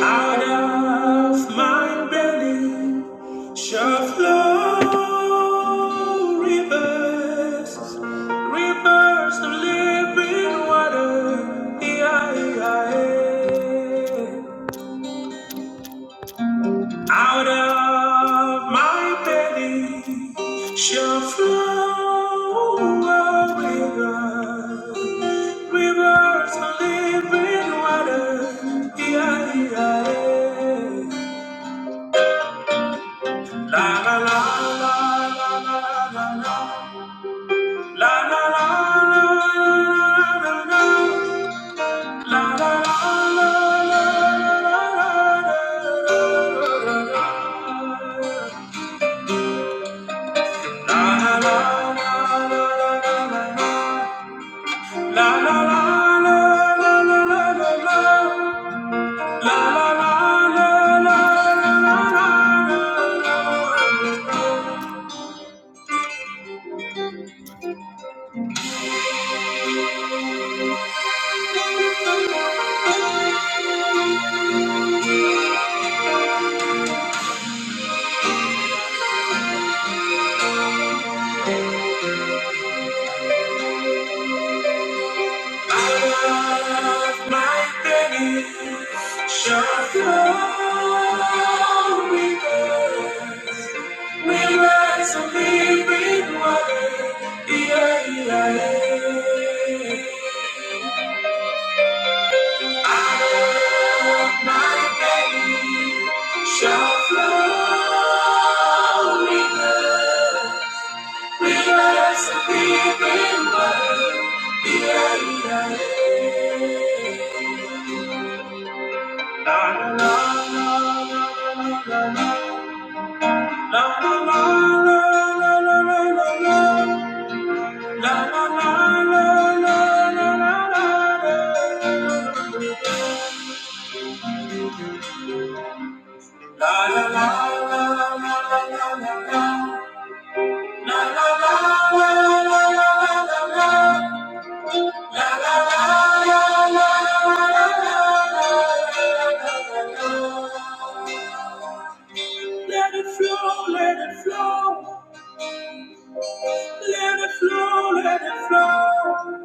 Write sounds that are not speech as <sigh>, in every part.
Out of my belly shall flow rivers, rivers of living water. Yeah, yeah, yeah. Out of my belly shall flow a river, rivers of living water. Yeah, yeah, yeah. La la la la la la la la. La la la la la la la. La la la la la la la la la la. I love my Show me Realize I'm living water. Yeah, yeah, yeah. My baby shall flow me We rise and am living water. Yeah, yeah, yeah. la la la la la Let it flow, let it flow, let it flow, let it flow.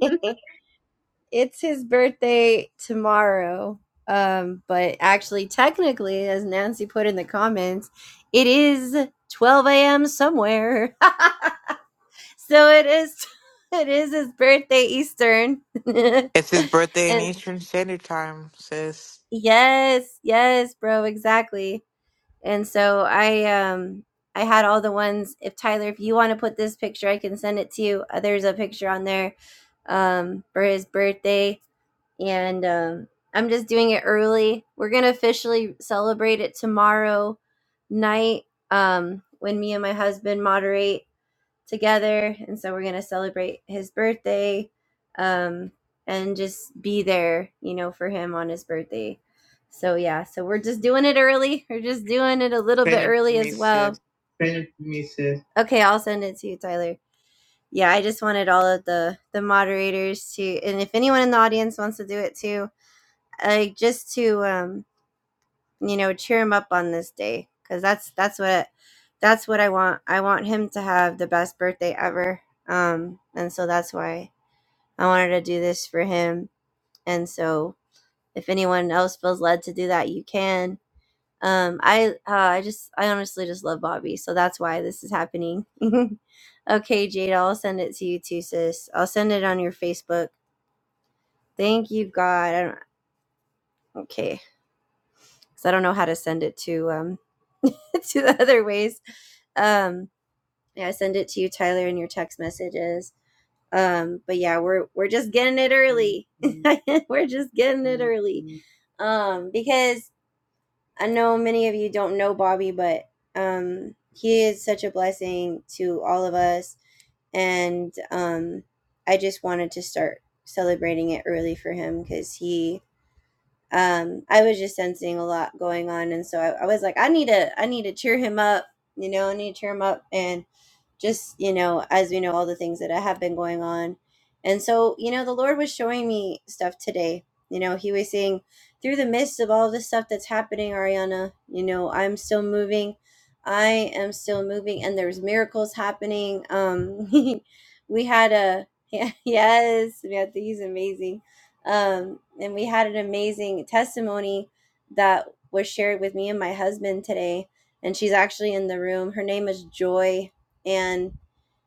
<laughs> it's his birthday tomorrow. Um, but actually, technically, as Nancy put in the comments, it is 12 a.m. somewhere. <laughs> so it is. <laughs> It is his birthday Eastern. <laughs> and It's his birthday in Eastern Standard Time, sis. yes, yes, bro, exactly. And so I um I had all the ones. If Tyler, if you want to put this picture, I can send it to you. Uh, There's a picture on there um for his birthday and um, I'm just doing it early. We're gonna officially celebrate it tomorrow night um, when me and my husband moderate together, and so we're gonna celebrate his birthday um, and just be there, you know, for him on his birthday. So yeah, so we're just doing it early. We're just doing it a little bit Send it to early me, as well. sis. Okay, I'll send it to you, Tyler. Yeah, I just wanted all of the the moderators to, and if anyone in the audience wants to do it too, like just to um you know cheer him up on this day because that's that's what that's what i want i want him to have the best birthday ever um and so that's why i wanted to do this for him and so if anyone else feels led to do that you can um i uh, i just i honestly just love bobby so that's why this is happening <laughs> okay jade i'll send it to you too sis i'll send it on your facebook thank you god I don't, okay because I don't know how to send it to um <laughs> to the other ways. Um, yeah, I send it to you, Tyler, in your text messages. Um, but yeah, we're we're just getting it early. <laughs> we're just getting it early, um, because I know many of you don't know Bobby, but um, he is such a blessing to all of us, and um, I just wanted to start celebrating it early for him because he um, I was just sensing a lot going on, and so I, I was like, I need to, I need to cheer him up, you know, I need to cheer him up, and just you know as we know all the things that have been going on and so you know the lord was showing me stuff today you know he was saying through the midst of all this stuff that's happening ariana you know i'm still moving i am still moving and there's miracles happening um <laughs> we had a <laughs> yeah, yes yeah he's amazing um and we had an amazing testimony that was shared with me and my husband today and she's actually in the room her name is joy and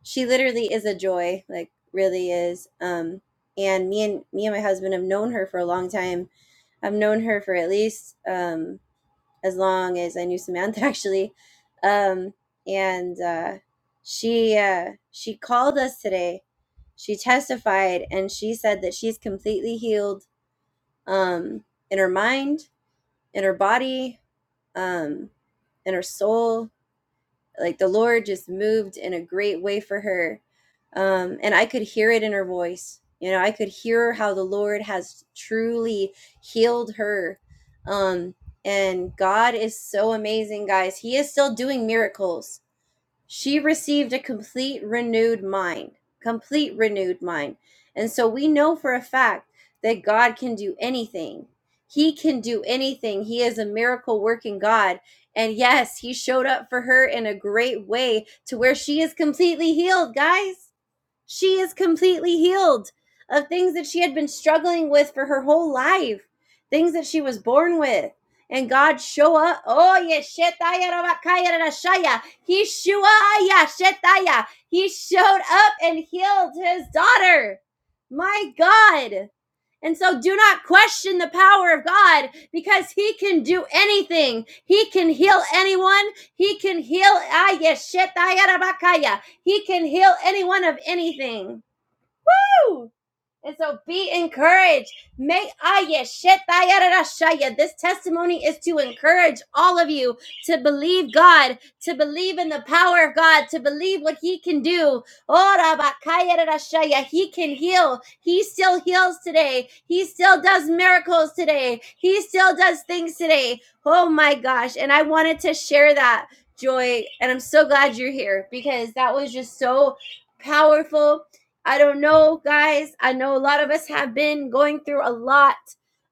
she literally is a joy like really is um and me and me and my husband have known her for a long time i've known her for at least um as long as i knew samantha <laughs> actually um and uh she uh she called us today she testified and she said that she's completely healed um in her mind in her body um in her soul like the lord just moved in a great way for her um and i could hear it in her voice you know i could hear how the lord has truly healed her um and god is so amazing guys he is still doing miracles she received a complete renewed mind complete renewed mind and so we know for a fact that god can do anything he can do anything he is a miracle working god and yes he showed up for her in a great way to where she is completely healed guys she is completely healed of things that she had been struggling with for her whole life, things that she was born with. And God show up. Oh, yeshetaya He shetaya. He showed up and healed his daughter. My God. And so do not question the power of God because he can do anything. He can heal anyone. He can heal. ah, yes, shit, ah, yada, bakaya. He can heal anyone of anything. Woo! And so be encouraged. May aya shet This testimony is to encourage all of you to believe God, to believe in the power of God, to believe what He can do. Ora ba He can heal. He still heals today. He still does miracles today. He still does things today. Oh my gosh. And I wanted to share that joy. And I'm so glad you're here because that was just so powerful I don't know, guys. I know a lot of us have been going through a lot,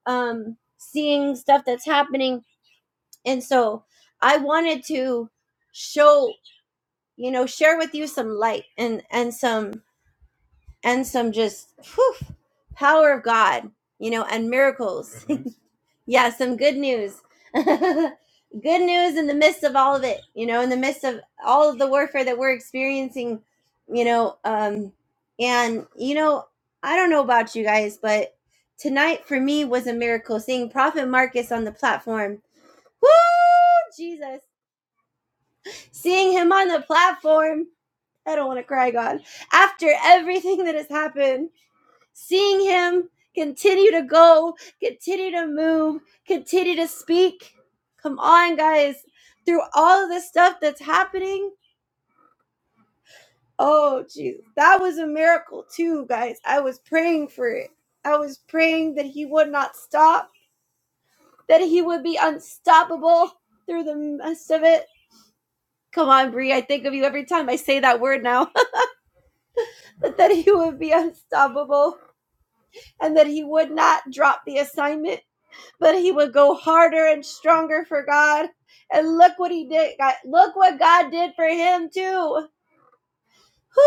um, seeing stuff that's happening. And so I wanted to show, you know, share with you some light and, and some, and some just whew, power of God, you know, and miracles. <laughs> yeah, some good news. <laughs> good news in the midst of all of it, you know, in the midst of all of the warfare that we're experiencing, you know, um and you know, I don't know about you guys, but tonight for me was a miracle seeing Prophet Marcus on the platform. Woo! Jesus. Seeing him on the platform. I don't want to cry, God. After everything that has happened, Seeing him continue to go, continue to move, continue to speak. Come on, guys. Through all of the stuff that's happening. Oh, Jesus. That was a miracle, too, guys. I was praying for it. I was praying that he would not stop, that he would be unstoppable through the mess of it. Come on, Bree. I think of you every time I say that word now. <laughs> but that he would be unstoppable and that he would not drop the assignment but he would go harder and stronger for God. And look what he did. God, look what God did for him too.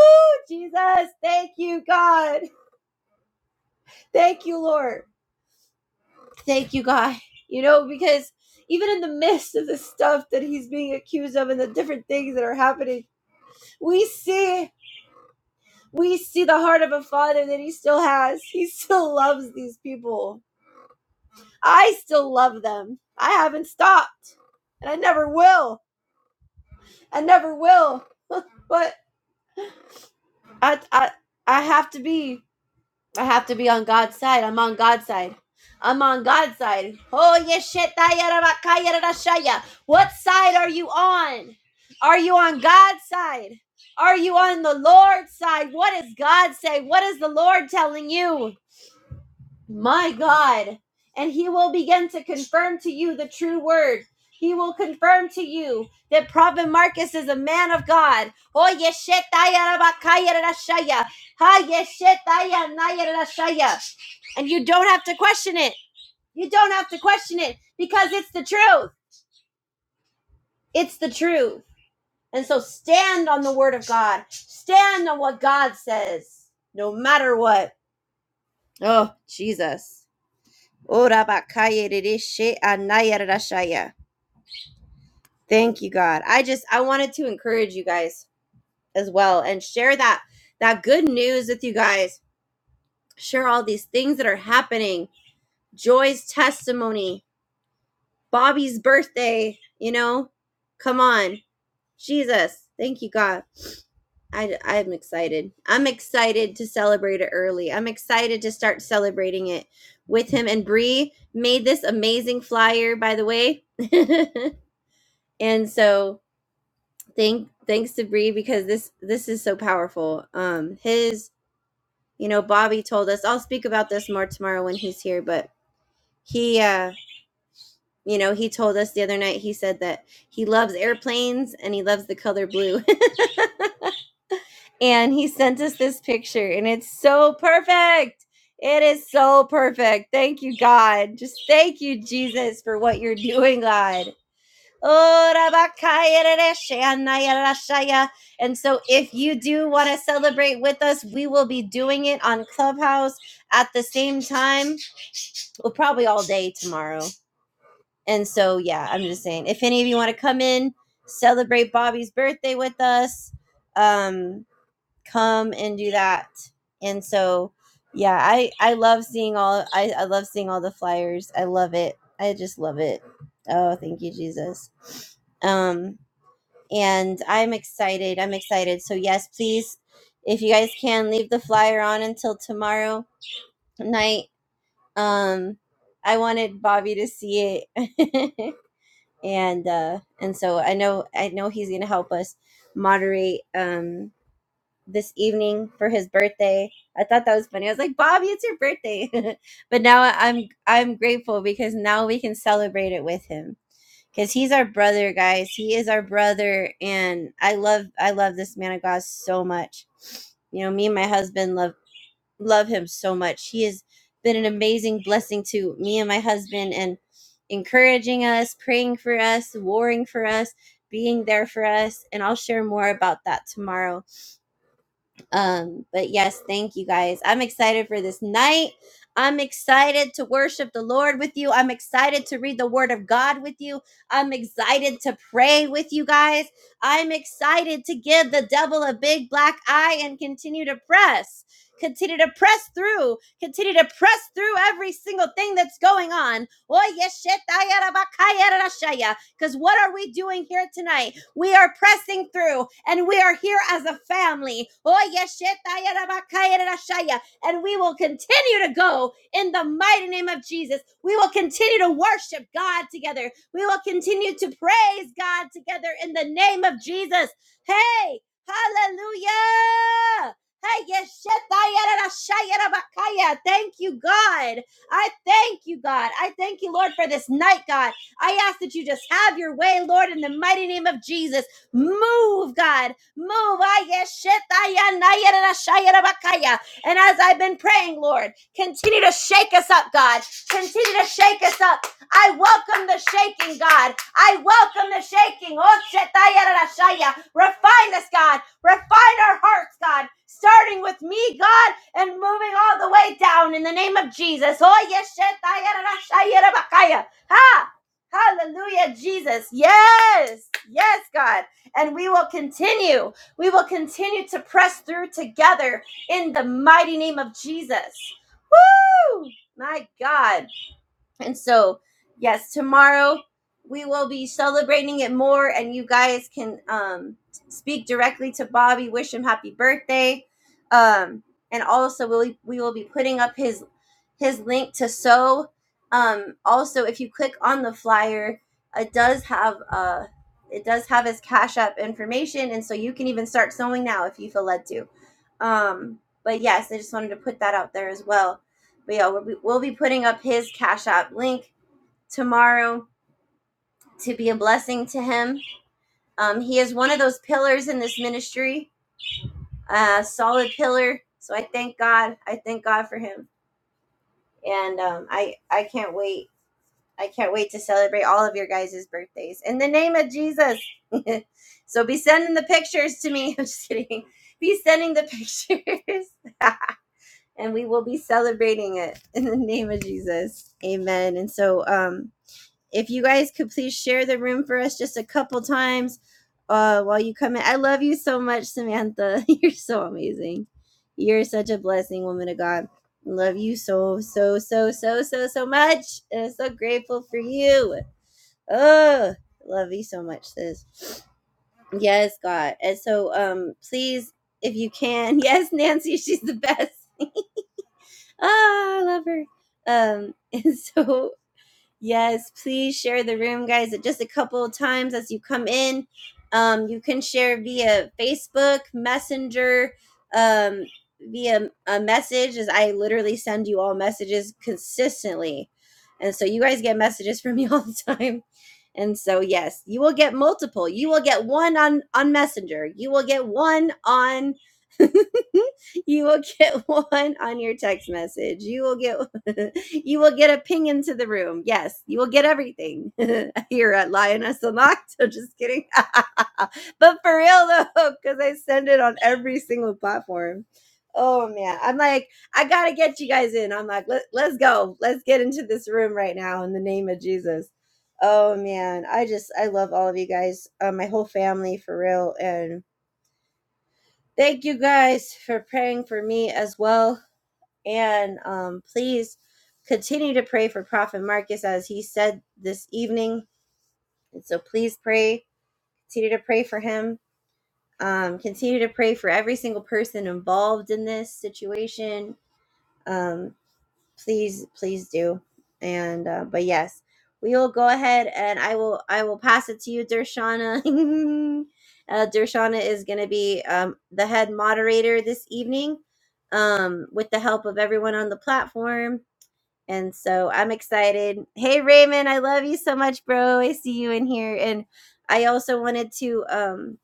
Whoo, Jesus. Thank you, God. Thank you, Lord. Thank you, God. You know, because even in the midst of the stuff that he's being accused of and the different things that are happening, we see we see the heart of a father that he still has. He still loves these people. I still love them. I haven't stopped. And I never will. I never will. But I I I have to be I have to be on God's side. I'm on God's side. I'm on God's side. Oh yes, yeshetayarabakayarashaya. What side are you on? Are you on God's side? Are you on the Lord's side? What does God say? What is the Lord telling you? my God, and he will begin to confirm to you the true word. He will confirm to you that Prophet Marcus is a man of God. Oh, yeshetaya rabakaya rashaya. Ha, yeshetaya naya rashaya. And you don't have to question it. You don't have to question it because it's the truth. It's the truth. And so stand on the word of God. Stand on what God says, no matter what. Oh, Jesus. Ora bakaya rereshe anaya rerashaya. Thank you, God. I just I wanted to encourage you guys as well and share that that good news with you guys. Share all these things that are happening. Joy's testimony, Bobby's birthday, you know? Come on. Jesus. Thank you, God. I, I'm excited. I'm excited to celebrate it early. I'm excited to start celebrating it with him. And Bree made this amazing flyer, by the way. <laughs> and so thank thanks to Bree because this this is so powerful. Um his you know Bobby told us I'll speak about this more tomorrow when he's here, but he uh you know he told us the other night he said that he loves airplanes and he loves the color blue <laughs> and he sent us this picture and it's so perfect. It is so perfect. Thank you God. Just thank you Jesus for what you're doing God Oh, Rabakaya Rereshaya Naya Rashaya. And so, if you do want to celebrate with us, we will be doing it on Clubhouse at the same time. Well, probably all day tomorrow. And so, yeah, I'm just saying, if any of you want to come in, celebrate Bobby's birthday with us, um, come and do that. And so, yeah, I I love seeing all I, I love seeing all the flyers. I love it. I just love it. Oh, thank you, Jesus. Um, and I'm excited. I'm excited. So yes, please, if you guys can leave the flyer on until tomorrow night. Um, I wanted Bobby to see it, <laughs> and uh, and so I know I know he's gonna help us moderate um this evening for his birthday. I thought that was funny. I was like, Bobby, it's your birthday, <laughs> but now I'm I'm grateful because now we can celebrate it with him because he's our brother guys he is our brother and i love i love this man of god so much you know me and my husband love love him so much he has been an amazing blessing to me and my husband and encouraging us praying for us warring for us being there for us and i'll share more about that tomorrow um, but yes, thank you guys. I'm excited for this night. I'm excited to worship the Lord with you. I'm excited to read the Word of God with you. I'm excited to pray with you guys. I'm excited to give the devil a big black eye and continue to press, continue to press through, continue to press through every single thing that's going on. Because what are we doing here tonight? We are pressing through and we are here as a family. Oh, yes, And we will continue to go in the mighty name of Jesus. We will continue to worship God together. We will continue to praise God together in the name of Jesus. Hey, hallelujah. Hey, yes, Thank you, God. I thank you, God. I thank you, Lord, for this night, God. I ask that you just have your way, Lord, in the mighty name of Jesus. Move, God. Move. Ah, yes, shit, ah, yeah, nah, yeah, yeah, yeah. And as I've been praying, Lord, continue to shake us up, God. Continue to shake us up. I welcome the shaking, God. I welcome the shaking. Oh, shit, ah, yeah, da, yeah. Refine us, God. Refine our hearts, God. Starting with me, God, and moving all the way down in the name of Jesus. Oh, yes, shit, ah, yeah, da, yeah, yeah. Ha! Hallelujah, Jesus. Yes, yes, God. And we will continue. We will continue to press through together in the mighty name of Jesus. Woo! My God. And so, yes, tomorrow we will be celebrating it more, and you guys can um, speak directly to Bobby, wish him happy birthday, um, and also we'll, we will be putting up his his link to sew. Um, also, if you click on the flyer, it does have uh, it does have his Cash App information, and so you can even start sewing now if you feel led to. Um, but yes, I just wanted to put that out there as well but yeah, we'll be, we'll be putting up his Cash App link tomorrow to be a blessing to him. Um, he is one of those pillars in this ministry, a solid pillar. So I thank God. I thank God for him, and um, I I can't wait. I can't wait to celebrate all of your guys' birthdays in the name of Jesus. <laughs> so be sending the pictures to me. <laughs> I'm just kidding. Be sending the pictures. <laughs> and we will be celebrating it in the name of Jesus. Amen. And so um If you guys could please share the room for us just a couple times uh, while you come in. I love you so much, Samantha. <laughs> You're so amazing. You're such a blessing, woman of God. Love you so, so, so, so, so, so much. And I'm so grateful for you. Oh, love you so much, sis. Yes, God. And so um please, if you can, <laughs> yes, Nancy, she's the best. Ah, I love her. Um, <laughs> and so Yes, please share the room, guys. Just a couple of times as you come in. Um, you can share via Facebook, Messenger, um, via a message, as I literally send you all messages consistently. And so you guys get messages from me <laughs> all the time. And so, yes, you will get multiple. You will get one on, on Messenger. You will get one on. <laughs> you will get <laughs> one on your text message. You will get <laughs> you will get a ping into the room. Yes, you will get everything <laughs> here at Lioness Unlocked. <laughs> I'm just kidding. <laughs> but for real though, because I send it on every single platform. Oh man, I'm like, I gotta get you guys in. I'm like, Let, let's go. Let's get into this room right now in the name of Jesus. Oh man, I just, I love all of you guys, uh, my whole family for real. And thank you guys for praying for me as well and um, please continue to pray for Prophet Marcus as he said this evening. And so please pray, continue to pray for him. Um, continue to pray for every single person involved in this situation. Um, please, please do. And uh, but yes, we will go ahead and I will I will pass it to you, Dershana. <laughs> uh, Dershana is going to be um, the head moderator this evening um, with the help of everyone on the platform. And so I'm excited. Hey Raymond, I love you so much, bro. I see you in here. And I also wanted to um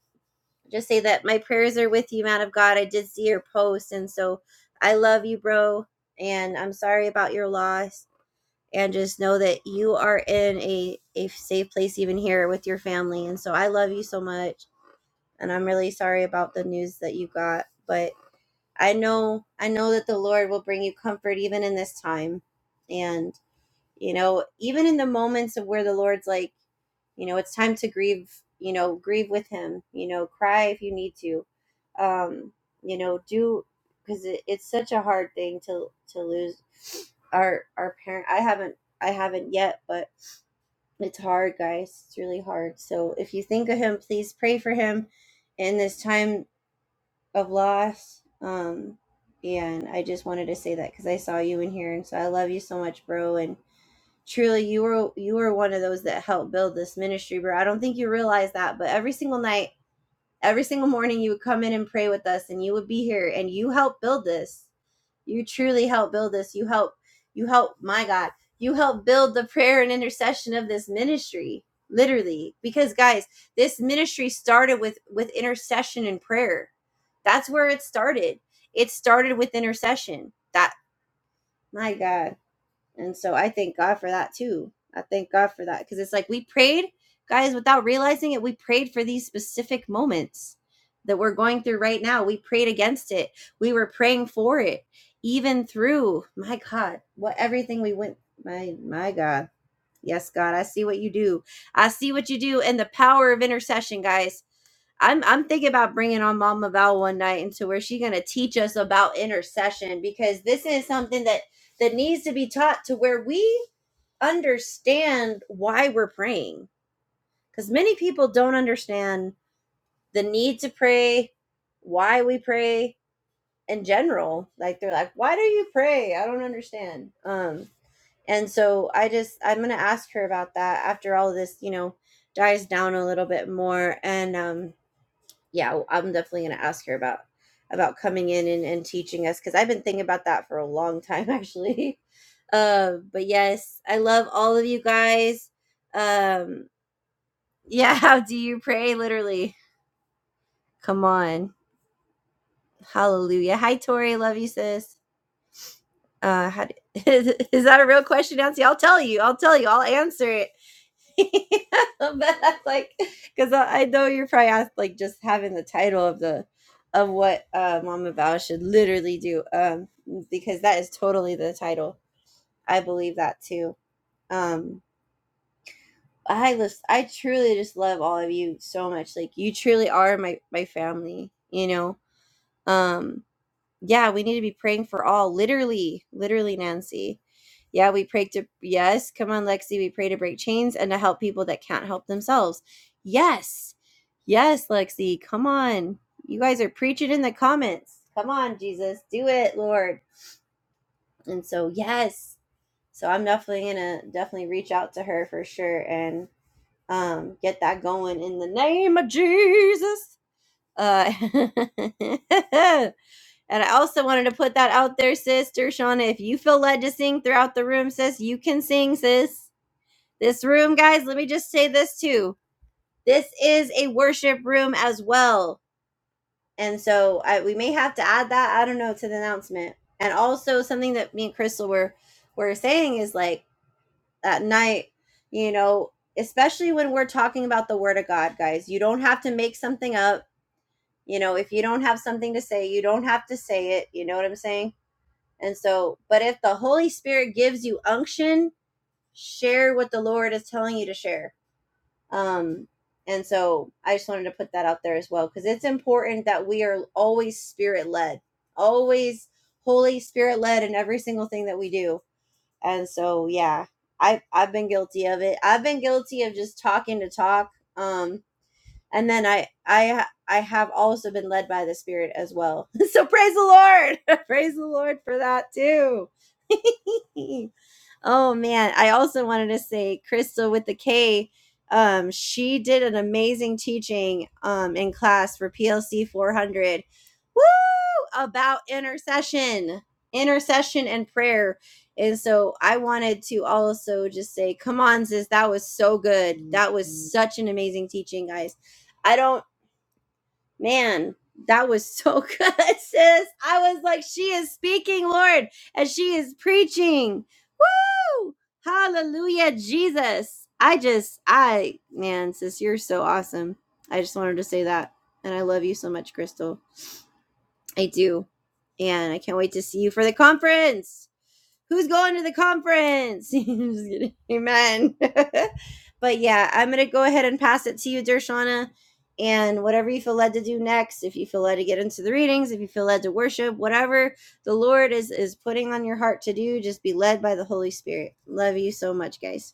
just say that my prayers are with you, man of God. I did see your post and so I love you, bro. And I'm sorry about your loss. And just know that you are in a, a safe place even here with your family. And so I love you so much. And I'm really sorry about the news that you got. But I know I know that the Lord will bring you comfort even in this time. And you know even in the moments of where the lord's like you know it's time to grieve you know grieve with him you know cry if you need to um you know do because it, it's such a hard thing to to lose our our parent i haven't i haven't yet but it's hard guys it's really hard so if you think of him please pray for him in this time of loss um and i just wanted to say that because i saw you in here and so i love you so much bro And truly you were you were one of those that helped build this ministry bro i don't think you realize that but every single night every single morning you would come in and pray with us and you would be here and you helped build this you truly helped build this you helped you helped my god you helped build the prayer and intercession of this ministry literally because guys this ministry started with with intercession and prayer that's where it started it started with intercession that my god and so I thank God for that too. I thank God for that because it's like we prayed, guys, without realizing it, we prayed for these specific moments that we're going through right now. We prayed against it, we were praying for it, even through my God, what everything we went, my, my God. Yes, God, I see what you do. I see what you do and the power of intercession, guys. I'm I'm thinking about bringing on Mama Val one night into where she's gonna teach us about intercession because this is something that that needs to be taught to where we understand why we're praying because many people don't understand the need to pray, why we pray in general. Like they're like, why do you pray? I don't understand. Um, and so I just I'm gonna ask her about that after all of this, you know, dies down a little bit more and um yeah, i I'm definitely going to ask her about about coming in and, and teaching us because I've been thinking about that for a long time <laughs> actually. Uh, but yes, I love all of you guys. Um, yeah, <laughs> how do you pray? Literally, come on, hallelujah. Hi, Tori, love you, sis. Uh, how do, <laughs> is that a real question, Nancy? I'll tell you. I'll tell you. I'll answer it. <laughs> but that's like because I, I know you're probably asked like just having the title of the of what uh, Mama Val should literally do um because that is totally the title. I believe that too. Um I just I truly just love all of you so much. Like you truly are my my family, you know. Um yeah, we need to be praying for all, literally, literally, Nancy. Yeah, we pray to, yes, come on, Lexi, we pray to break chains and to help people that can't help themselves. Yes, yes, Lexi, come on. You guys are preaching in the comments. Come on, Jesus, do it, Lord. And so, yes, so I'm definitely gonna definitely reach out to her for sure and um, get that going in the name of Jesus. Uh, <laughs> And I also wanted to put that out there, sister Shauna. If you feel led to sing throughout the room, sis, you can sing, sis. This room, guys, let me just say this too. This is a worship room as well. And so I, we may have to add that, I don't know, to the announcement. And also something that me and Crystal were were saying is like at night, you know, especially when we're talking about the word of God, guys, you don't have to make something up. You know, if you don't have something to say, you don't have to say it. You know what I'm saying? And so, but if the Holy Spirit gives you unction, share what the Lord is telling you to share. Um, and so I just wanted to put that out there as well because it's important that we are always spirit led, always Holy Spirit led in every single thing that we do. And so, yeah, I I've been guilty of it. I've been guilty of just talking to talk. Um, and then I I I have also been led by the Spirit as well. <laughs> so praise the Lord, <laughs> praise the Lord for that too. <laughs> Oh man, I also wanted to say Crystal with the K. Um, she did an amazing teaching um, in class for PLC 400. Woo! About intercession, intercession and prayer. And so I wanted to also just say, come on, sis, that was so good. That was Mhm. such an amazing teaching, guys. I don't, man, that was so <laughs> good, sis. I was like, she is speaking, Lord, and she is preaching. Woo! Hallelujah, Jesus. I just, I, man, sis, you're so awesome. I just wanted to say that. And I love you so much, Crystal. I do. And I can't wait to see you for the conference who's going to the conference? <laughs> Just kidding. Amen. <laughs> but yeah, I'm going to go ahead and pass it to you, Dershana. And whatever you feel led to do next, if you feel led to get into the readings, if you feel led to worship, whatever the Lord is is putting on your heart to do, just be led by the Holy Spirit. Love you so much, guys.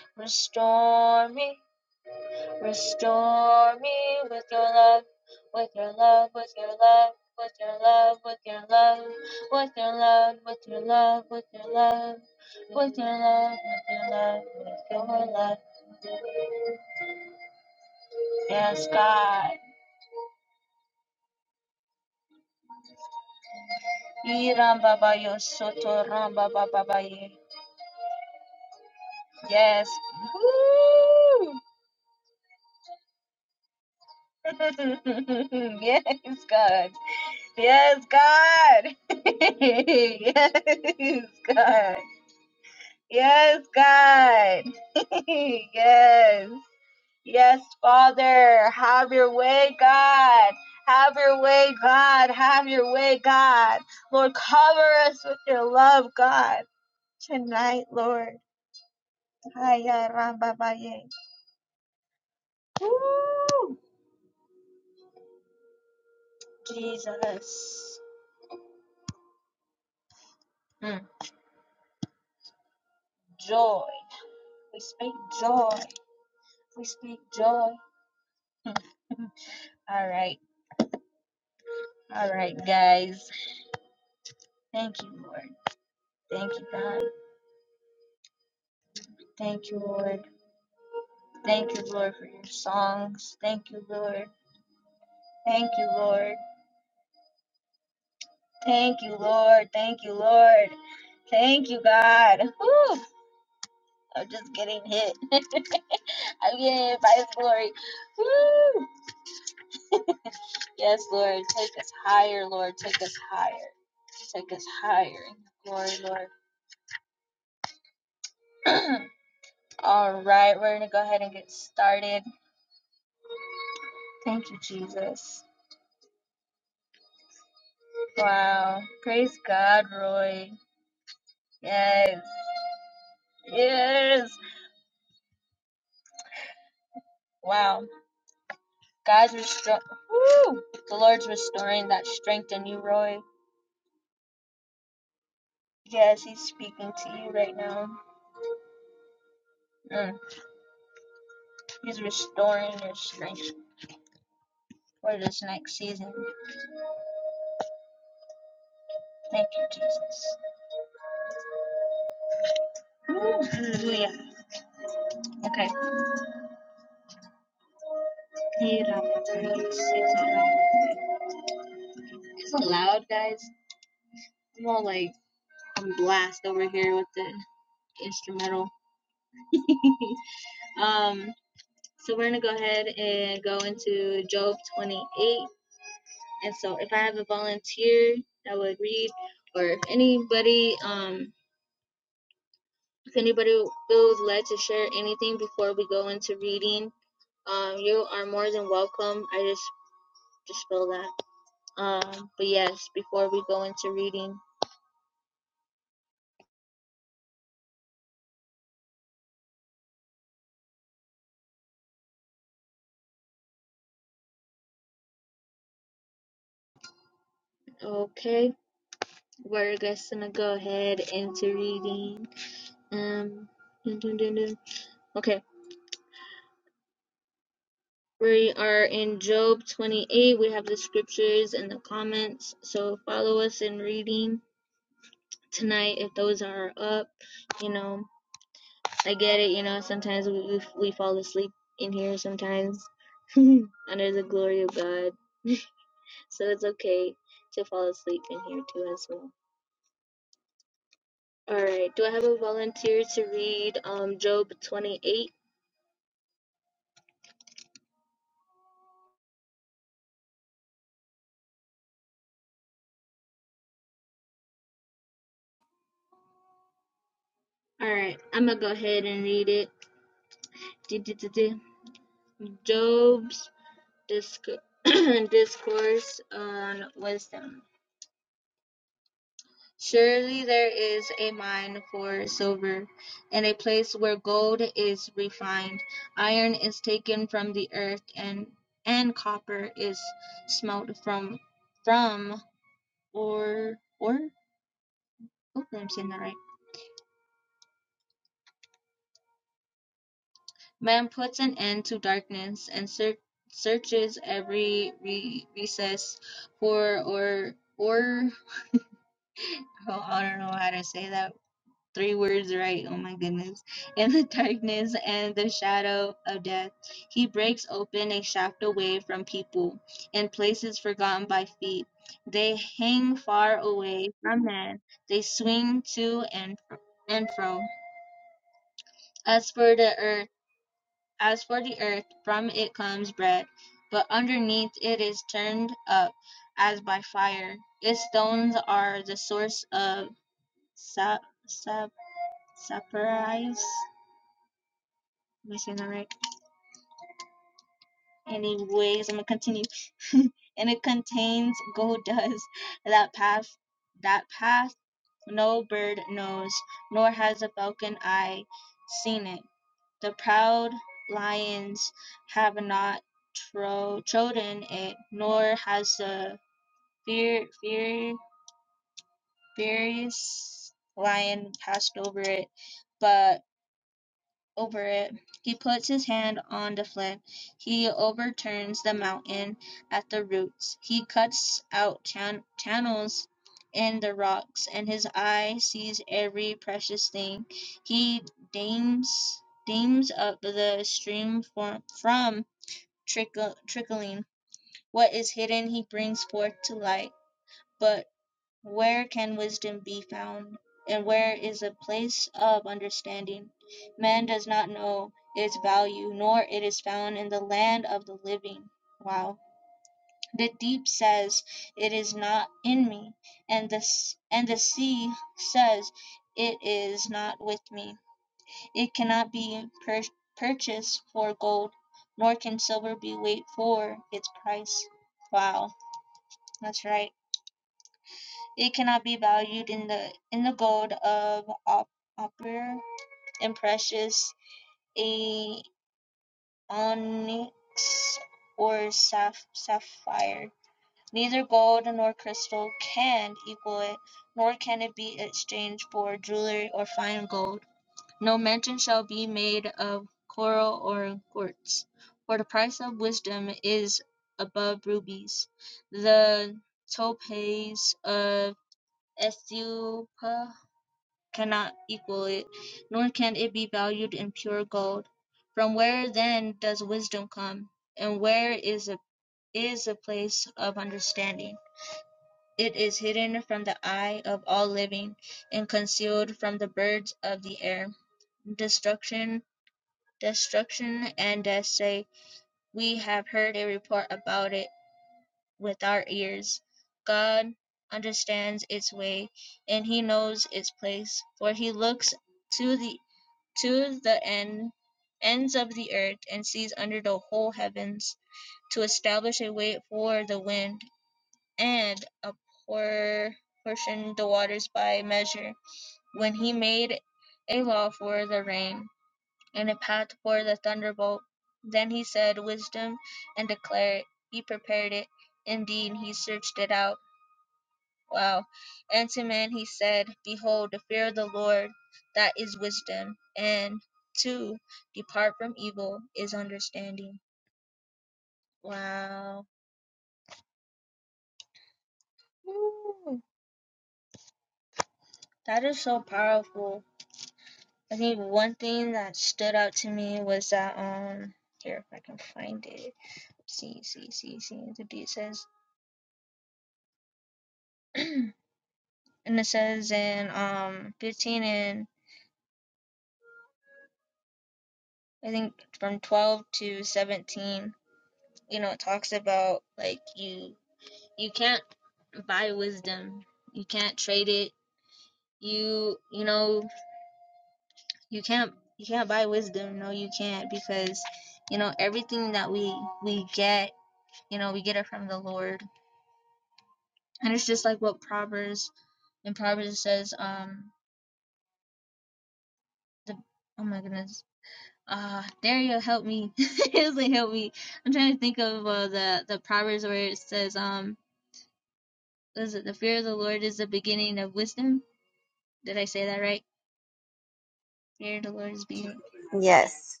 Yes.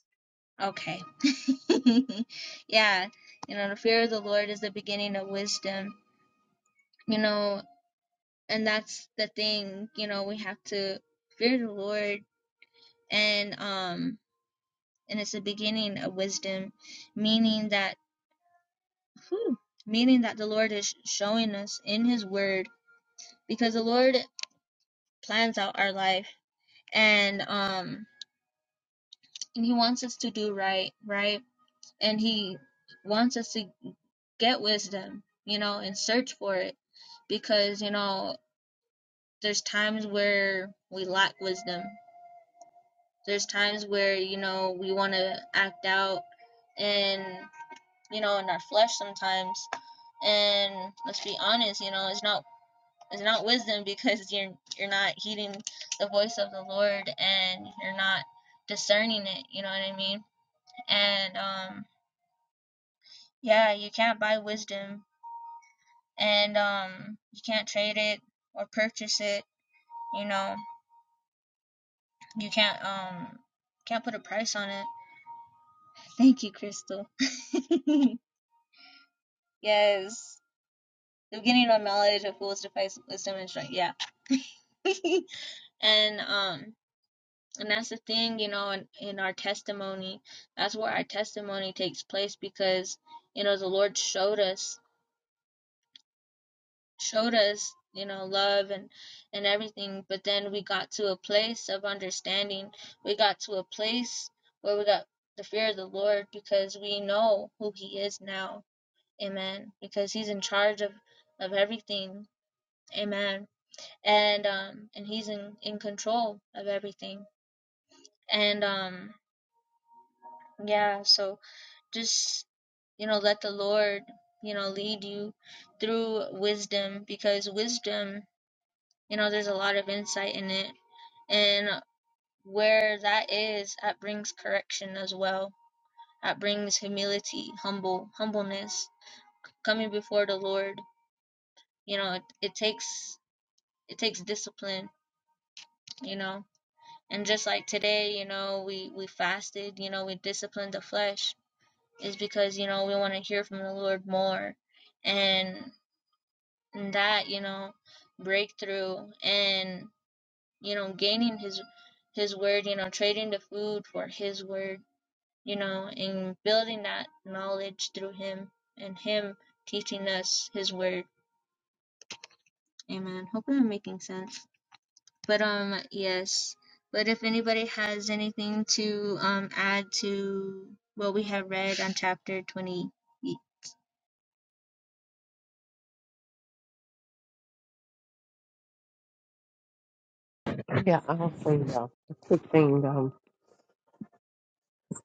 Yeah, I'll say uh, a quick thing. Um,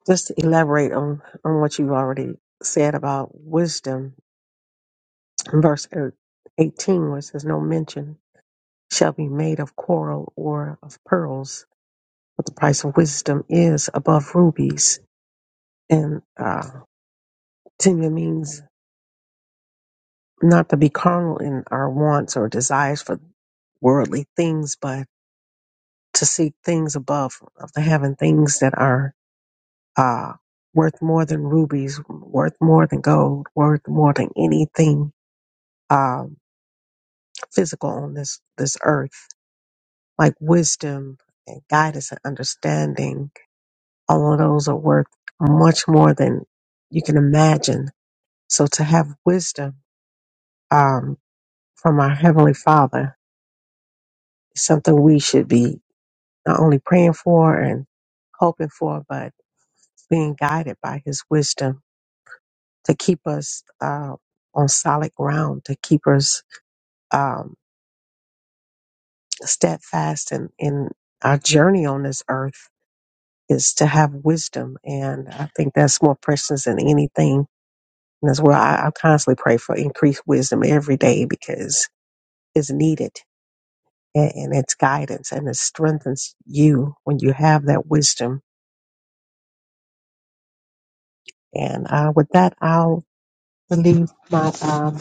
just to elaborate on, on what you've already said about wisdom. In verse er- 18, where it says, No mention shall be made of coral or of pearls, but the price of wisdom is above rubies. And uh, tenure means not to be carnal in our wants or desires for worldly things, but to seek things above of the heaven, things that are uh, worth more than rubies, worth more than gold, worth more than anything um, physical on this this earth. Like wisdom and guidance and understanding, all of those are worth much more than you can imagine. So to have wisdom um, from our heavenly Father is something we should be not only praying for and hoping for, but being guided by His wisdom to keep us uh, on solid ground, to keep us um, steadfast in, in our journey on this earth is to have wisdom. And I think that's more precious than anything. And as well, I, I constantly pray for increased wisdom every day because it's needed and, and it's guidance and it strengthens you when you have that wisdom. And uh, with that, I'll leave my, um,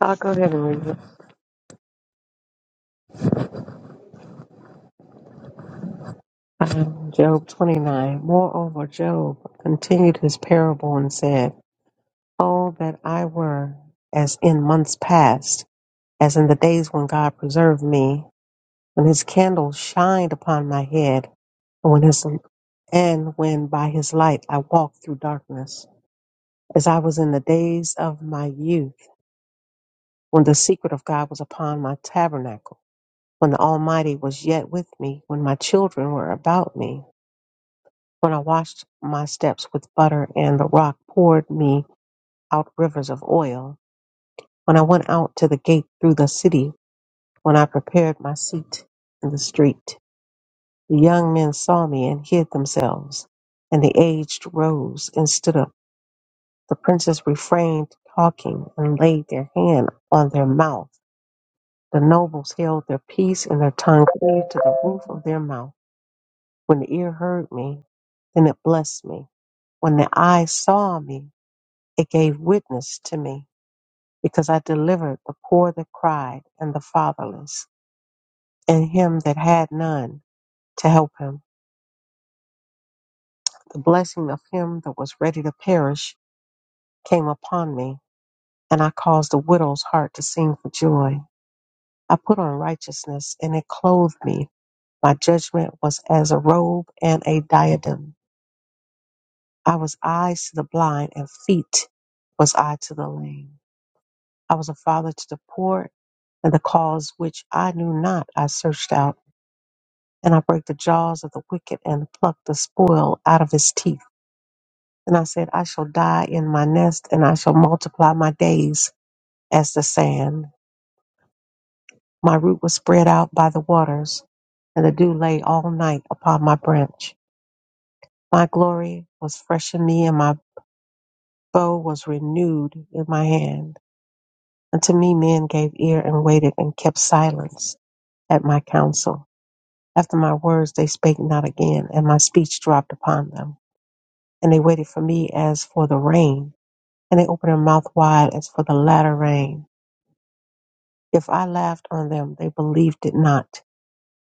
I'll go ahead and read. Um, Job 29. Moreover, Job continued his parable and said, Oh, that I were as in months past, as in the days when God preserved me, when his candle shined upon my head, and when, his, and when by his light I walked through darkness, as I was in the days of my youth, when the secret of God was upon my tabernacle, when the Almighty was yet with me, when my children were about me When I washed my steps with butter, and the rock poured me out rivers of oil. When I went out to the gate through the city, when I prepared my seat in the street, the young men saw me and hid themselves, and the aged rose and stood up. The princes refrained talking and laid their hand on their mouth. The nobles held their peace, and their tongue cleaved to the roof of their mouth. When the ear heard me, then it blessed me. When the eye saw me, It gave witness to me, because I delivered the poor that cried, and the fatherless, and him that had none to help him. The blessing of him that was ready to perish came upon me, and I caused a widow's heart to sing for joy. I put on righteousness, and it clothed me. My judgment was as a robe and a diadem. I was eyes to the blind, and feet was I to the lame. I was a father to the poor and the cause which I knew not I searched out, and I brake the jaws of the wicked and plucked the spoil out of his teeth. And I said, I shall die in my nest, and I shall multiply my days as the sand. My root was spread out by the waters, and the dew lay all night upon my branch. My glory was fresh in me, and my bow was renewed in my hand. Unto me men gave ear and waited and kept silence at my counsel. After my words they spake not again, and my speech dropped upon them. And they waited for me as for the rain, and they opened their mouth wide as for the latter rain. If I laughed on them, they believed it not,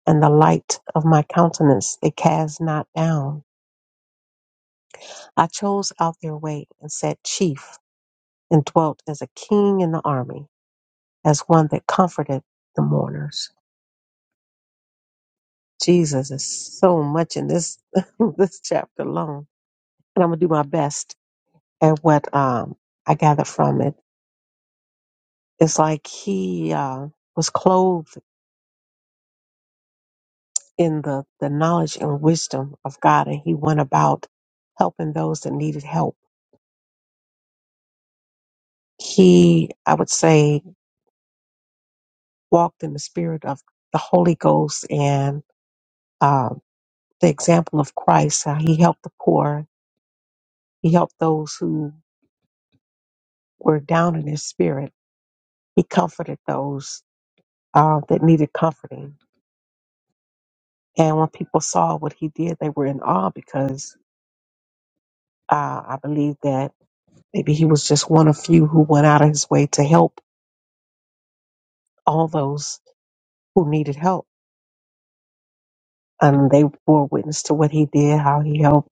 and the light of my countenance they cast not down. I chose out their way, and sat chief, and dwelt as a king in the army, as one that comforted the mourners. Jesus is so much in this <laughs> this chapter alone, and I'm gonna do my best and what um, I gather from it is like he uh, was clothed in the, the knowledge and wisdom of God, and he went about helping those that needed help. He, I would say, walked in the spirit of the Holy Ghost and uh, the example of Christ. How he helped the poor, he helped those who were down in his spirit, he comforted those uh, that needed comforting. And when people saw what he did, they were in awe because Uh, I believe that maybe he was just one of few who went out of his way to help all those who needed help. And they bore witness to what he did, how he helped.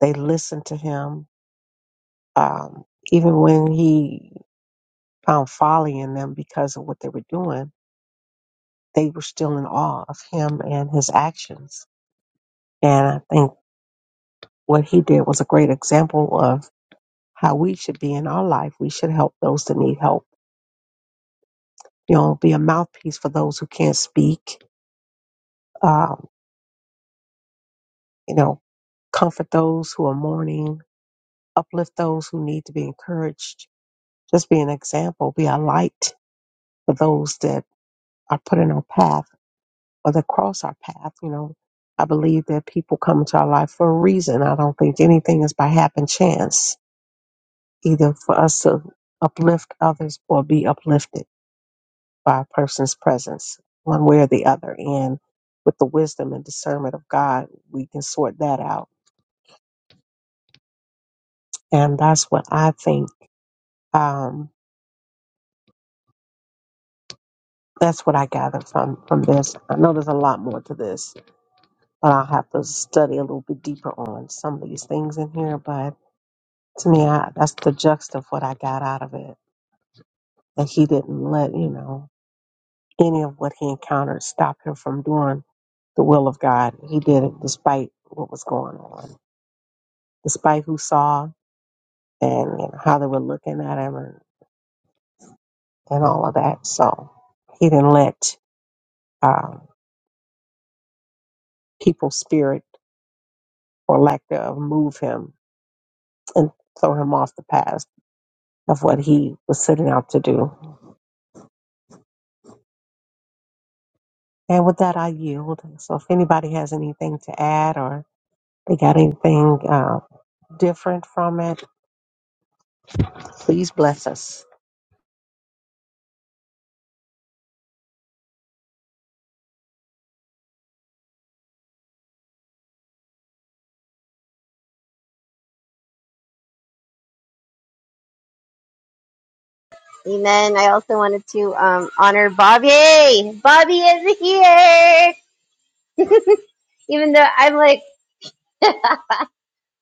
They listened to him, um, even when he found folly in them because of what they were doing. They were still in awe of him and his actions. And I think what he did was a great example of how we should be in our life. We should help those that need help. You know, be a mouthpiece for those who can't speak. Um, you know, comfort those who are mourning, uplift those who need to be encouraged, just be an example, be a light for those that are put in our path or that cross our path. You know, I believe that people come into our life for a reason. I don't think anything is by happen chance, either for us to uplift others or be uplifted by a person's presence, one way or the other. And with the wisdom and discernment of God, we can sort that out. And that's what I think. Um, That's what I gather from from this. I know there's a lot more to this, but I'll have to study a little bit deeper on some of these things in here. But to me, I, that's the juxt of what I got out of it. That he didn't let you know any of what he encountered stop him from doing the will of God. He did it despite what was going on, despite who saw and you know, how they were looking at him and, and all of that. So he didn't let um, people's spirit or lack thereof move him and throw him off the path of what he was setting out to do. And with that, I yield. So if anybody has anything to add or they got anything uh, different from it, please bless us. Amen. I also wanted to um, honor Bobby. Bobby is here. <laughs> Even though I'm like, <laughs>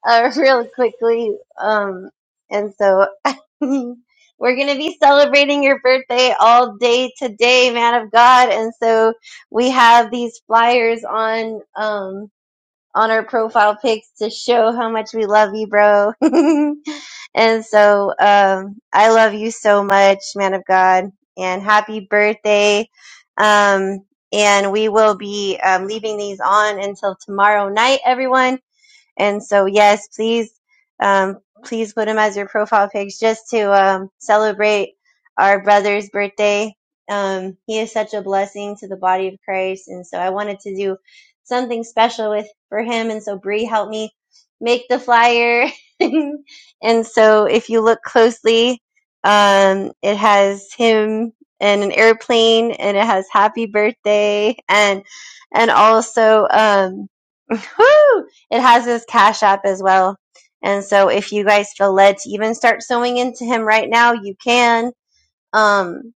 uh, <laughs> really quickly. Um, and so <laughs> we're going to be celebrating your birthday all day today, man of God. And so we have these flyers on um, on our profile pics to show how much we love you, bro. <laughs> and so um, I love you so much, man of God, and happy birthday. Um, and we will be um, leaving these on until tomorrow night, everyone and so, yes, please, um, please put him as your profile pics just to um, celebrate our brother's birthday. Um, he is such a blessing to the body of Christ, and so I wanted to do something special with for him. And so, Bree helped me make the flyer. <laughs> and so, if you look closely, um, it has him and an airplane, and it has "Happy Birthday" and and also um, <laughs> Woo! It has his Cash App as well. And so if you guys feel led to even start sewing into him right now, you can. Um,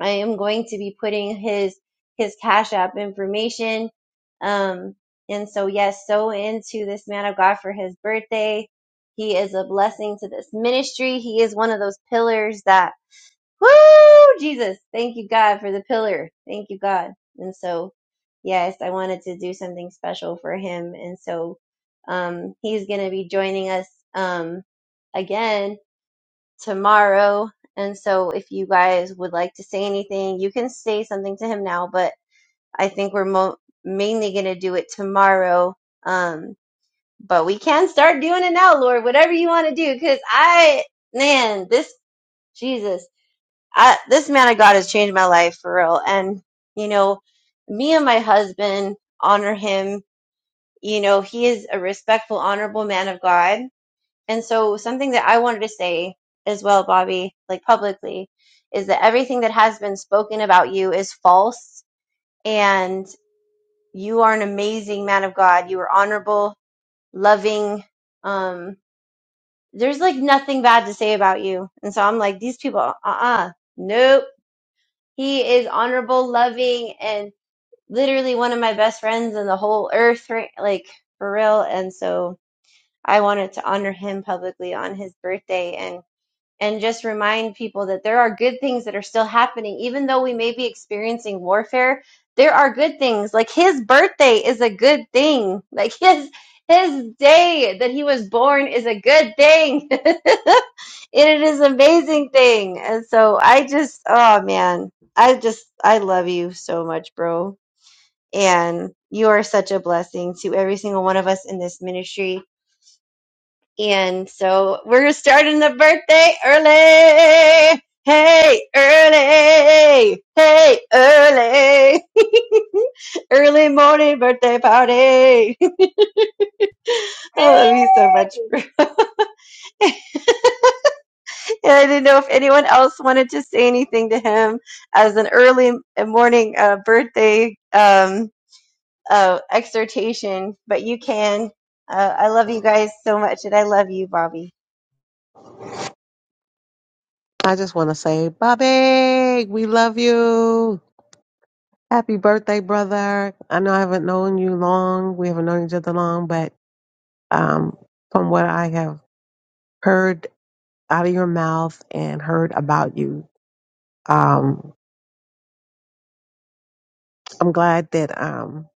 I am going to be putting his his Cash App information. Um, and so yes, sow into this man of God for his birthday. He is a blessing to this ministry. He is one of those pillars that Woo! Jesus, thank you, God, for the pillar. Thank you, God. And so, yes, I wanted to do something special for him. And so, um, he's going to be joining us, um, again tomorrow. And so, if you guys would like to say anything, you can say something to him now, but I think we're mo- mainly going to do it tomorrow. Um, but we can start doing it now, Lord, whatever you want to do, because I, man, this, Jesus. I, this man of God has changed my life for real. And, you know, me and my husband honor him. You know, he is a respectful, honorable man of God. And so something that I wanted to say as well, Bobby, like publicly, is that everything that has been spoken about you is false. And you are an amazing man of God. You are honorable, loving. Um, there's like nothing bad to say about you. And so I'm like, these people, uh uh nope He is honorable, loving, and literally one of my best friends in the whole earth, right? Like for real. And so I wanted to honor him publicly on his birthday and and just remind people that there are good things that are still happening. Even though we may be experiencing warfare, there are good things. Like his birthday is a good thing. <laughs> Like his his day that he was born is a good thing. <laughs> it is an amazing thing. And so I just oh man, I just I love you so much, bro. And you are such a blessing to every single one of us in this ministry and so we're starting the birthday early. Hey, early. Hey, early. <laughs> early morning birthday party. <laughs> I love you so much. <laughs> And I didn't know if anyone else wanted to say anything to him as an early morning uh, birthday um, uh, exhortation, but you can. Uh, I love you guys so much, and I love you, Bobby. I just want to say, Bobby, we love you. Happy birthday, brother. I know I haven't known you long. We haven't known each other long, but um, from what I have heard out of your mouth and heard about you, um, I'm glad that um,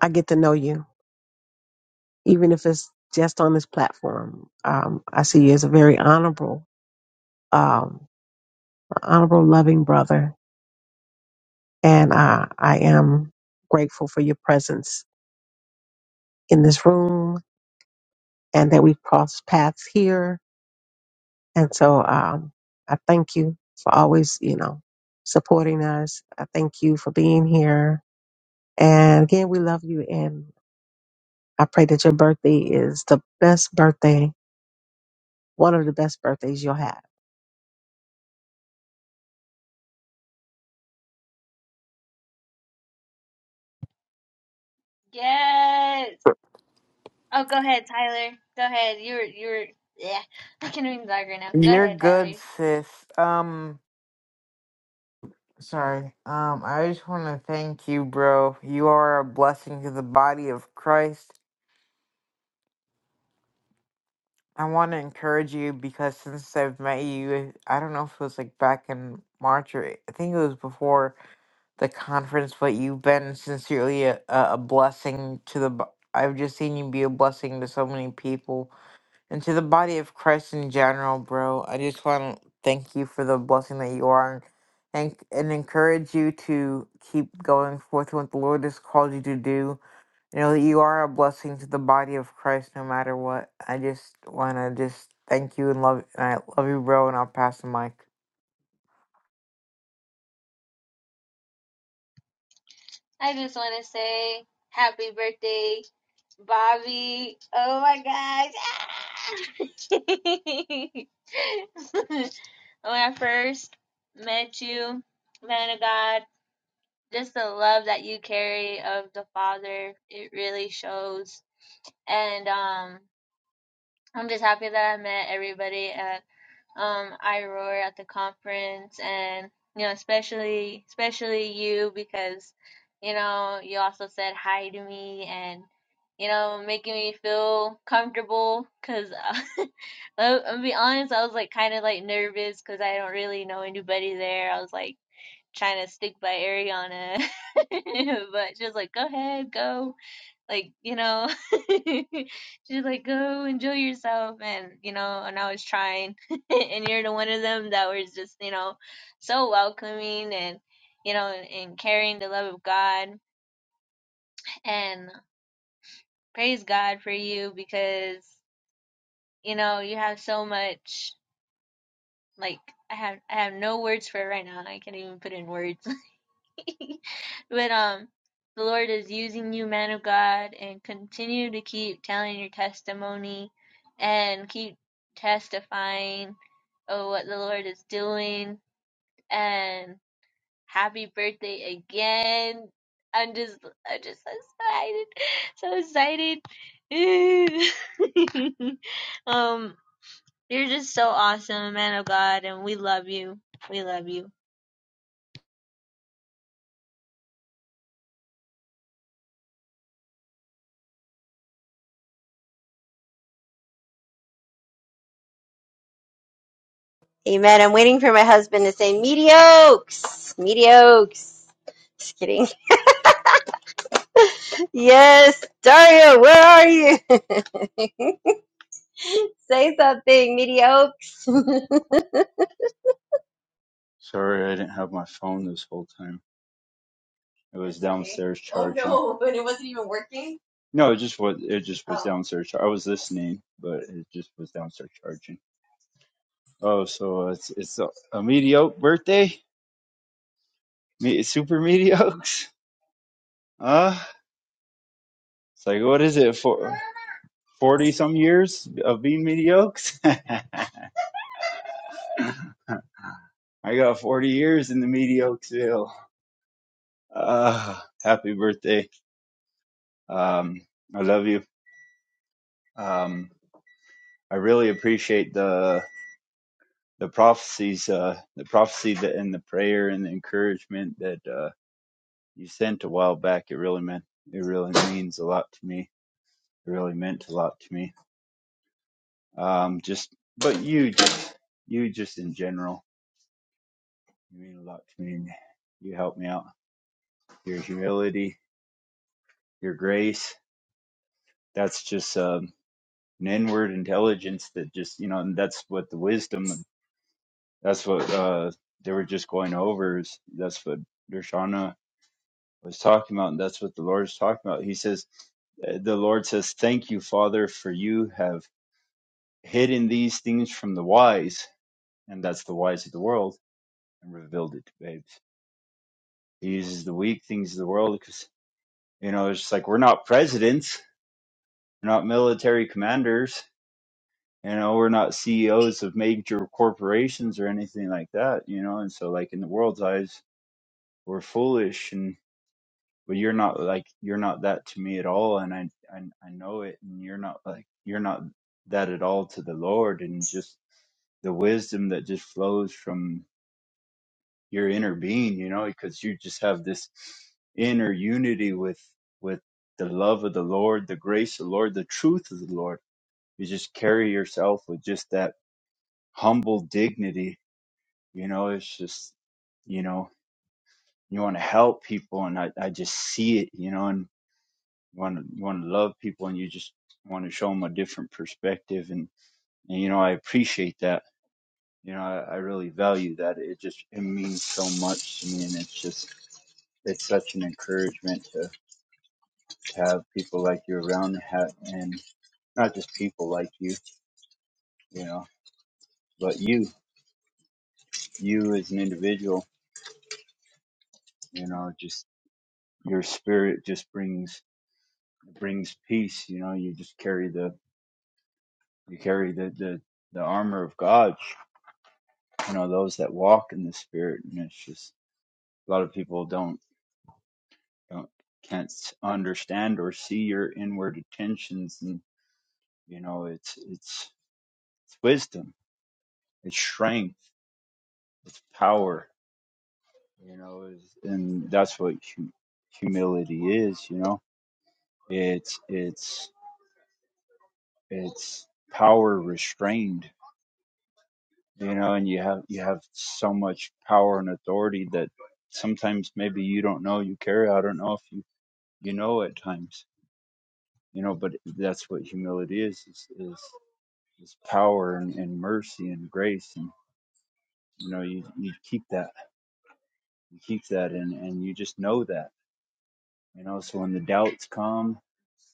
I get to know you even if it's just on this platform. Um, I see you as a very honorable, um, honorable, loving brother, and uh, I am grateful for your presence in this room and that we've crossed paths here. And so um, I thank you for always, you know, supporting us. I thank you for being here. And again, we love you, and I pray that your birthday is the best birthday One of the best birthdays you'll have. You're good, sis. Um, sorry. Um, I just want to thank you, bro. You are a blessing to the body of Christ. I want to encourage you because since I've met you, I don't know if it was like back in March or I think it was before the conference, but you've been sincerely a, a a blessing to the. bo- I've just seen you be a blessing to so many people And to the body of Christ in general, bro, I just want to thank you for the blessing that you are and, and encourage you to keep going forth what the Lord has called you to do. You know that you are a blessing to the body of Christ no matter what. I just want to just thank you and love and I love you, bro, and I'll pass the mic. Amen. I'm waiting for my husband to say mediocres. Mediocres. Just kidding. <laughs> Yes, Dario, where are you? <laughs> say something, mediocres. <laughs> Sorry, I didn't have my phone this whole time. It was okay. downstairs charging. Oh no, <laughs> but it wasn't even working. No, it just was. It just was Oh. downstairs. char- I was listening, but it just was downstairs charging. Oh, so it's it's a, a mediocre birthday, Me, super mediocre. Uh, it's like what is it for? Forty some years of being mediocre. <laughs> I got forty years in the mediocre. Uh, happy birthday. Um, I love you. Um, I really appreciate the the prophecies, uh, the prophecy that, and the prayer and the encouragement that uh, you sent a while back. It really meant it really means a lot to me. It really meant a lot to me. Um, just but you just you just in general, you mean a lot to me. And you help me out. Your humility, your grace. That's just um, an inward intelligence that just you know, and that's what the wisdom. That's what uh, they were just going over. Is that's what Dershana was talking about, and that's what the Lord is talking about. He says, uh, the Lord says, Thank you, Father, for you have hidden these things from the wise, and that's the wise of the world, and revealed it to babes. He uses the weak things of the world because, you know, it's just like we're not presidents, we're not military commanders, you know, we're not CEOs of major corporations or anything like that, you know, and so, like, in the world's eyes, we're foolish and but you're not like you're not that to me at all and I, I i know it and you're not like you're not that at all to the lord and just the wisdom that just flows from your inner being you know because you just have this inner unity with with the love of the lord the grace of the lord the truth of the lord you just carry yourself with just that humble dignity you know it's just you know you want to help people and i i just see it you know and You want to you want to love people, and you just want to show them a different perspective. And, and you know, I appreciate that. You know, I, I really value that. It just it means so much to me, and it's just it's such an encouragement to, to have people like you around, have, and not just people like you, you know, but you, you as an individual, you know, just your spirit just brings brings peace. You know, you just carry the you carry the the, the armor of God you know those that walk in the spirit and it's just a lot of people don't don't can't s- understand or see your inward intentions and you know it's it's it's wisdom it's strength it's power you know is and that's what hu- humility is you know it's it's it's power restrained you know and you have you have so much power and authority that sometimes maybe you don't know you carry i don't know if you you know at times you know but that's what humility is is is, is power and, and mercy and grace and you know you, you keep that you keep that and and you just know that you know so when the doubts come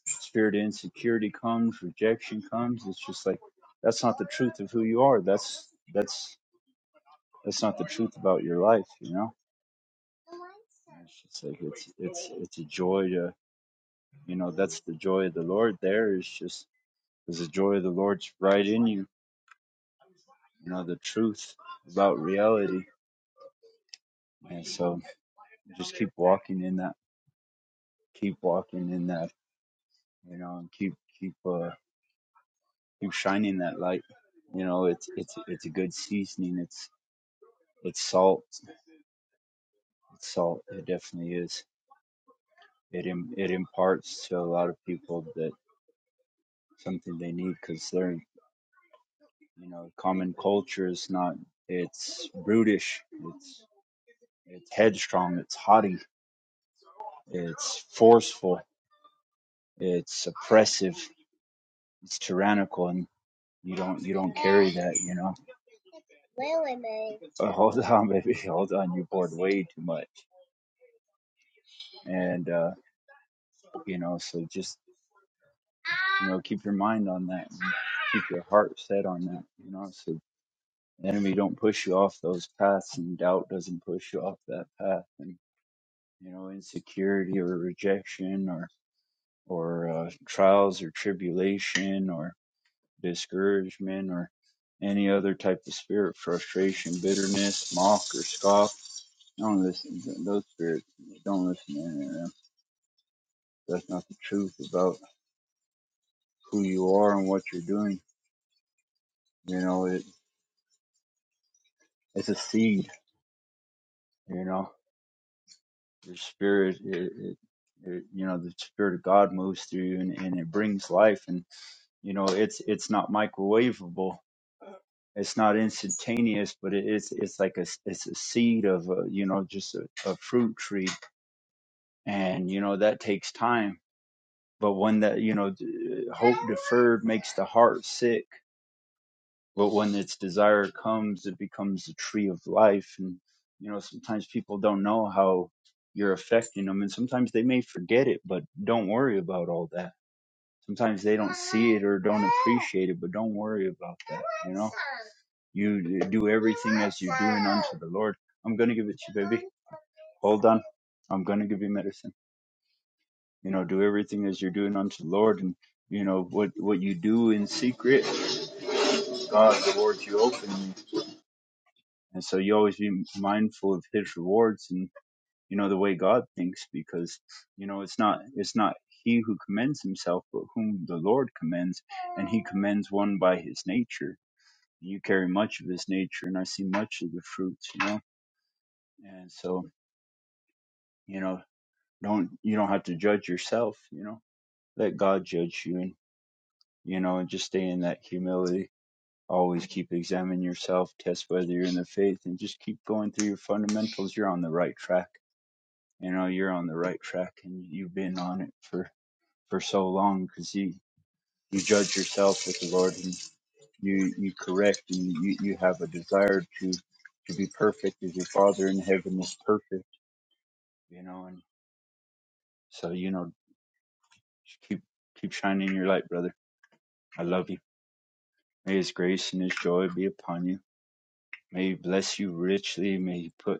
spirit of insecurity comes rejection comes it's just like that's not the truth of who you are that's that's that's not the truth about your life you know it's just like it's it's it's a joy to you know that's the joy of the lord there is just because the joy of the lord's right in you you know the truth about reality and so just keep walking in that keep walking in that you know and keep keep uh keep shining that light you know it's it's it's a good seasoning it's it's salt it's salt it definitely is it Im- it imparts to a lot of people that something they need because they're you know common culture is not it's brutish it's it's headstrong it's haughty it's forceful it's oppressive it's tyrannical and you don't you don't carry that you know Uh, hold on baby hold on you poured way too much and uh you know so just you know keep your mind on that and keep your heart set on that you know so the enemy don't push you off those paths and doubt doesn't push you off that path and you know insecurity or rejection or or uh, trials or tribulation or. discouragement or any other type of spirit, frustration, bitterness, mock or scoff. Don't listen to those spirits. Don't listen to any of them. That's not the truth about who you are and what you're doing. You know, it, it's a seed, you know, your spirit, it, it, it, you know, the spirit of God moves through you and, and it brings life. And, you know, it's, it's not microwavable. It's not instantaneous, but it, it's, it's like a it's a seed of a, you know, just a, a fruit tree and you know that takes time but when that you know d- uh, hope deferred makes the heart sick but when its desire comes it becomes the tree of life and you know sometimes people don't know how you're affecting them and sometimes they may forget it but don't worry about all that sometimes they don't see it or don't appreciate it but don't worry about that you know you do everything as you're doing unto the lord i'm gonna give it to you baby hold on i'm gonna give you medicine you know do everything as you're doing unto the lord and you know what what you do in secret god rewards you openly and so you always be mindful of his rewards and you know the way god thinks because you know it's not it's not he who commends himself but whom the lord commends and he commends one by his nature you carry much of his nature and i see much of the fruits you know and so you know don't you don't have to judge yourself you know let god judge you and you know and just stay in that humility Always keep examining yourself, test whether you're in the faith, and just keep going through your fundamentals. You're on the right track. You know, you're on the right track, and you've been on it for for so long because you you judge yourself with the Lord, and you you correct, and you you have a desire to to be perfect as your Father in heaven is perfect. You know, and so you know, just keep keep shining your light, brother. I love you. May His grace and His joy be upon you. May He bless you richly. May He put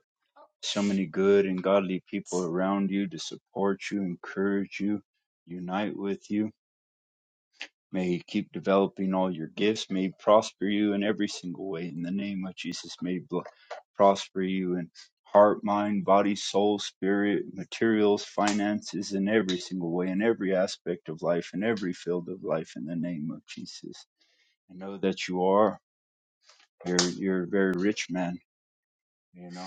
so many good and godly people around you to support you, encourage you, unite with you. May He keep developing all your gifts. May He prosper you in every single way. In the name of Jesus, may He bl- prosper you in heart, mind, body, soul, spirit, materials, finances, in every single way, in every aspect of life, in every field of life. In the name of Jesus, I know that you are. You're you're a very rich man. You know.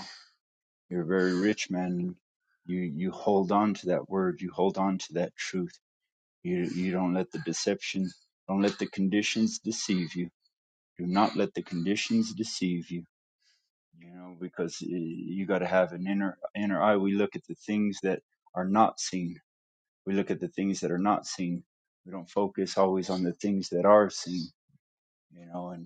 You're a very rich man. And you you hold on to that word. You hold on to that truth. You you don't let the deception, don't let the conditions deceive you. Do not let the conditions deceive you. You know because eh, you got to have an inner inner eye. We look at the things that are not seen. We look at the things that are not seen. We don't focus always on the things that are seen. You know, and.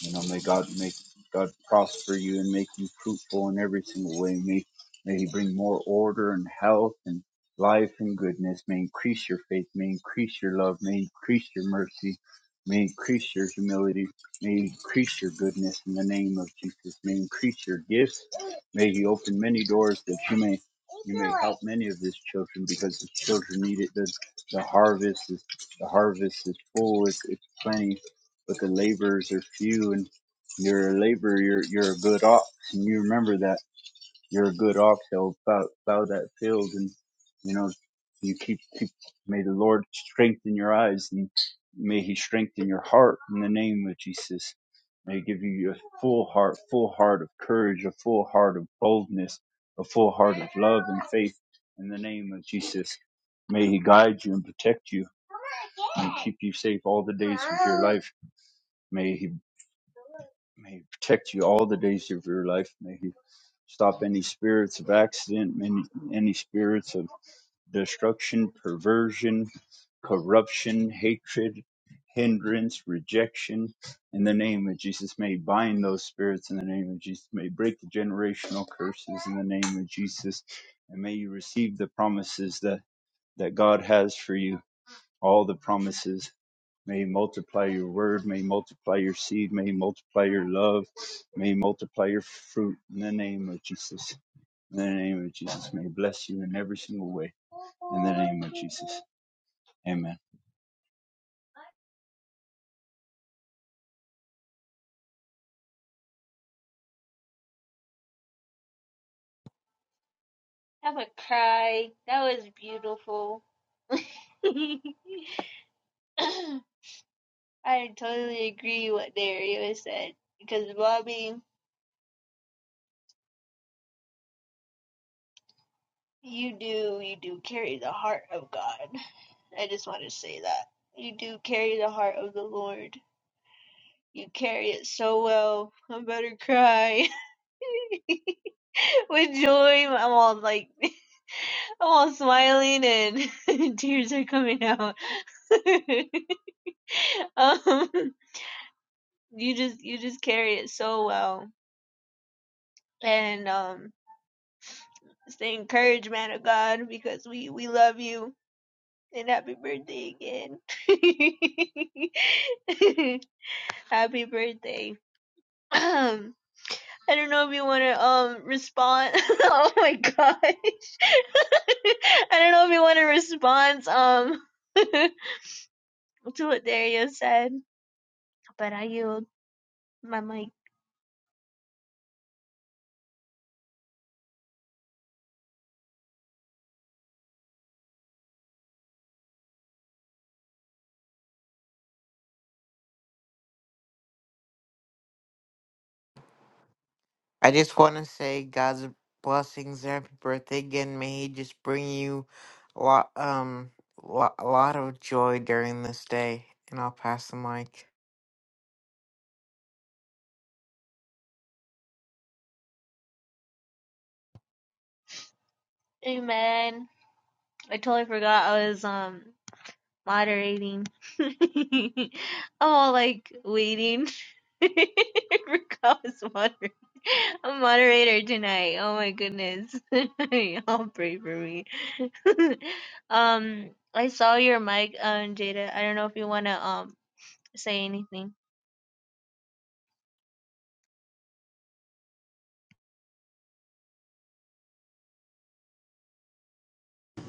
You know, may God make God prosper you and make you fruitful in every single way. May may He bring more order and health and life and goodness. May increase your faith. May increase your love. May increase your mercy. May increase your humility. May increase your goodness in the name of Jesus. May increase your gifts. May He open many doors that you may you may help many of His children because His children need it. The, the harvest is the harvest is full. It's, it's plenty but the laborers are few and you're a laborer, you're, you're a good ox. And you remember that you're a good ox that will plow, plow that field. And, you know, you keep, keep, may the Lord strengthen your eyes and may he strengthen your heart in the name of Jesus. May he give you a full heart, full heart of courage, a full heart of boldness, a full heart of love and faith in the name of Jesus. May he guide you and protect you and keep you safe all the days of your life. May he, may he protect you all the days of your life. May he stop any spirits of accident, any, any spirits of destruction, perversion, corruption, hatred, hindrance, rejection. In the name of Jesus, may he bind those spirits in the name of Jesus. May he break the generational curses in the name of Jesus. And may you receive the promises that, that God has for you, all the promises May he multiply your word. May he multiply your seed. May he multiply your love. May he multiply your fruit in the name of Jesus. In the name of Jesus. May he bless you in every single way. In the name of Jesus. Amen. I just want to say God's blessings and happy birthday again. May He just bring you a lot, um, lo- a lot of joy during this day, and I'll pass the mic.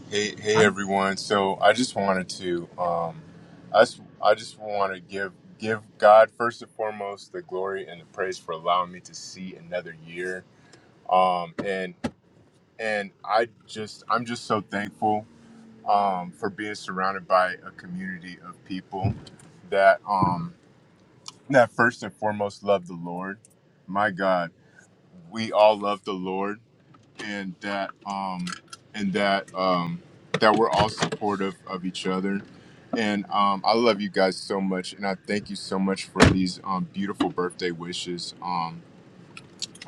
Hey, hey i everyone. So I just wanted to, um, I just, I just want to give give God first and foremost the glory and the praise for allowing me to see another year. Um, and and I just, I'm just so thankful um, for being surrounded by a community of people that um, that first and foremost love the Lord. My God, we all love the Lord and that um and that um that we're all supportive of each other and um i love you guys so much and i thank you so much for these um beautiful birthday wishes um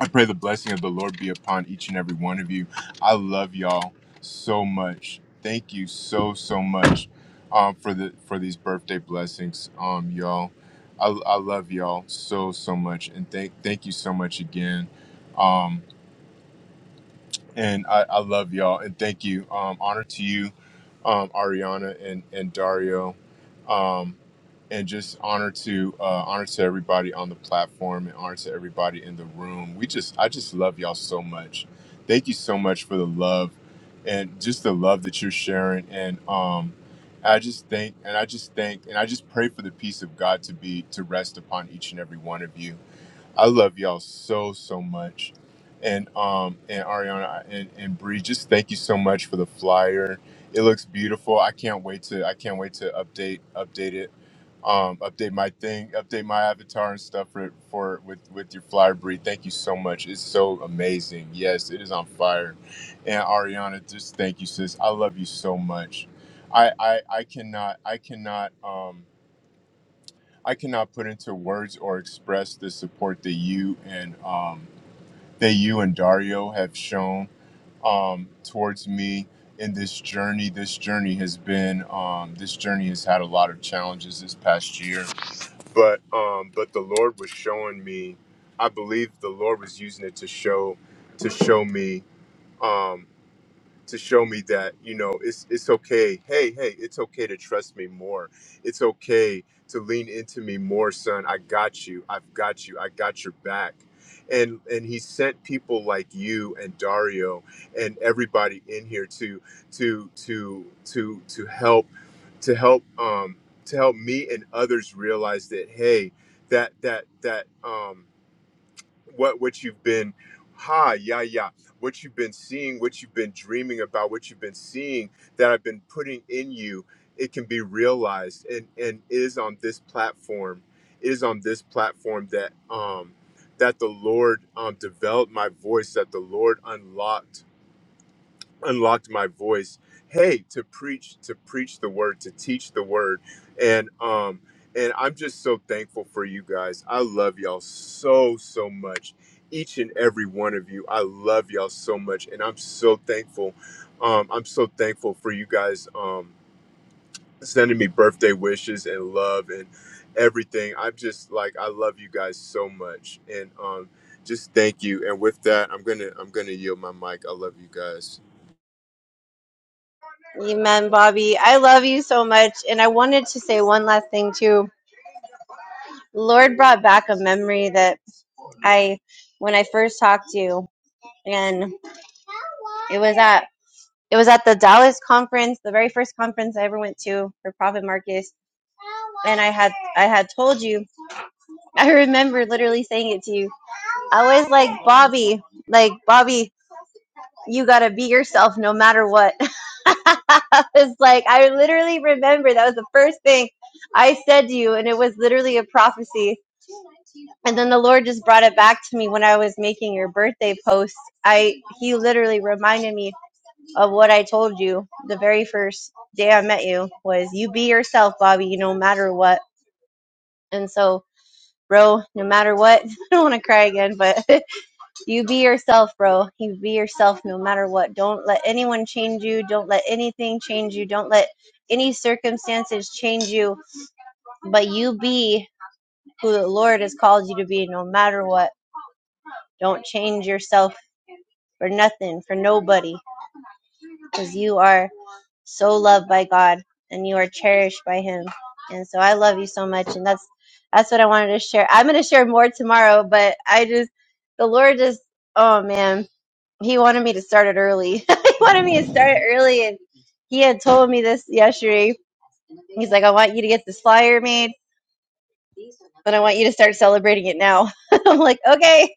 i pray the blessing of the lord be upon each and every one of you i love y'all so much thank you so so much um for the for these birthday blessings um y'all I, I love y'all so so much and thank thank you so much again Um, and I, I love y'all and thank you. Um, honor to you, um, Ariana and and Dario, um, and just honor to uh, honor to everybody on the platform and honor to everybody in the room. We just I just love y'all so much. Thank you so much for the love and just the love that you're sharing and um. I just thank and I just thank and I just pray for the peace of God to be to rest upon each and every one of you I love y'all so so much, and um and Ariana and and Bree, just thank you so much for the flyer. It looks beautiful. I can't wait to I can't wait to update update it, um update my thing, update my avatar and stuff for for with with your flyer, Bree. Thank you so much. It's so amazing. Yes, it is on fire, and Ariana, just thank you, sis. I love you so much. I I I cannot I cannot um. I cannot put into words or express the support that you and um, that you and Dario have shown um, towards me in this journey. This journey has been um, this journey has had a lot of challenges this past year, but um, but the Lord was showing me. I believe the Lord was using it to show to show me. Um, to show me that you know it's it's okay hey hey it's okay to trust me more it's okay to lean into me more son i got you i've got you i got your back and and he sent people like you and dario and everybody in here to to to to to help to help um to help me and others realize that hey that that that um what what you've been ha yeah yeah what you've been seeing what you've been dreaming about what you've been seeing that i've been putting in you it can be realized and and it is on this platform it is on this platform that um that the lord um developed my voice that the lord unlocked unlocked my voice hey to preach to preach the word to teach the word and um and i'm just so thankful for you guys i love y'all so so much each and every one of you i love y'all so much and i'm so thankful um i'm so thankful for you guys um sending me birthday wishes and love and everything i'm just like i love you guys so much and um just thank you and with that i'm gonna i'm gonna yield my mic i love you guys Amen, Bobby. I love you so much. And I wanted to say one last thing too. Lord brought back a memory that I when I first talked to you and it was at it was at the Dallas conference, the very first conference I ever went to for Prophet Marcus. And I had I had told you I remember literally saying it to you. I was like, Bobby, like, Bobby, you gotta be yourself no matter what. <laughs> I was like, I literally remember that was the first thing I said to you, and it was literally a prophecy. And then the Lord just brought it back to me when I was making your birthday post. I he literally reminded me of what I told you the very first day I met you was you be yourself, Bobby, no matter what. And so, bro, no matter what, <laughs> I don't want to cry again, but <laughs> You be yourself, bro. You be yourself no matter what. Don't let anyone change you. Don't let anything change you. Don't let any circumstances change you. But you be who the Lord has called you to be no matter what. Don't change yourself for nothing, for nobody, because you are so loved by God and you are cherished by Him. And so I love you so much. And that's that's what I wanted to share. I'm going to share more tomorrow, but I just, the Lord just, oh man he wanted me to start it early. <laughs> he wanted me to start it early, and he had told me this yesterday. He's like, "I want you to get this flyer made, but I want you to start celebrating it now." <laughs> I'm like, "Okay."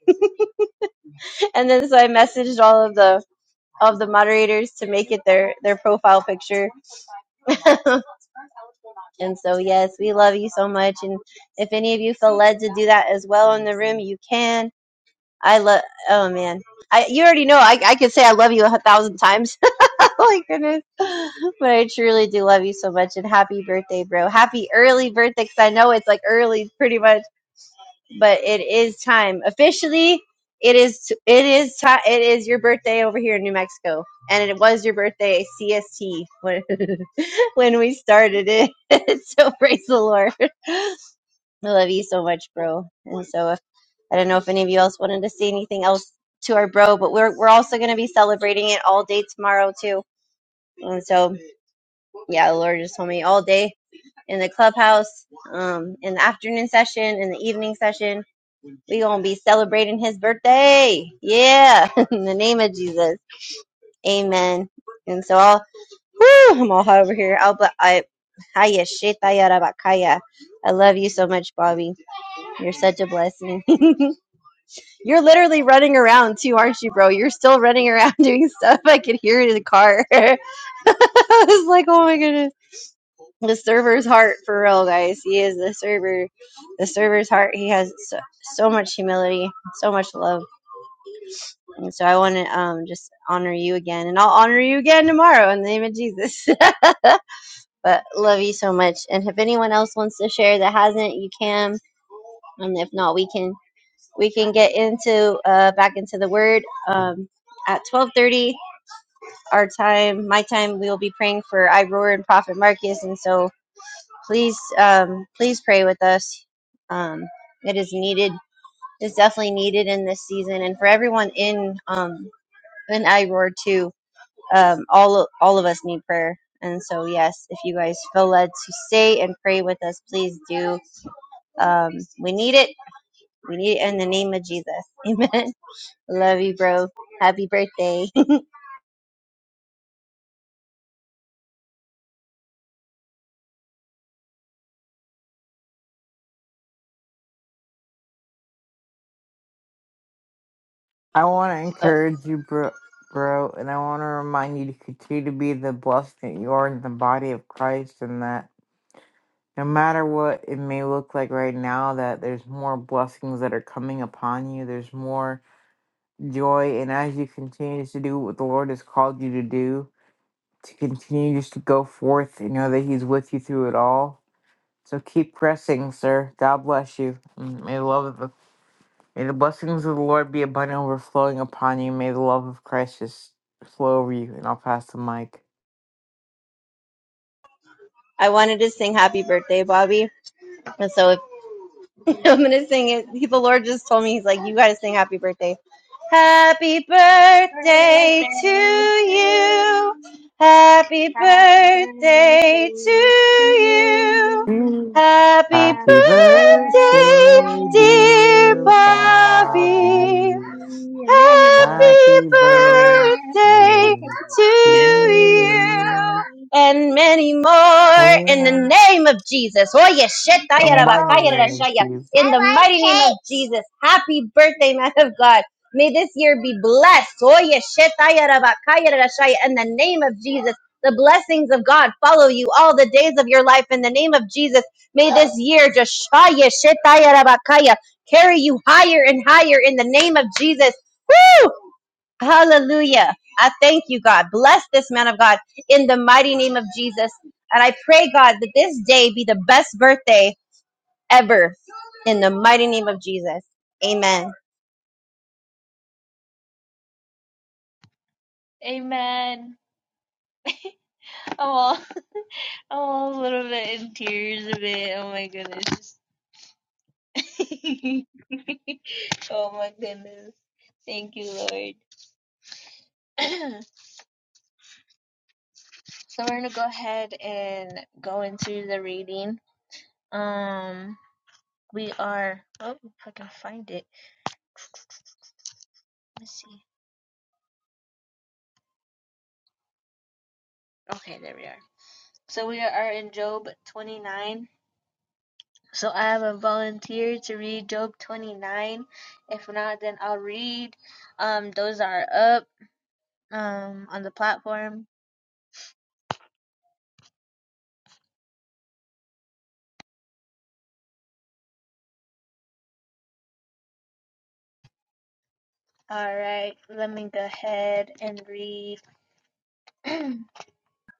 And then so I messaged all of the of the moderators to make it their their profile picture. <laughs> and so yes, we love you so much. And if any of you feel led to do that as well in the room, you can. I love. Oh man. I, you already know I, I could say I love you a thousand times <laughs> Oh my goodness. But I truly do love you so much and happy birthday, bro. Happy early birthday cuz I know it's like early pretty much, but it is time. Officially, it is it is time it is your birthday over here in New Mexico. And it was your birthday CST when <laughs> when we started it. <laughs> so praise the Lord. I love you so much, bro. And so if, I don't know if any of you else wanted to say anything else to our bro, but we're we're also going to be celebrating it all day tomorrow too. and so. yeah, the Lord just told me all day in the clubhouse, um, in the afternoon session, in the evening session. We gonna be celebrating his birthday. Yeah, <laughs> in the name of Jesus, Amen. And so I'll, whew, I'm all hot over here. I'll, but I, hiya, shetaya rabakaya. I love you so much, Bobby. You're such a blessing. <laughs> You're literally running around too, aren't you, bro? You're still running around <laughs> doing stuff. I could hear it in the car. <laughs> I was like, oh my goodness. the server's heart for real guys he is the server the server's heart he has so, so much humility so much love and so i want to um just honor you again and i'll honor you again tomorrow in the name of jesus <laughs> but love you so much and if anyone else wants to share that hasn't you can and if not we can we can get into uh back into the word um at 12:30 our time my time we will be praying for Iroar and prophet marcus and so please um, please pray with us. Um, it is needed. It's definitely needed in this season, and for everyone in um, in Iroar too. Um, all all of us need prayer, and so yes, if you guys feel led to stay and pray with us, please do. Um, we need it. We need it in the name of Jesus. <laughs> Amen. Love you, bro. Happy birthday. I want to <laughs> encourage you, bro, bro, and I want to remind you to continue to be the blessing that you are in the body of Christ, and that no matter what it may look like right now, that there's more blessings that are coming upon you. There's more joy, and as you continue to do what the Lord has called you to do, to continue just to go forth and know that He's with you through it all. So keep pressing, sir. God bless you. and May the love of the May the blessings of the Lord be abundant overflowing upon you. May the love of Christ just flow over you. And I'll pass the mic. I wanted to sing happy birthday, Bobby. And so if <laughs> I'm gonna sing it. He, the Lord just told me, He's like, you gotta sing happy birthday. Happy birthday to you. Happy birthday to you. Mm. Happy Happy birthday, birthday, dear dear Bobby. Bobby. Happy Happy birthday birthday to to you you. and many more in the Oh, name of Jesus. Oye, sheta the mighty name of Jesus. In the mighty name of Jesus. Happy birthday, man of God. May this year be blessed. Oye, sheta In the name of Jesus. The blessings of God follow you all the days of your life. In the name of Jesus, may this year just shaya, carry you higher and higher in the name of Jesus. Hallelujah. I thank you, God. Bless this man of God in the mighty name of Jesus. And I pray, God, that this day be the best birthday ever in the mighty name of Jesus. Amen.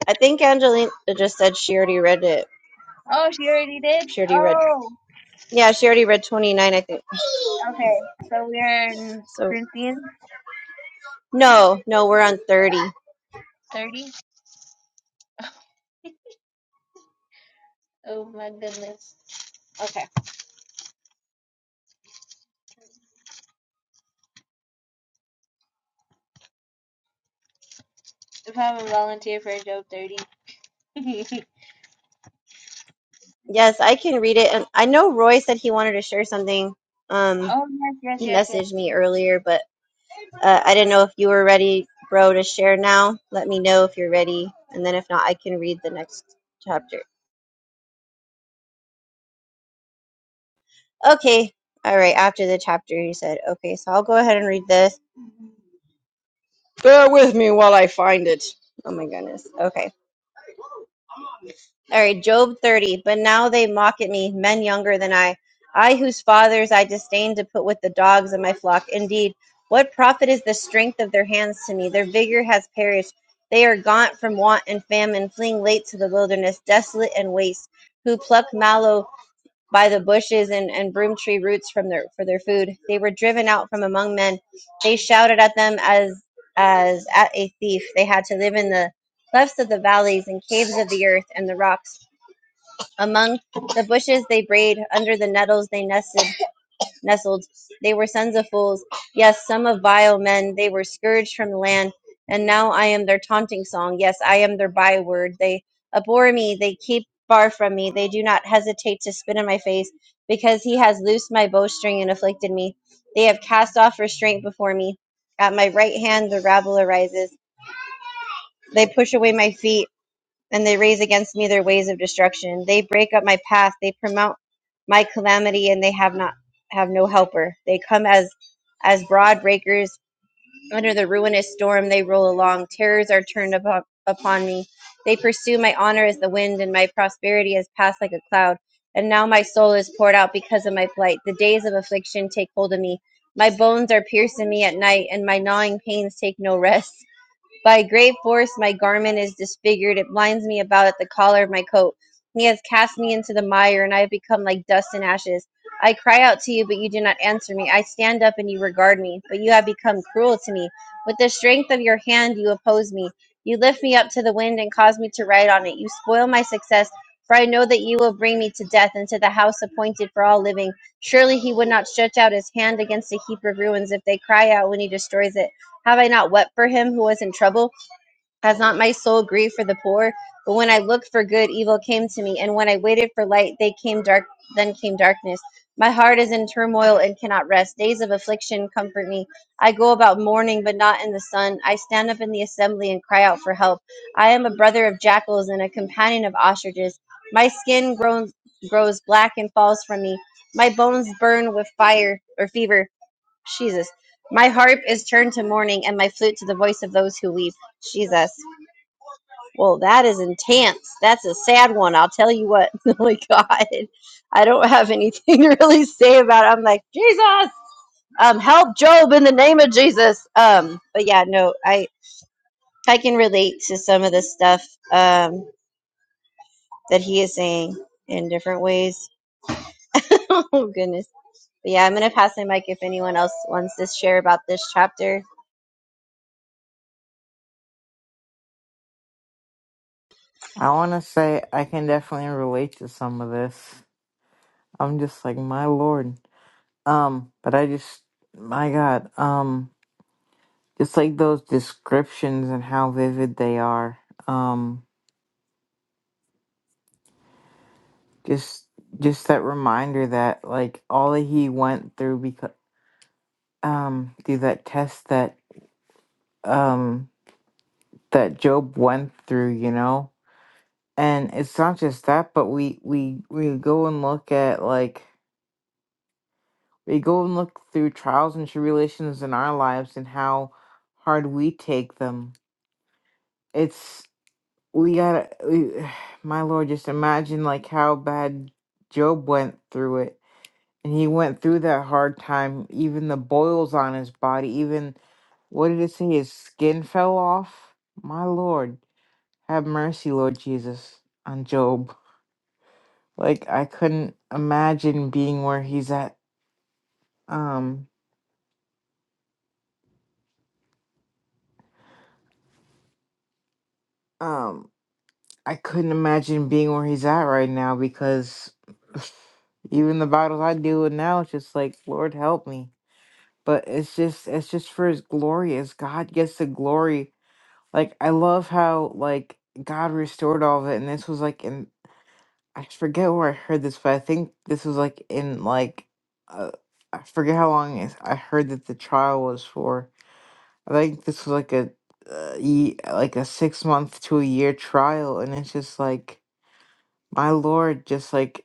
I think Angelina just said she already read it. She already read. Yeah, she already read 29, I think. So, no, no, we're on 30. Yes, I can read it. And I know Roy said he wanted to share something. Um, he messaged me earlier, but Uh, I didn't know if you were ready, bro, to share now. Let me know if you're ready, and then if not, I can read the next chapter. Okay. All right. After the chapter, you said, okay, so I'll go ahead and read this. Bear with me while I find it. Oh my goodness. Okay. All right, Job 30. But now they mock at me, men younger than I. I, whose fathers I disdained to put with the dogs of my flock. Indeed, what profit is the strength of their hands to me? Their vigor has perished. They are gaunt from want and famine, fleeing late to the wilderness, desolate and waste, who pluck mallow by the bushes and, and broom tree roots from their for their food. They were driven out from among men. They shouted at them as as at a thief. They had to live in the clefts of the valleys and caves of the earth and the rocks among the bushes they brayed, under the nettles they nested, nestled. They were sons of fools, yes, some of vile men. They were scourged from the land, and now I am their taunting song. Yes, I am their byword. They abhor me, they keep far from me. They do not hesitate to spit in my face, because he has loosed my bowstring and afflicted me. They have cast off restraint before me. At my right hand the rabble arises. They push away my feet and they raise against me their ways of destruction. They break up my path, they promote my calamity, and they have not have no helper. They come as as broad breakers under the ruinous storm they roll along. Terrors are turned upon, upon me. They pursue my honor as the wind, and my prosperity has passed like a cloud. And now my soul is poured out because of my plight. The days of affliction take hold of me. My bones are piercing me at night, and my gnawing pains take no rest. By great force my garment is disfigured, it blinds me about at the collar of my coat. He has cast me into the mire, and I have become like dust and ashes. I cry out to you, but you do not answer me. I stand up, and you regard me, but you have become cruel to me. With the strength of your hand you oppose me. You lift me up to the wind and cause me to ride on it. You spoil my success, for I know that you will bring me to death and to the house appointed for all living. Surely he would not stretch out his hand against a heap of ruins if they cry out when he destroys it. Have I not wept for him who was in trouble? Has not my soul grieved for the poor? But when I looked for good, evil came to me, and when I waited for light, they came dark. Then came darkness. My heart is in turmoil and cannot rest. Days of affliction comfort me. I go about mourning, but not in the sun. I stand up in the assembly and cry out for help. I am a brother of jackals and a companion of ostriches. My skin grows grows black and falls from me. My bones burn with fire or fever. Jesus. My harp is turned to mourning and my flute to the voice of those who weep. Jesus. Well, that is intense. That's a sad one. I'll tell you what. <laughs> Holy God. I don't have anything <laughs> to really say about it. I'm like, Jesus, um, help Job in the name of Jesus. Um, but yeah, no, I, I can relate to some of the stuff um, that he is saying in different ways. <laughs> oh, goodness. But yeah, I'm going to pass my mic if anyone else wants to share about this chapter. I want to say I can definitely relate to some of this. I'm just like, my Lord. Um, but I just, my God. Um, Just like those descriptions and how vivid they are. Um, just just that reminder that like all that he went through because um through that test that um that Job went through, you know. And it's not just that, but we we we go and look at like we go and look through trials and tribulations in our lives and how hard we take them. we gotta we, <sighs> my lord just imagine like how bad job went through it and he went through that hard time even the boils on his body even what did it say his skin fell off my lord have mercy lord jesus on job like i couldn't imagine being where he's at um um i couldn't imagine being where he's at right now because <sighs> even the battles i deal with now it's just like lord help me but it's just it's just for his glory as god gets the glory like i love how like god restored all of it and this was like in i forget where i heard this but i think this was like in like uh, i forget how long it's- i heard that the trial was for i think this was like a uh, ye- like a six month to a year trial and it's just like my lord just like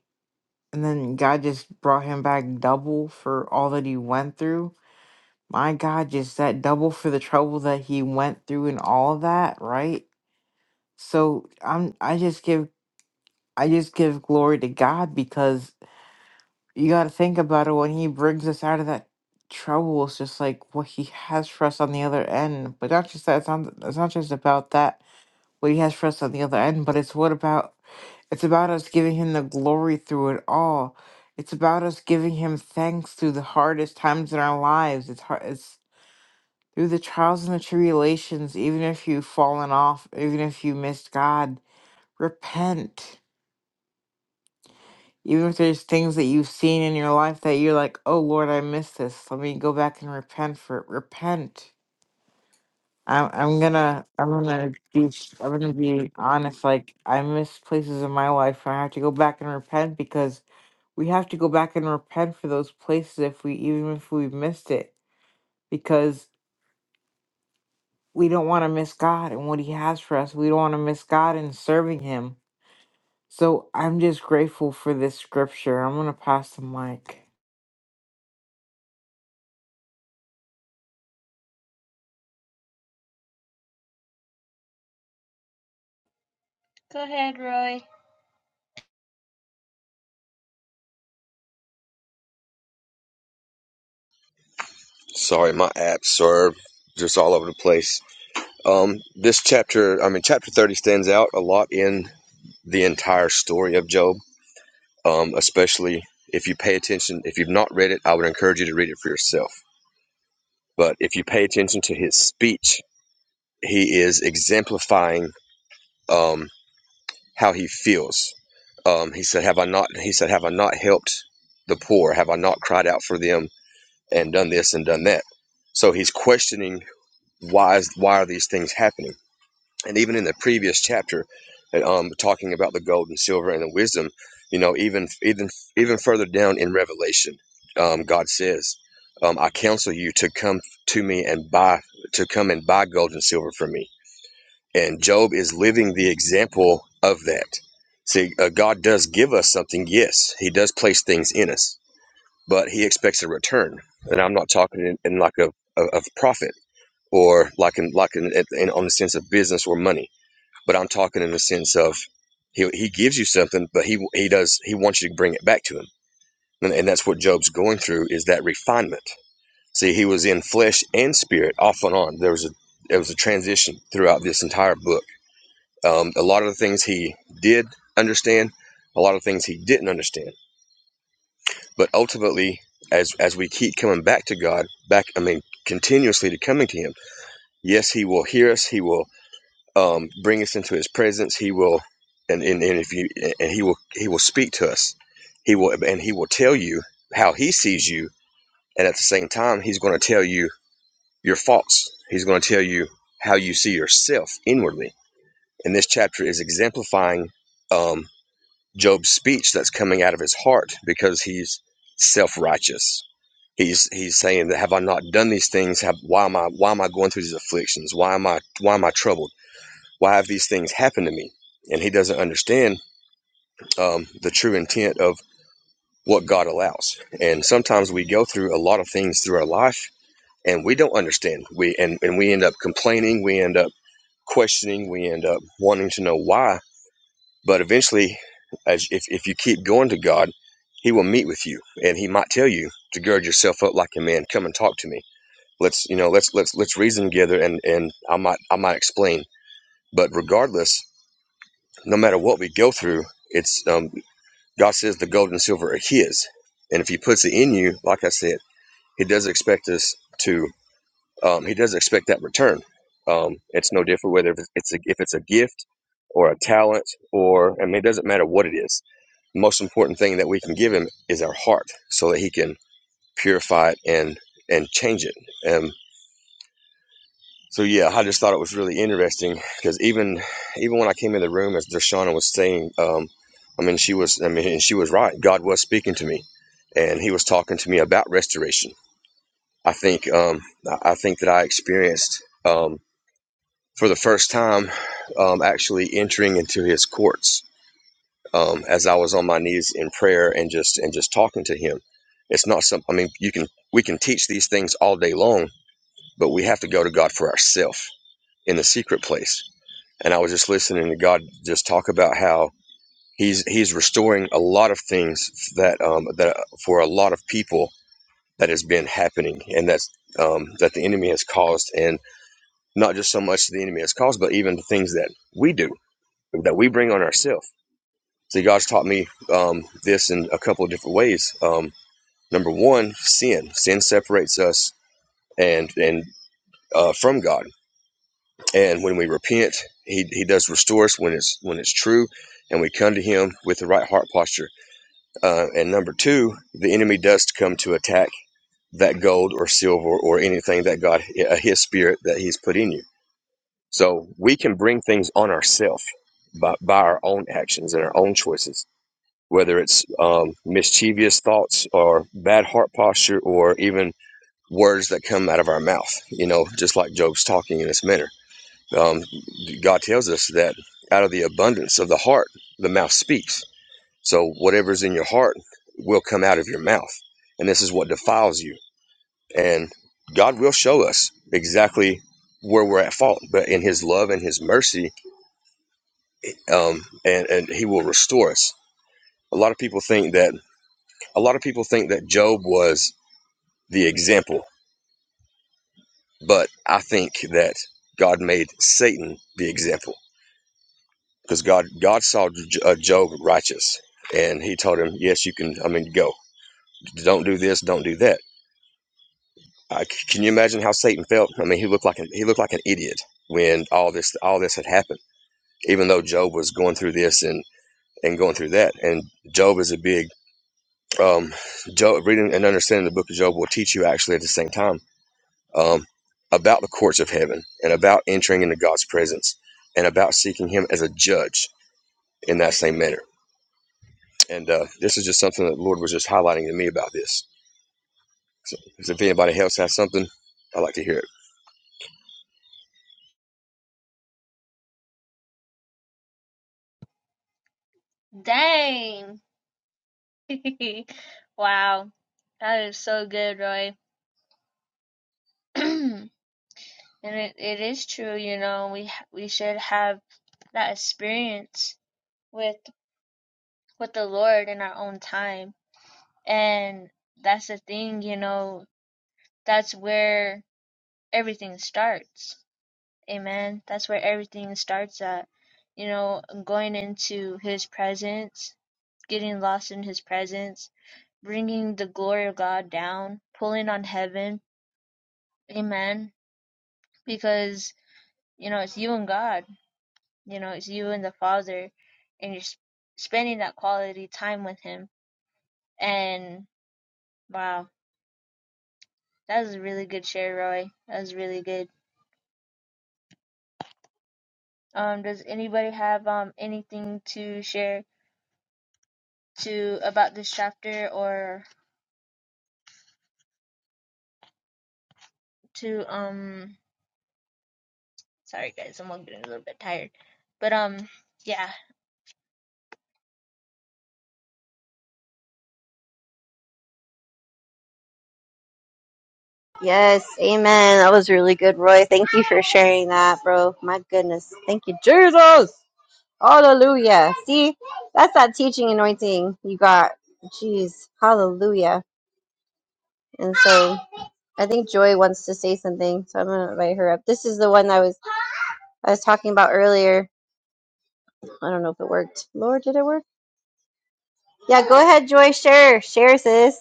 and then god just brought him back double for all that he went through My God, just that double for the trouble that he went through and all of that, right? So I'm I just give I just give glory to God because you gotta think about it when he brings us out of that trouble, it's just like what he has for us on the other end. But not just that it's not it's not just about that what he has for us on the other end, but it's what about it's about us giving him the glory through it all. It's about us giving him thanks through the hardest times in our lives. It's hard. through the trials and the tribulations, even if you've fallen off, even if you missed God, repent. Even if there's things that you've seen in your life that you're like, oh Lord, I missed this. Let me go back and repent for it. Repent. I'm I'm gonna I'm gonna be I'm gonna be honest. Like I miss places in my life where I have to go back and repent because we have to go back and repent for those places if we even if we missed it. Because we don't want to miss God and what He has for us. We don't want to miss God in serving Him. So I'm just grateful for this scripture. I'm going to pass the mic. Sorry, my apps are just all over the place. Um, this chapter, I mean, chapter 30 stands out a lot in the entire story of Job, um, especially if you pay attention. If you've not read it, I would encourage you to read it for yourself. But if you pay attention to his speech, he is exemplifying um, how he feels. Um, he said, "Have I not?" He said, "Have I not helped the poor? Have I not cried out for them and done this and done that?" So he's questioning why is why are these things happening? and even in the previous chapter uh, um talking about the gold and silver and the wisdom you know even even even further down in revelation um god says um i counsel you to come to me and buy to come and buy gold and silver from me and job is living the example of that see uh, god does give us something yes he does place things in us but he expects a return and i'm not talking in, in like a, a of profit or like in like in, in on the sense of business or money but I'm talking in the sense of he he gives you something, but he he does he wants you to bring it back to him, and, and that's what Job's going through is that refinement. See, he was in flesh and spirit off and on. There was a there was a transition throughout this entire book. Um, a lot of the things he did understand, a lot of things he didn't understand, but ultimately, as as we keep coming back to God, back I mean continuously to coming to Him, yes, He will hear us. He will um, bring us into his presence he will and, and, and if you and he will he will speak to us he will and he will tell you how he sees you and at the same time he's going to tell you your faults he's going to tell you how you see yourself inwardly and this chapter is exemplifying um, job's speech that's coming out of his heart because he's self-righteous he's he's saying that have i not done these things have why am i why am i going through these afflictions why am i why am i troubled why have these things happened to me? And he doesn't understand um, the true intent of what God allows. And sometimes we go through a lot of things through our life and we don't understand. We and, and we end up complaining, we end up questioning, we end up wanting to know why. But eventually, as if, if you keep going to God, he will meet with you and he might tell you to gird yourself up like a man, come and talk to me. Let's you know, let's let's let's reason together and, and I might I might explain. But regardless, no matter what we go through, it's um, God says the gold and silver are His, and if He puts it in you, like I said, He does expect us to. Um, he does expect that return. Um, it's no different whether it's a, if it's a gift or a talent or I mean it doesn't matter what it is. The most important thing that we can give Him is our heart, so that He can purify it and and change it. Um, So yeah, I just thought it was really interesting because even even when I came in the room as Dershana was saying, um, I mean she was I mean she was right. God was speaking to me, and He was talking to me about restoration. I think um, I I think that I experienced um, for the first time um, actually entering into His courts um, as I was on my knees in prayer and just and just talking to Him. It's not some. I mean, you can we can teach these things all day long, but we have to go to God for ourselves in the secret place and I was just listening to God just talk about how He's He's restoring a lot of things that um, that for a lot of people that has been happening, and that's um, that the enemy has caused, and not just so much the enemy has caused, but even the things that we do that we bring on ourselves. So God's taught me um, this in a couple of different ways. Um, number one, sin. Sin separates us and and uh, from God and when we repent he, he does restore us when it's when it's true and we come to him with the right heart posture uh, and number two the enemy does come to attack that gold or silver or anything that god uh, his spirit that he's put in you so we can bring things on ourselves by, by our own actions and our own choices whether it's um, mischievous thoughts or bad heart posture or even words that come out of our mouth you know just like job's talking in this manner um, God tells us that out of the abundance of the heart, the mouth speaks. So whatever's in your heart will come out of your mouth. And this is what defiles you. And God will show us exactly where we're at fault. But in His love and His mercy, um, and, and He will restore us. A lot of people think that a lot of people think that Job was the example, but I think that God made Satan the example because God God saw J- uh, Job righteous, and He told him, "Yes, you can. I mean, go. Don't do this. Don't do that." Uh, c- can you imagine how Satan felt? I mean, he looked like an he looked like an idiot when all this all this had happened. Even though Job was going through this and and going through that, and Job is a big um, Job reading and understanding the book of Job will teach you actually at the same time um, about the courts of heaven and about entering into God's presence and about seeking Him as a judge in that same manner And uh, this is just something that the Lord was just highlighting to me about this. So, so if anybody else has something, I'd like to hear it. Yes, amen. That was really good, Roy. Thank you for sharing that, bro. My goodness. Thank you, Jesus. Hallelujah. See, that's that teaching anointing you got. Jeez. Hallelujah. And so I think Joy wants to say something, so I'm gonna invite her up. This is the one I was I was talking about earlier. I don't know if it worked. Lord, did it work? Yeah, go ahead, Joy. Share. Share, sis.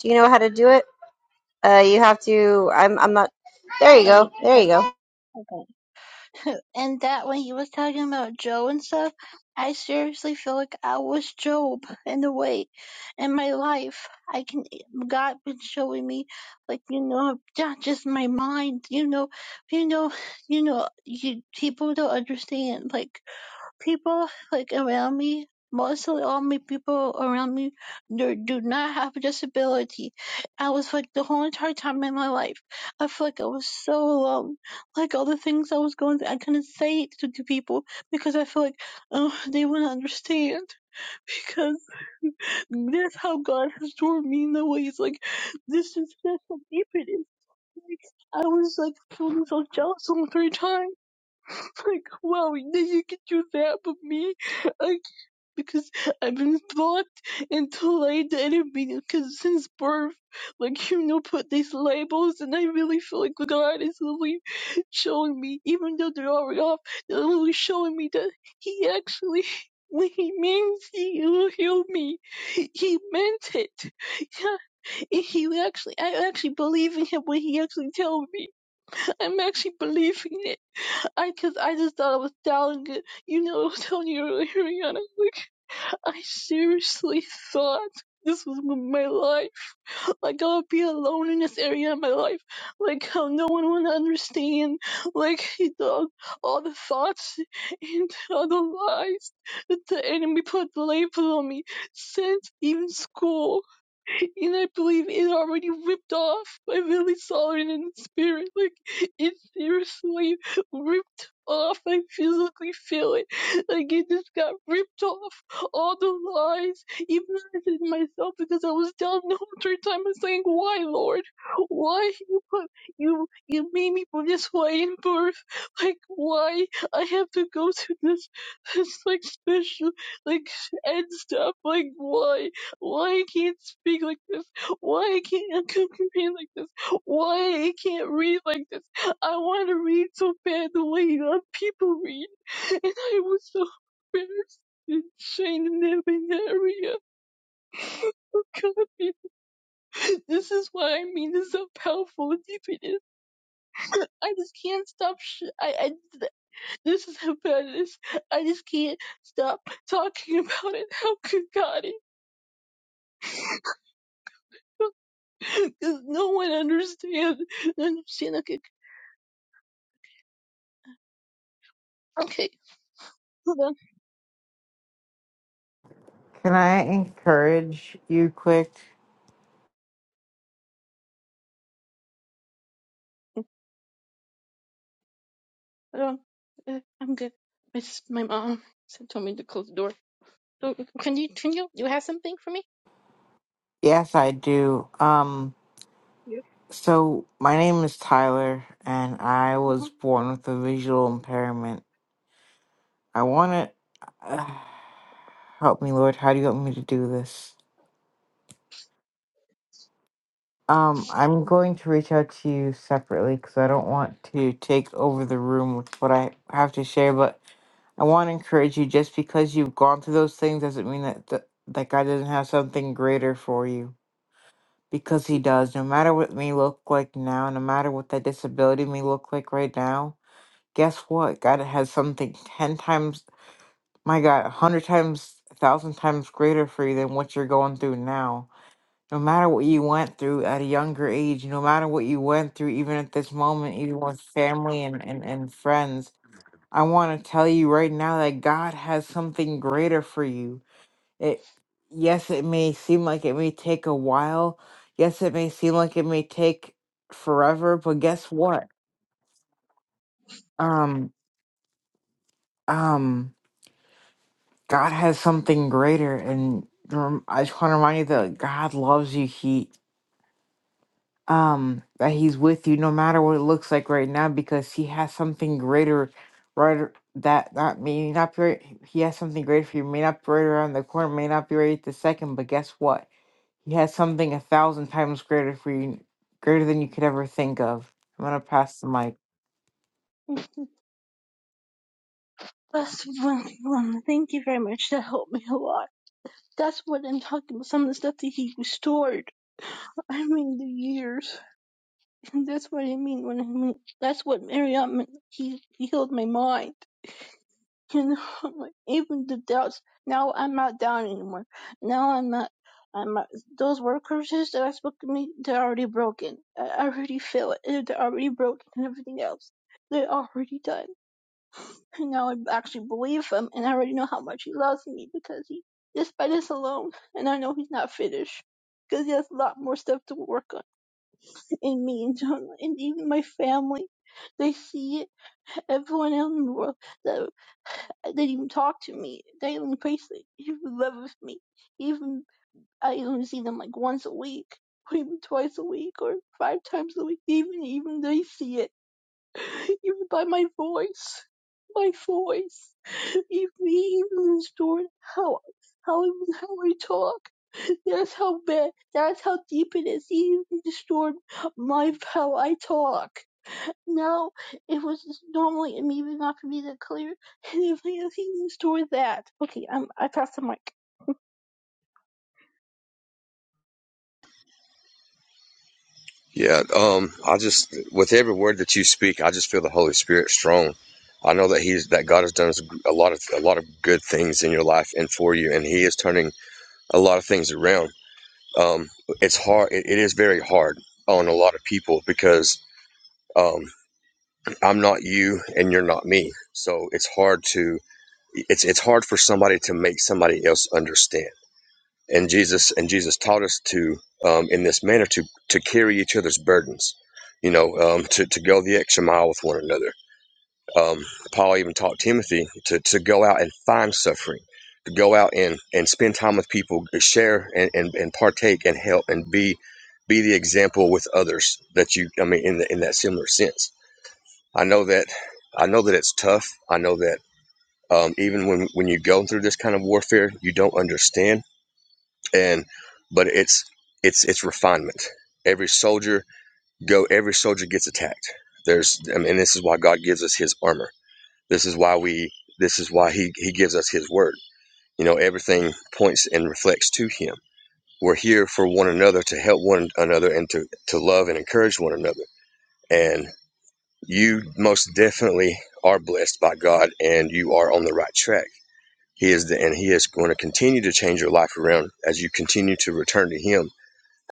Do you know how to do it? Uh you have to I'm I'm not there you Oh yeah, go. I There got you it. go. I got it. <laughs> and that when he was talking about Joe and stuff, I seriously feel like I was Job in a way. In my life, I can God been showing me, like you know, not just my mind. You know, you know, you know, you people don't understand. Like people like around me, mostly all my people around me, do, do not have a disability. I was like the whole entire time in my life, I feel like I was so alone. Like all the things I was going through, I couldn't say it to the people because I feel like oh, they wouldn't understand. <laughs> Because that's how God has taught me in the ways like this is that's how deep it is. Like I was like feeling so jealous all three times. <laughs> Like wow, you you could do that, but me. I because I've been brought into like the enemy because since birth, like you know, put these labels, and I really feel like God is really showing me, even though they're already off, they're really showing me that He actually. <laughs> When he means he will heal me, he meant it. Yeah, and he actually, I actually believe in him when he actually tells me. I'm actually believing it. I, cause I just thought I was doubting it. You know, <laughs> I was telling you earlier, Rihanna. like, I seriously thought this was my life. Like I would be alone in this area of my life. Like how no one would understand. Like he thought all the thoughts and all the lies that the enemy put label on me since even school and I believe it already ripped off by Lily Solomon in the spirit. Like it seriously ripped off. I physically feel it. Like it just got ripped off. All the lies, even though I said myself because I was down the whole entire time. I was saying, "Why, Lord? Why you put you you made me this way in birth? Like why I have to go through this this like special like and stuff. Like, why? Why I can't speak like this? Why I can't <laughs> communicate like this? Why I can't read like this? I want to read so bad the way other people read, and I was so embarrassed and shamed in that in that area. Oh God, this is what I mean. This is how powerful and deep it is. <clears throat> I just can't stop. Sh- I, I this is how bad it is. I just can't stop talking <laughs> about it. How could God? Because no one understands understand. Okay, Okay, hold on, Can I encourage you quick? hold on. Uh, I'm good. It's my mom said told me to close the door. So can you can you you have something for me? Yes, I do. Um, Yeah. so my name is Tyler, and I was Uh-huh. born with a visual impairment. I want to uh, help me, Lord. How do you want me to do this? Um, I'm going to reach out to you separately because I don't want to take over the room with what I have to share, but I want to encourage you just because you've gone through those things doesn't mean that th- that God doesn't have something greater for you. Because He does. No matter what it may look like now, no matter what that disability may look like right now, guess what? God has something 10 times, my God, a 100 times, a 1,000 times greater for you than what you're going through now. No matter what you went through at a younger age, no matter what you went through, even at this moment, even with family and, and, and friends, I want to tell you right now that God has something greater for you. It yes, it may seem like it may take a while. Yes, it may seem like it may take forever, but guess what? Um um God has something greater and rem- I just want to remind you that God loves you. He um that he's with you no matter what it looks like right now because he has something greater right ar- that that may not be right, he has something greater for you may not be right around the corner may not be right at the second but guess what he has something a thousand times greater for you greater than you could ever think of i'm gonna pass the mic That's one, one. Thank you very much. That helped me a lot. That's what I'm talking about. Some of the stuff that he restored. I mean the years. And that's what I mean when I mean that's what Marriott meant. He he healed my mind. can <laughs> even the doubts. Now I'm not down anymore. Now I'm not. I'm not. Those word curses that I spoke to me, they're already broken. I already feel it. They're already broken and everything else. They're already done. And now I actually believe him, and I already know how much he loves me because he, despite this alone, and I know he's not finished because he has a lot more stuff to work on in me and, and even my family. They see it. Everyone else in the world. that. They didn't even talk to me. They did only praised me. They even loved me. Even I only see them like once a week, <laughs> or even twice a week, or five times a week. Even even they see it. <laughs> Even by my voice, my voice. <laughs> Even even the story how how I- how I talk. That's how bad. That's how deep it is. Even the story my how I talk. No, it was just normally and even not for me that clear. <laughs> And if I have even stored that. Okay, um, I passed the mic. Yeah, um, I just with every word that you speak, I just feel the Holy Spirit strong. I know that He's that God has done a lot of a lot of good things in your life and for you, and He is turning a lot of things around. Um, it's hard. It, it is very hard on a lot of people because um, I'm not you and you're not me, so it's hard to it's it's hard for somebody to make somebody else understand and Jesus and Jesus taught us to um, in this manner to to carry each other's burdens, you know, um, to to go the extra mile with one another. Um, Paul even taught Timothy to to go out and find suffering, to go out and and spend time with people, share and and, and partake and help and be be the example with others that you I mean in the, in that similar sense. I know that I know that it's tough. I know that um, even when when you go through this kind of warfare, you don't understand and but it's it's it's refinement every soldier go every soldier gets attacked there's I mean, and this is why god gives us his armor this is why we this is why he he gives us his word you know everything points and reflects to him we're here for one another to help one another and to to love and encourage one another and you most definitely are blessed by god and you are on the right track he is the, and he is going to continue to change your life around as you continue to return to him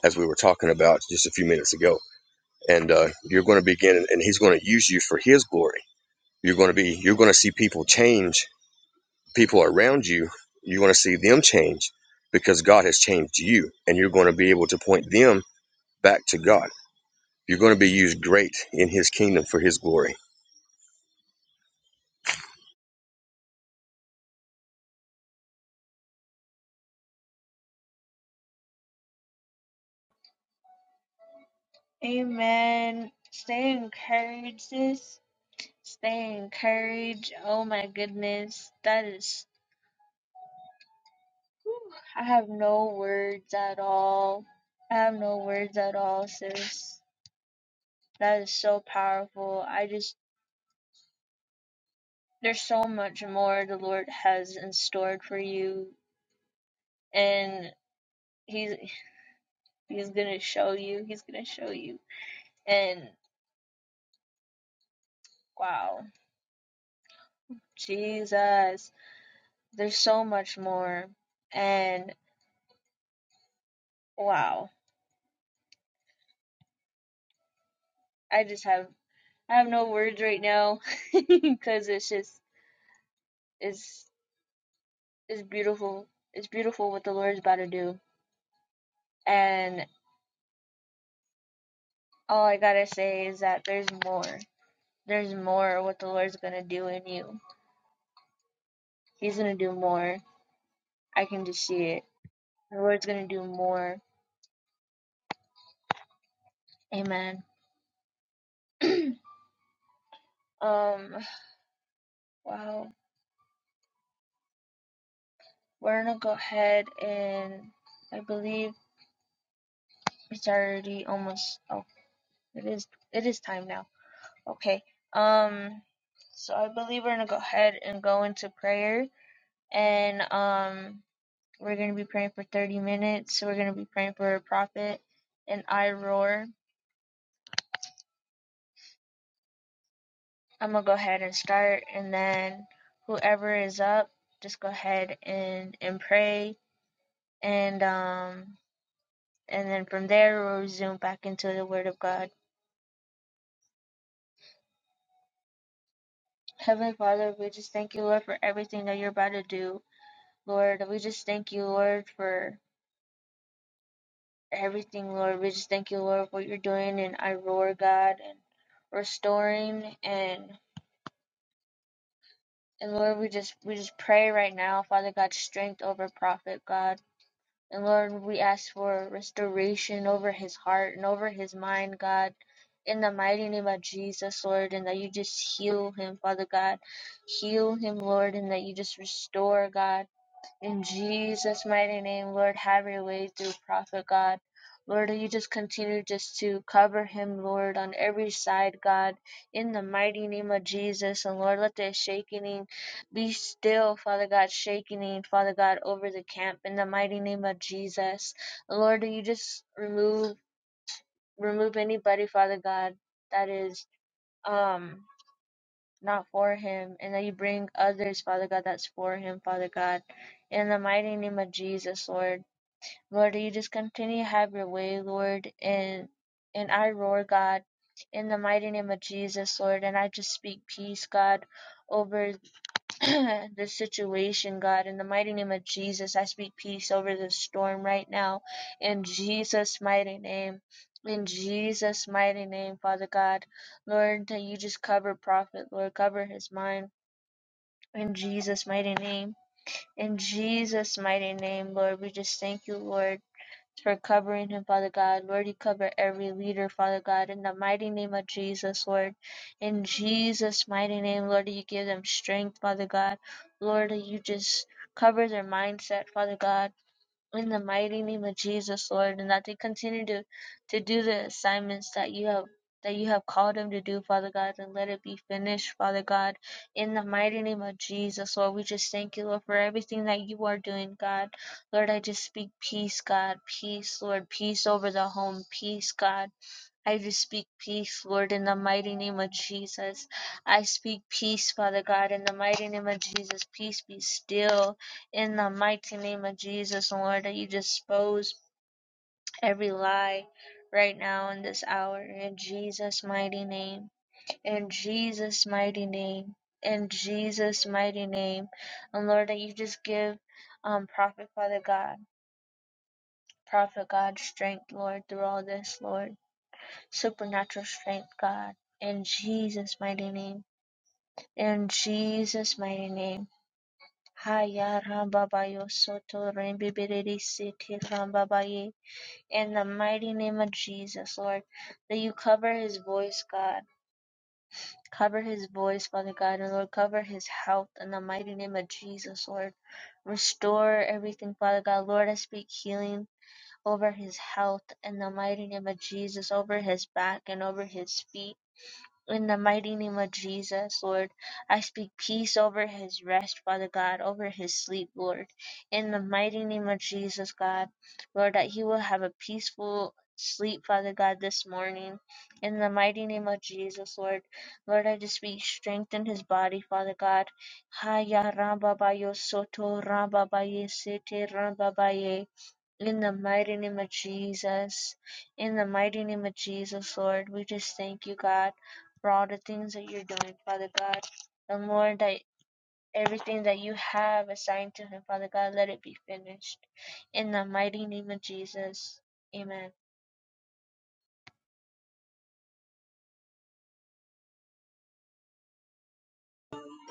as we were talking about just a few minutes ago. And uh, you're going to begin, and He's going to use you for His glory. You're going to be, you're going to see people change, people around you. You're going to see them change because God has changed you, and you're going to be able to point them back to God. You're going to be used great in His kingdom for His glory.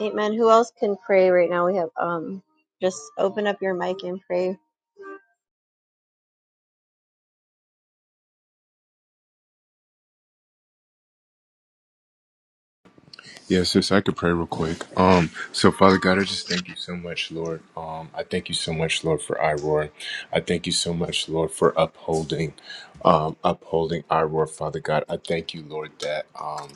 Amen. Who else can pray right now? We have um just open up your mic and pray. Yeah, sis, I could pray real quick. Um, so Father God, I just thank you so much, Lord. Um, I thank you so much, Lord, for Iroar. I thank you so much, Lord, for upholding, um, upholding Iroar, Father God. I thank you, Lord, that um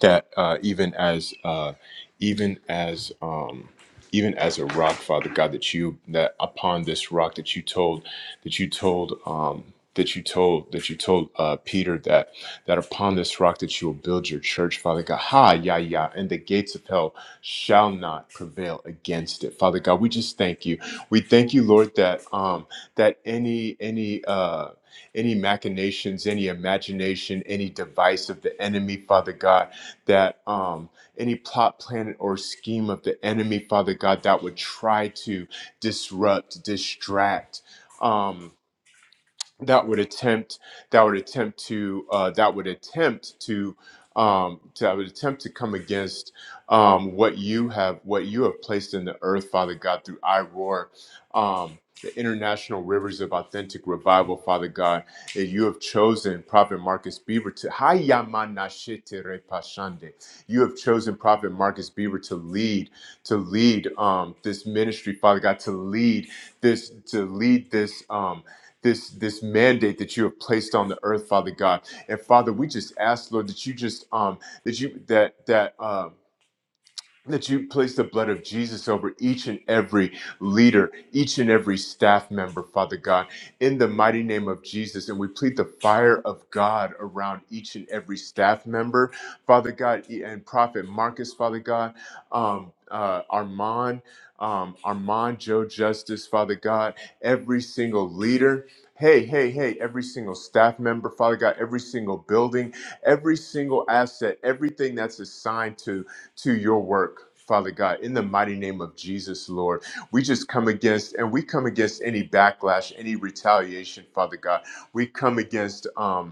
that uh, even as uh, even as um, even as a rock, Father God, that you that upon this rock that you told that you told um, that you told that you told uh, Peter that that upon this rock that you will build your church, Father God. Ha, ya, ya, and the gates of hell shall not prevail against it, Father God. We just thank you. We thank you, Lord, that um, that any any uh, any machinations, any imagination, any device of the enemy, Father God that um, any plot, plan, or scheme of the enemy, Father God, that would try to disrupt, distract. Um, that would attempt that would attempt to uh, that would attempt to um, to that would attempt to come against um, what you have what you have placed in the earth, Father God, through I roar. Um, the international rivers of authentic revival, Father God, that you have chosen Prophet Marcus Beaver to Hayamanashite Repashande. You have chosen Prophet Marcus Beaver to lead, to lead um, this ministry, Father God, to lead this, to lead this. Um, this this mandate that you have placed on the earth father god and father we just ask lord that you just um that you that that um that you place the blood of Jesus over each and every leader, each and every staff member, Father God, in the mighty name of Jesus. And we plead the fire of God around each and every staff member, Father God, e, and Prophet Marcus, Father God, um, uh, Armand, um, Armand, Joe Justice, Father God, every single leader. Hey, hey, hey, every single staff member, Father God, every single building, every single asset, everything that's assigned to to your work. Father God, in the mighty name of Jesus, Lord, we just come against and we come against any backlash, any retaliation, Father God. We come against um,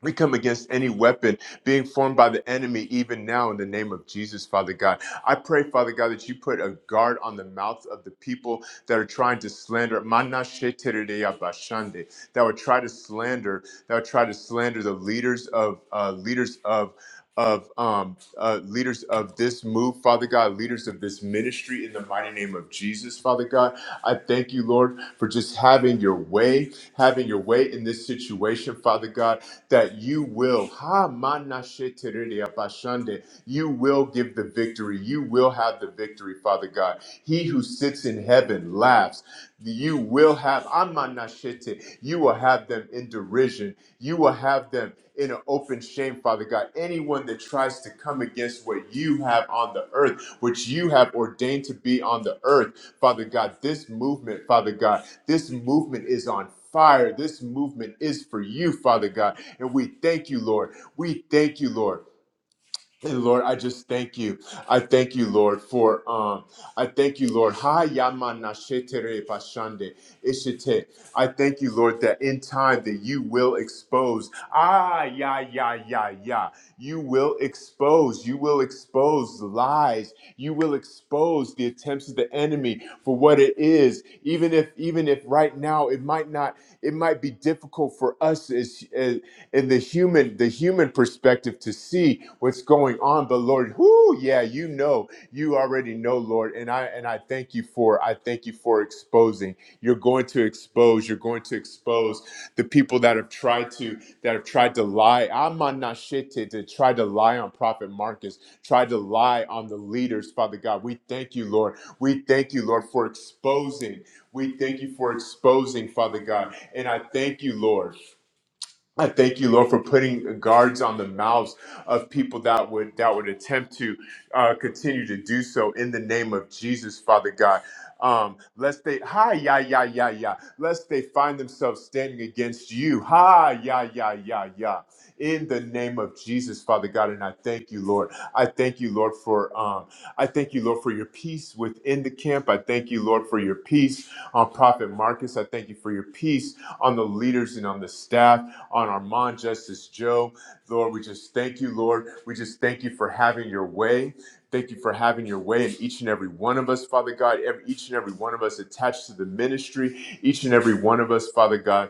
we come against any weapon being formed by the enemy, even now, in the name of Jesus, Father God. I pray, Father God, that you put a guard on the mouths of the people that are trying to slander, Mana shetereya bashande, that would try to slander, that would try to slander the leaders of uh, leaders of of um uh leaders of this move father god leaders of this ministry in the mighty name of jesus father god I thank you, Lord, for just having your way, having your way in this situation, Father God, that you will. Ha, mana she terere apashande. You will give the victory. You will have the victory, Father God. He who sits in heaven laughs. You will have, Amanashete, you will have them in derision. You will have them in an open shame, Father God. Anyone that tries to come against what you have on the earth, which you have ordained to be on the earth, Father God, this movement, Father God, this movement is on fire. This movement is for you, Father God. And we thank you, Lord. We thank you, Lord. Hey, Lord, I just thank you. I thank you, Lord, for um, I thank you, Lord. Ha yamana shetere pashande ishite. I thank you, Lord, that in time that you will expose. Ah, yeah, yeah, yeah, yeah. You will expose. You will expose lies. You will expose the attempts of the enemy for what it is. Even if, even if right now it might not, it might be difficult for us as in the human the human perspective to see what's going on but lord whoo yeah you know you already know lord and i and i thank you for i thank you for exposing you're going to expose you're going to expose the people that have tried to that have tried to lie i'm on to try to lie on prophet marcus tried to lie on the leaders father god we thank you lord we thank you lord for exposing we thank you for exposing father god and i thank you lord I thank you, Lord, for putting guards on the mouths of people that would that would attempt to uh, continue to do so in the name of Jesus, Father God. Um, lest they hi ya ya ya ya, lest they find themselves standing against you. Hi ya ya ya ya in the name of Jesus, Father God. And I thank you, Lord. I thank you, Lord, for um, I thank you, Lord, for your peace within the camp. I thank you, Lord, for your peace on Prophet Marcus. I thank you for your peace on the leaders and on the staff, on Armand, Justice Joe. Lord, we just thank you, Lord. We just thank you for having your way. Thank you for having your way in each and every one of us, Father God, every, each and every one of us attached to the ministry, each and every one of us, Father God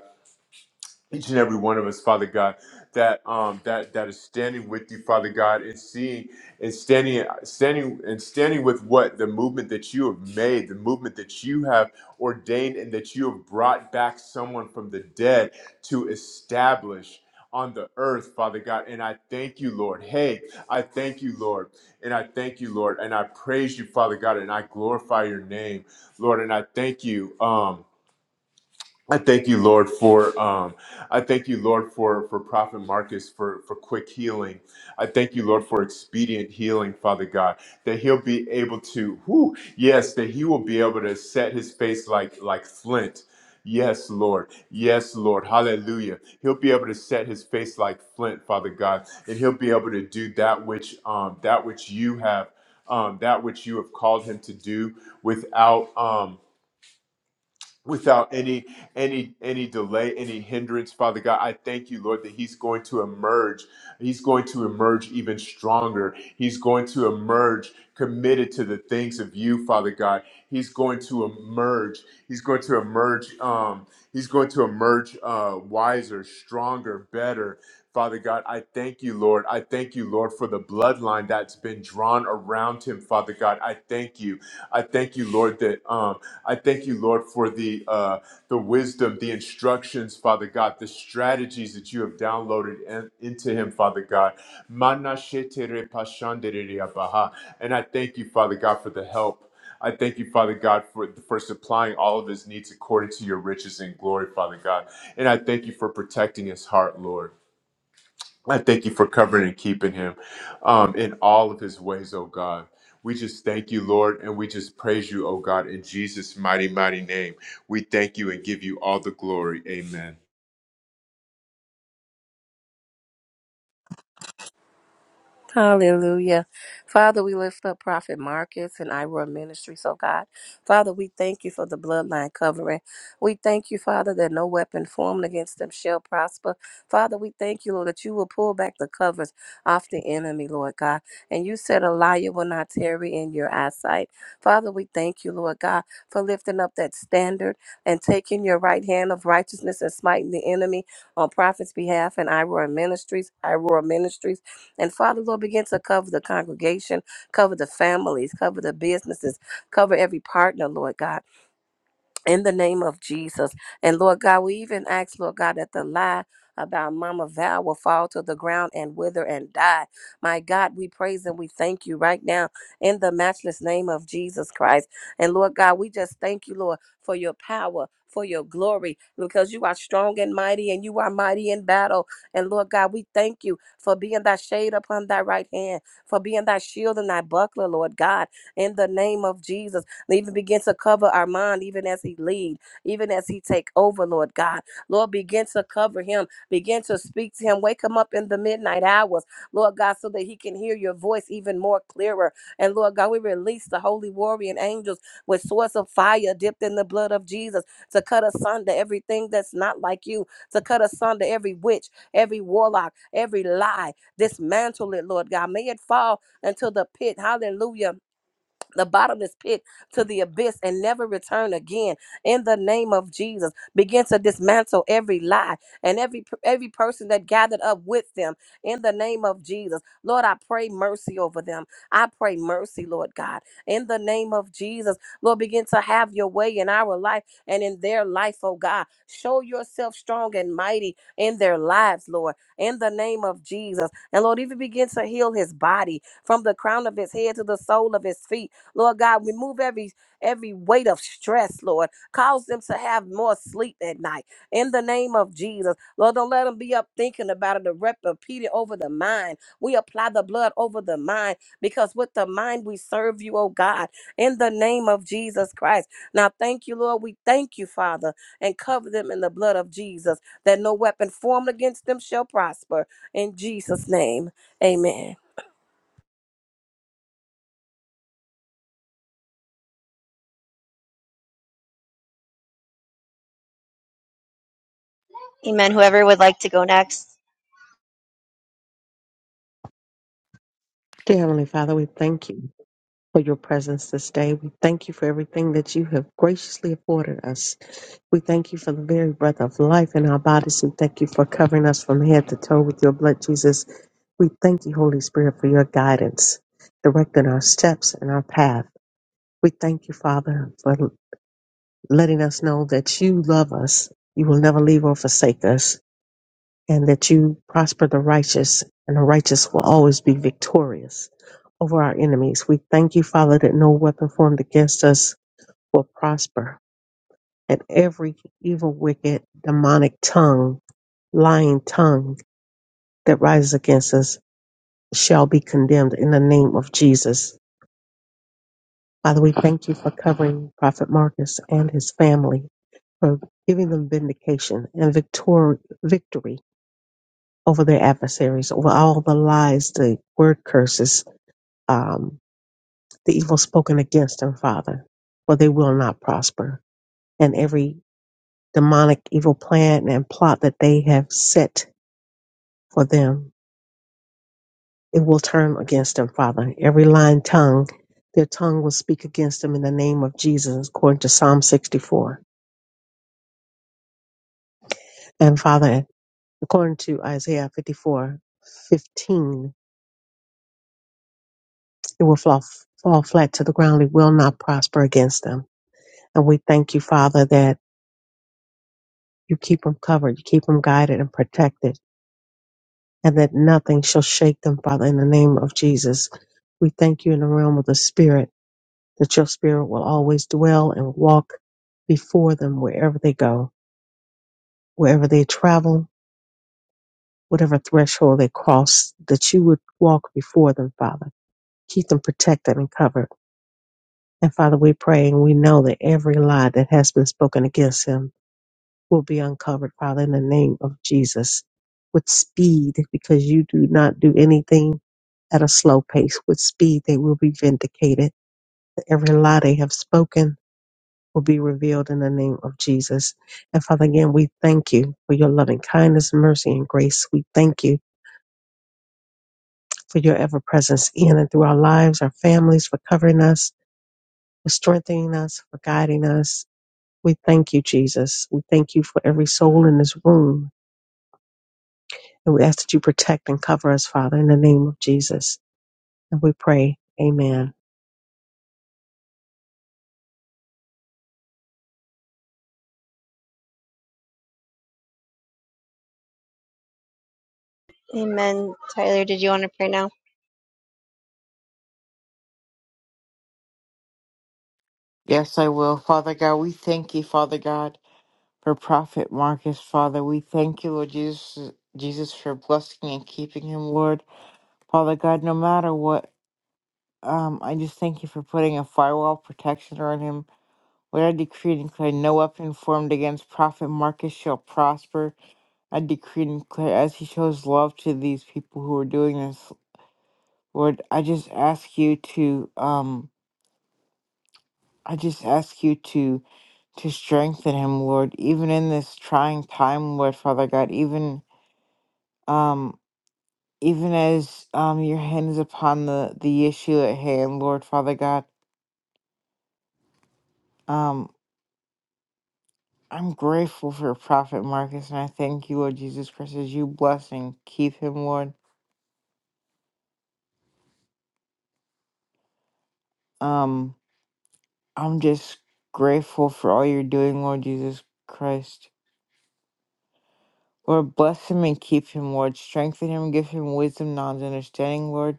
each and every one of us, Father God, that um that that is standing with you, Father God, and seeing and standing standing and standing with what the movement that you have made, the movement that you have ordained and that you have brought back someone from the dead to establish on the earth, Father God. And I thank you, Lord. Hey, I thank you, Lord. And I thank you, Lord. And I praise you, Father God, and I glorify your name, Lord. And I thank you. Um I thank you, Lord, for um, I thank you, Lord, for for Prophet Marcus for for quick healing. I thank you, Lord, for expedient healing, Father God, that he'll be able to, whoo, yes, that he will be able to set his face like like flint. Yes, Lord. Yes, Lord. Hallelujah. He'll be able to set his face like flint, Father God, and he'll be able to do that which um that which you have um that which you have called him to do without um without any any any delay any hindrance father god i thank you lord that he's going to emerge he's going to emerge even stronger he's going to emerge committed to the things of you father god he's going to emerge he's going to emerge um he's going to emerge uh wiser stronger better Father God, I thank you, Lord. I thank you, Lord, for the bloodline that's been drawn around him, Father God. I thank you. I thank you, Lord, that um, I thank you, Lord, for the uh, the wisdom, the instructions, Father God, the strategies that you have downloaded in- into him, Father God. Mana shetere pashandere abaha. And I thank you, Father God, for the help. I thank you, Father God, for, for supplying all of his needs according to your riches and glory, Father God. And I thank you for protecting his heart, Lord. I thank you for covering and keeping him um, in all of his ways, oh God. We just thank you, Lord, and we just praise you, oh God, in Jesus' mighty, mighty name. We thank you and give you all the glory. Amen. Hallelujah. Father, we lift up Prophet Marcus and Ira Ministries, oh God. Father, we thank you for the bloodline covering. We thank you, Father, that no weapon formed against them shall prosper. Father, we thank you, Lord, that you will pull back the covers off the enemy, Lord God. And you said a liar will not tarry in your eyesight. Father, we thank you, Lord God, for lifting up that standard and taking your right hand of righteousness and smiting the enemy on Prophet's behalf and Ira Ministries, Ira Ministries. And Father, Lord, begin to cover the congregation, cover the families, cover the businesses, cover every partner, Lord God in the name of Jesus. And Lord God, we even ask, Lord God, that the lie about Mama Val will fall to the ground and wither and die. My God, we praise and we thank you right now in the matchless name of Jesus Christ. And Lord God, we just thank you, Lord, for your power. For your glory, because you are strong and mighty, and you are mighty in battle. And Lord God, we thank you for being thy shade upon thy right hand, for being thy shield and thy buckler, Lord God, in the name of Jesus. Let Even begin to cover our mind, even as He lead, even as He take over, Lord God. Lord, begin to cover Him. Begin to speak to Him. Wake Him up in the midnight hours, Lord God, so that He can hear Your voice even more clearer. And Lord God, we release the holy warrior angels with swords of fire dipped in the blood of Jesus to cut asunder everything that's not like You, to cut asunder every witch, every warlock, every lie. Dismantle it, Lord God. May it fall into the pit. Hallelujah the bottomless pit to the abyss and never return again in the name of Jesus begin to dismantle every lie and every every person that gathered up with them in the name of Jesus Lord I pray mercy over them I pray mercy Lord God in the name of Jesus Lord begin to have your way in our life and in their life oh God show yourself strong and mighty in their lives Lord in the name of Jesus and Lord even begin to heal his body from the crown of his head to the sole of his feet Lord God, remove every every weight of stress, Lord. Cause them to have more sleep at night. In the name of Jesus. Lord, don't let them be up thinking about it or rep- repeat it over the mind. We apply the blood over the mind because with the mind we serve you, oh God, in the name of Jesus Christ. Now thank you, Lord. We thank you, Father, and cover them in the blood of Jesus, that no weapon formed against them shall prosper. In Jesus' name. Amen. Amen. Whoever would like to go next. Dear Heavenly Father, we thank you for your presence this day. We thank you for everything that you have graciously afforded us. We thank you for the very breath of life in our bodies. We thank you for covering us from head to toe with your blood, Jesus. We thank you, Holy Spirit, for your guidance, directing our steps and our path. We thank you, Father, for letting us know that you love us. You will never leave or forsake us, and that you prosper the righteous, and the righteous will always be victorious over our enemies. We thank you, Father, that no weapon formed against us will prosper, and every evil, wicked, demonic tongue, lying tongue that rises against us shall be condemned in the name of Jesus. Father, we thank you for covering Prophet Marcus and his family, for giving them vindication and victor- victory over their adversaries, over all the lies, the word curses, um, the evil spoken against them, Father, for they will not prosper. And every demonic evil plan and plot that they have set for them, it will turn against them, Father. Every lying tongue, their tongue will speak against them in the name of Jesus, according to Psalm 64. And Father, According to Isaiah 54:15, it will fall, fall flat to the ground. It will not prosper against them. And we thank you, Father, that you keep them covered, you keep them guided and protected, and that nothing shall shake them, Father, in the name of Jesus. We thank you in the realm of the Spirit, that your Spirit will always dwell and walk before them wherever they go, wherever they travel, whatever threshold they cross, that you would walk before them, Father. Keep them protected and covered And Father, we pray and we know that every lie that has been spoken against him will be uncovered, Father, in the name of Jesus, with speed, because you do not do anything at a slow pace. With speed, they will be vindicated. Every lie they have spoken will be revealed in the name of Jesus. And Father, again, we thank you for your loving kindness, mercy, and grace. We thank you for your ever presence in and through our lives, our families, for covering us, for strengthening us, for guiding us We thank you, Jesus. We thank you for every soul in this room. And we ask that you protect and cover us, Father, in the name of Jesus. And we pray, Amen. Amen. Tyler, did you want to pray now? yes i will father god we thank you father god for prophet marcus father we thank you lord jesus jesus for blessing and keeping him lord Father God, no matter what Um, I just thank you for putting a firewall of protection around him. What I decree and declare, no weapon formed against Prophet Marcus shall prosper. I decree and declare, as he shows love to these people who are doing this, Lord, I just ask you to, um, I just ask you to, to strengthen him, Lord, even in this trying time, Lord, Father God, even, um, even as, um, your hand is upon the, the issue at hand, Lord, Father God, Um, I'm grateful for Prophet Marcus, and I thank you, Lord Jesus Christ, as you bless and keep him, Lord. Um, I'm just grateful for all you're doing, Lord Jesus Christ. Lord, bless him and keep him, Lord. Strengthen him, give him wisdom, knowledge, understanding, Lord.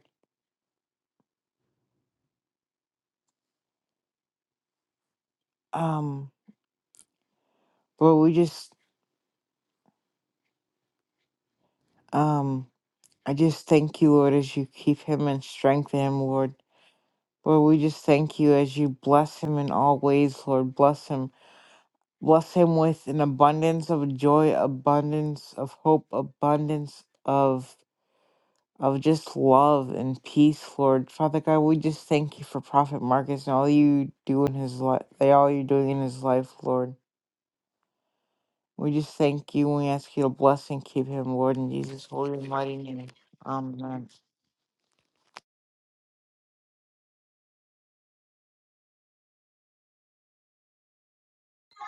Um, Lord, we just, um, I just thank you, Lord, as you keep him and strengthen him, Lord. Lord, we just thank you as you bless him in all ways, Lord. Bless him. Bless him with an abundance of joy, abundance of hope, abundance of of just love and peace, Lord. Father God, we just thank you for Prophet Marcus and all you do in his life, all you're doing in his life, Lord. We just thank you and we ask you to bless and keep him, Lord, in Jesus' holy and mighty name. Amen.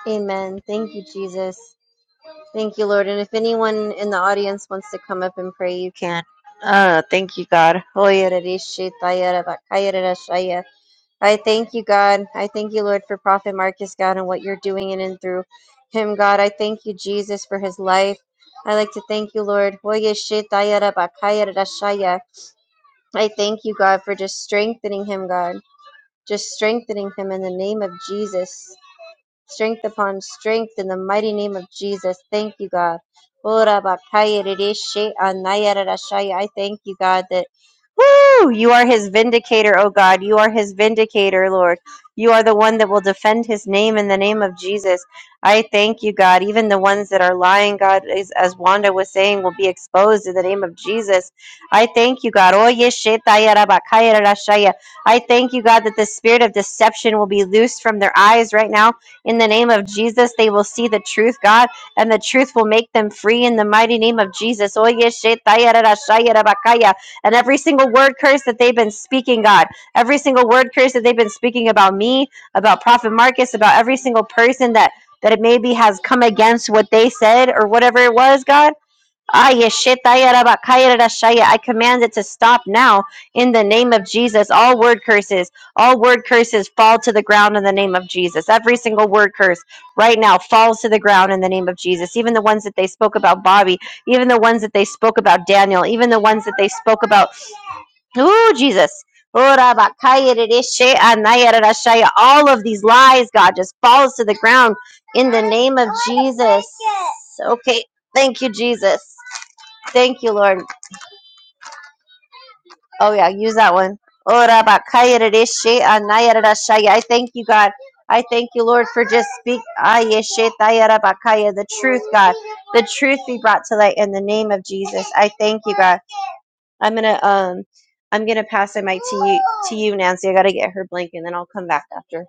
Amen. Thank you, Jesus. Thank you, Lord. And if anyone in the audience wants to come up and pray, you can. Uh, thank you, God. Hoy ereshit ayera bakayera shaya. I thank you, God. I thank you, Lord, for Prophet Marcus, God, and what you're doing in and through him, God. I thank you, Jesus, for his life. I like to thank you, Lord. Oye, shetayara bakayara rashaya. I thank you, God, for just strengthening him, God. Just strengthening him in the name of Jesus strength upon strength in the mighty name of Jesus. Thank you, God. Ora bakaya rireshe anaya rarashaya. I thank you, God, that woo, you are his vindicator, oh God. You are his vindicator, Lord. You are the one that will defend his name in the name of Jesus. I thank you, God. Even the ones that are lying, God, is, as Wanda was saying, will be exposed in the name of Jesus. I thank you, God. Oye shetaya rabakaya rarashaya. I thank you, God, that the spirit of deception will be loosed from their eyes right now in the name of Jesus, they will see the truth, God, and the truth will make them free in the mighty name of Jesus. Oye, shetaya, rara, shaya, rabakaya. And every single word curse that they've been speaking, God, every single word curse that they've been speaking about me, about Prophet Marcus, about every single person that that it maybe has come against what they said or whatever it was, God. Ayeshetayarabakayarashaya. I command it to stop now in the name of Jesus. All word curses, all word curses fall to the ground in the name of Jesus. Every single word curse right now falls to the ground in the name of Jesus. Even the ones that they spoke about Bobby, even the ones that they spoke about Daniel, even the ones that they spoke about, ooh, Jesus. Orabakayarashaya. All of these lies, God, just falls to the ground in the name of Jesus. Okay. Thank you, Jesus. Thank you, Lord. Oh, yeah, use that one. Ora bakaya radeshe anaya radashaya. I thank you, God. I thank you, Lord, for just speak ayeshe taya rabakaya, the truth, God. The truth be brought to light in the name of Jesus. I thank you, God. I'm gonna um I'm gonna pass the mic to you to you, Nancy. I gotta get her blanket and then I'll come back after.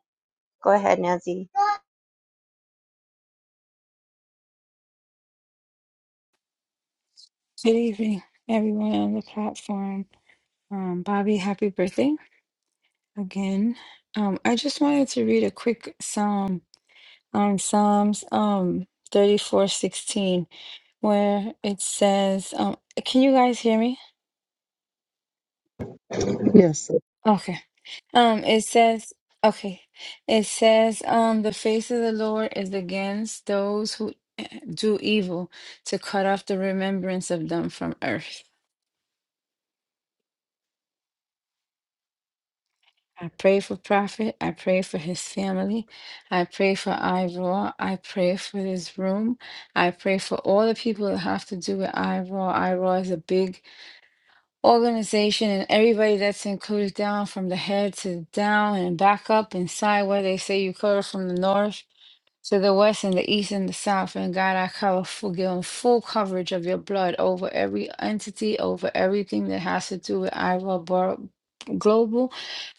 Go ahead, Nancy. Good evening, everyone on the platform. Um, Bobby, happy birthday again. Um, I just wanted to read a quick psalm on Psalms um thirty-four sixteen, where it says, um, "Can you guys hear me?" Yes, Okay. Um, it says, "Okay." It says, "Um, the face of the Lord is against those who eh, do evil, to cut off the remembrance of them from earth." I pray for Prophet. I pray for his family. I pray for Ivor. I pray for this room. I pray for all the people that have to do with Ivor. Ivor is a big organization, and everybody that's included down from the head to down and back up and sideward. They say you cover from the north to the west and the east and the south. And God, I cover full, give 'em full coverage of your blood over every entity, over everything that has to do with Ivor Bor- Global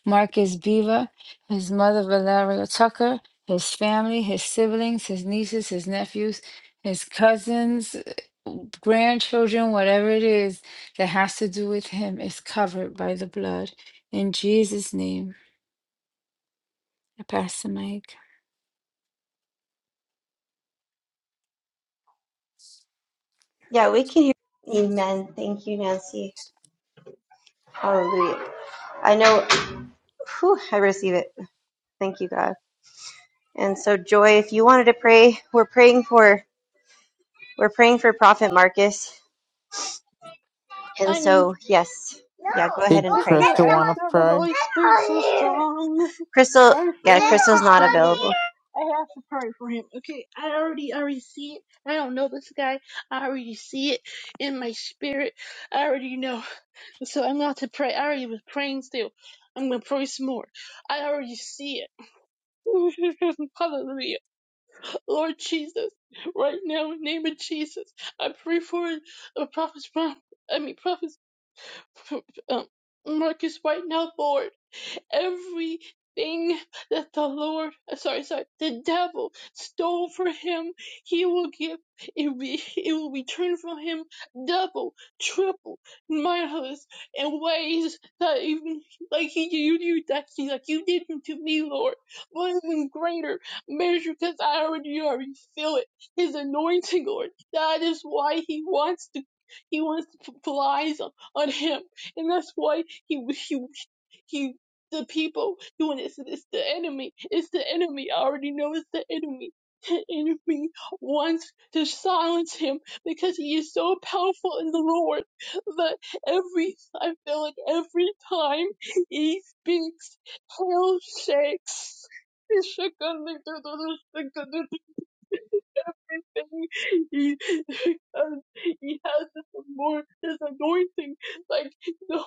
Marcus Beaver, his mother Valeria Tucker, his family, his siblings, his nieces, his nephews, his cousins, grandchildren, whatever it is that has to do with him is covered by the blood. In Jesus' name, I pass the mic. Yeah, we can hear Amen. Thank you, Nancy. Hallelujah. I know whew, I receive it. Thank you, God. And so, Joy, if you wanted to pray, we're praying for we're praying for Prophet Marcus. And I know. so, yes, yeah, go ahead and Did pray. Sister, Krista I want to feel the pray? Holy Spirit so strong. Crystal, I yeah, feel him so Crystal's not strong right available. now. I have to pray for him. Okay, I already, I already see it. I don't know this guy. I already see it in my spirit. I already know. So I'm going to pray. I already was praying still. I'm going to pray some more. I already see it. <laughs> Hallelujah. Lord Jesus, right now in the name of Jesus, I pray for the prophets, Ron- I mean prophet um, Marcus right now, Lord. Everything that the Lord, uh, sorry, sorry, the devil stole from him, he will give, it, re, <laughs> it will return from him double, triple, mindless, in ways that even, like he, you, you, that he, like you did to me, Lord, but even greater measure, because I already, you already feel it, his anointing, Lord. That is why he wants to, he wants to flies on him, and that's why he, he, he the people doing this. and It's the enemy. It's the enemy. I already know it's the enemy. The enemy wants to silence him because he is so powerful in the Lord that every I feel like every time he speaks, hell shakes. He shook on me through the thing. He, <laughs> has, he has this, more, this anointing, like no,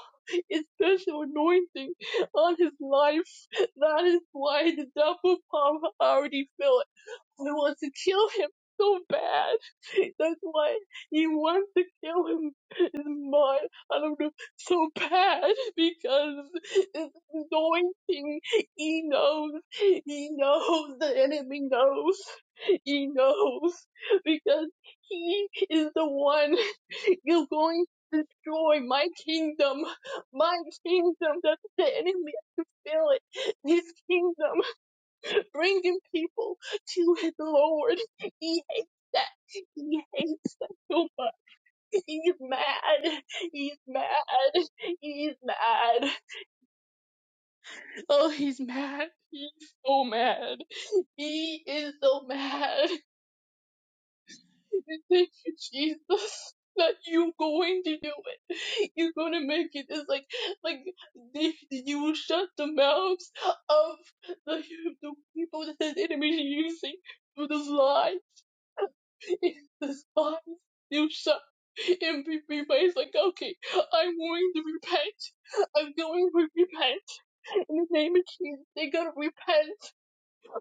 a special anointing on his life. That is why the double palm already fell I want to kill him so bad. <laughs> That's why he wants to kill him, his mom, I don't know, so bad because it's anointing. He knows, he knows, the enemy knows, he knows because he is the one <laughs> you're going to destroy my kingdom, my kingdom. That's the enemy. I can feel it. His kingdom bringing people to his Lord. He hates that. He hates that so much. He's mad. He's mad. He's mad. Oh, he's mad. He's so mad. He is so mad. Thank you, Jesus, that you're going to do it. You're going to make it. It's like, like they, you will shut the mouths of the, the people that his enemies are using for this lie. <laughs> this box you shut and be replaced like okay i'm going to repent i'm going to repent in the name of jesus they gotta repent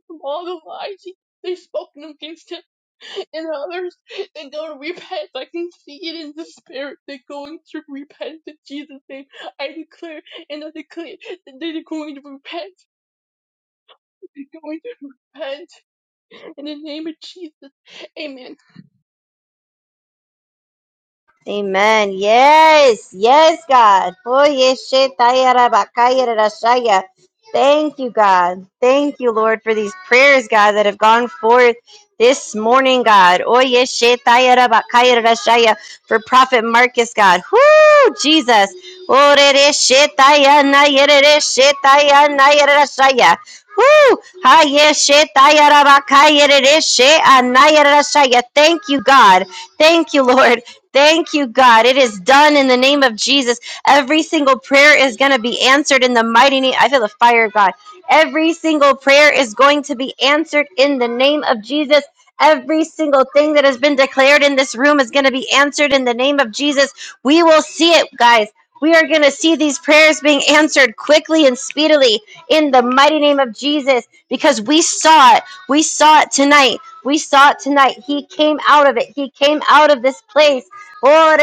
from all the lies they've spoken against him and others they gotta repent i can see it in the spirit they're going to repent in jesus name i declare and i declare that they're going to repent they're going to repent in the name of jesus amen Amen. Yes. Yes, God. Oye, shetaya rabakaya rarashaya. Thank you, God. Thank you, Lord, for these prayers, God, that have gone forth this morning, God. Oye, shetaya rabakaya rarashaya. For Prophet Marcus, God. Whoo, Jesus. Orere shetaya nayerere shetaya nayerashaya. Whoo. Haye shetaya rabakaya rarashe anayerashaya. Thank you, God. Thank you, Lord. Thank you, God. It is done in the name of Jesus. Every single prayer is going to be answered in the mighty name. I feel the fire, of God. Every single prayer is going to be answered in the name of Jesus. Every single thing that has been declared in this room is going to be answered in the name of Jesus. We will see it, guys. We are going to see these prayers being answered quickly and speedily in the mighty name of Jesus because we saw it. We saw it tonight. We saw it tonight. He came out of it. He came out of this place Oh,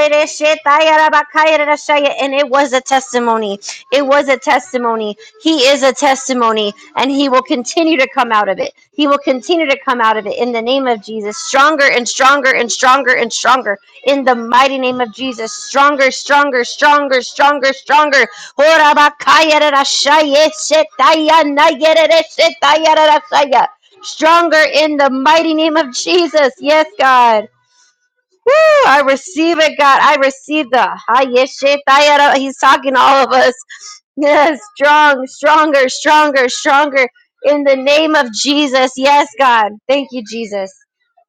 And it was a testimony. It was a testimony. He is a testimony, and he will continue to come out of it. He will continue to come out of it in the name of Jesus, stronger and stronger and stronger and stronger in the mighty name of Jesus. Stronger, stronger, stronger, stronger, stronger. Oh, Stronger in the mighty name of Jesus. Yes, God. Woo! I receive it, God. I receive the Hayeshetayara. He's talking to all of us. Yes, strong, stronger, stronger, stronger. In the name of Jesus. Yes, God. Thank you, Jesus.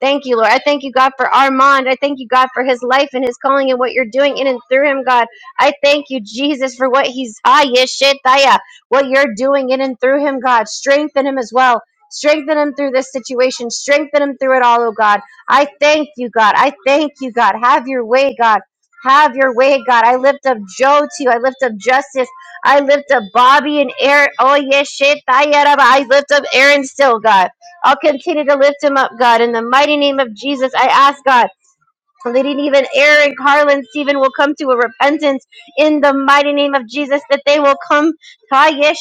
Thank you, Lord. I thank you, God, for Armand. I thank you, God, for his life and his calling and what you're doing in and through him, God. I thank you, Jesus, for what he's Hayeshetaya, what you're doing in and through him, God. Strengthen him as well. Strengthen him through this situation. Strengthen him through it all, oh God. I thank you, God. I thank you, God. Have your way, God. Have your way, God. I lift up Joe to you. I lift up Justice. I lift up Bobby and Aaron. Oh, yes, shit. Tayaraba. I lift up Aaron still, God. I'll continue to lift him up, God. In the mighty name of Jesus, I ask, God. So they didn't even Aaron, Carlin, Stephen will come to a repentance in the mighty name of Jesus, that they will come Kaya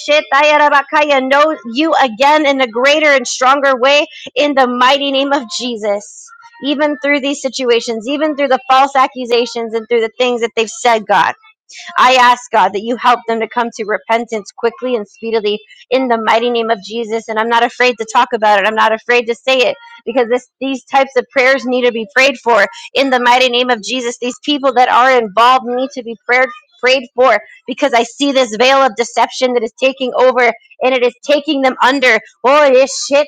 know you again in a greater and stronger way in the mighty name of Jesus. Even through these situations, even through the false accusations and through the things that they've said, God. I ask, God, that you help them to come to repentance quickly and speedily in the mighty name of Jesus. And I'm not afraid to talk about it. I'm not afraid to say it because this, these types of prayers need to be prayed for in the mighty name of Jesus. These people that are involved need to be prayed for. prayed for because I see this veil of deception that is taking over and it is taking them under. Oh, it is shit.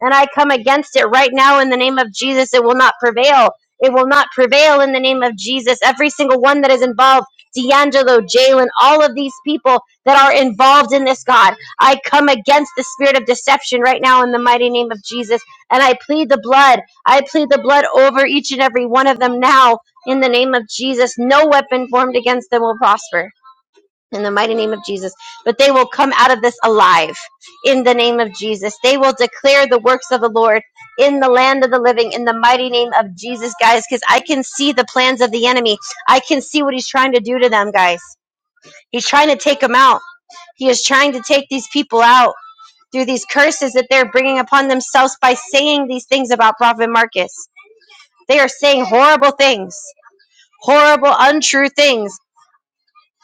And I come against it right now in the name of Jesus. It will not prevail it will not prevail in the name of Jesus. Every single one that is involved, D'Angelo, Jalen, all of these people that are involved in this, God, I come against the spirit of deception right now in the mighty name of Jesus. And I plead the blood. I plead the blood over each and every one of them now in the name of Jesus. No weapon formed against them will prosper in the mighty name of Jesus. But they will come out of this alive in the name of Jesus. They will declare the works of the Lord in the land of the living in the mighty name of Jesus, guys, because I can see the plans of the enemy. I can see what he's trying to do to them, guys. He's trying to take them out. He is trying to take these people out through these curses that they're bringing upon themselves by saying these things about Prophet Marcus. They are saying horrible things, horrible, untrue things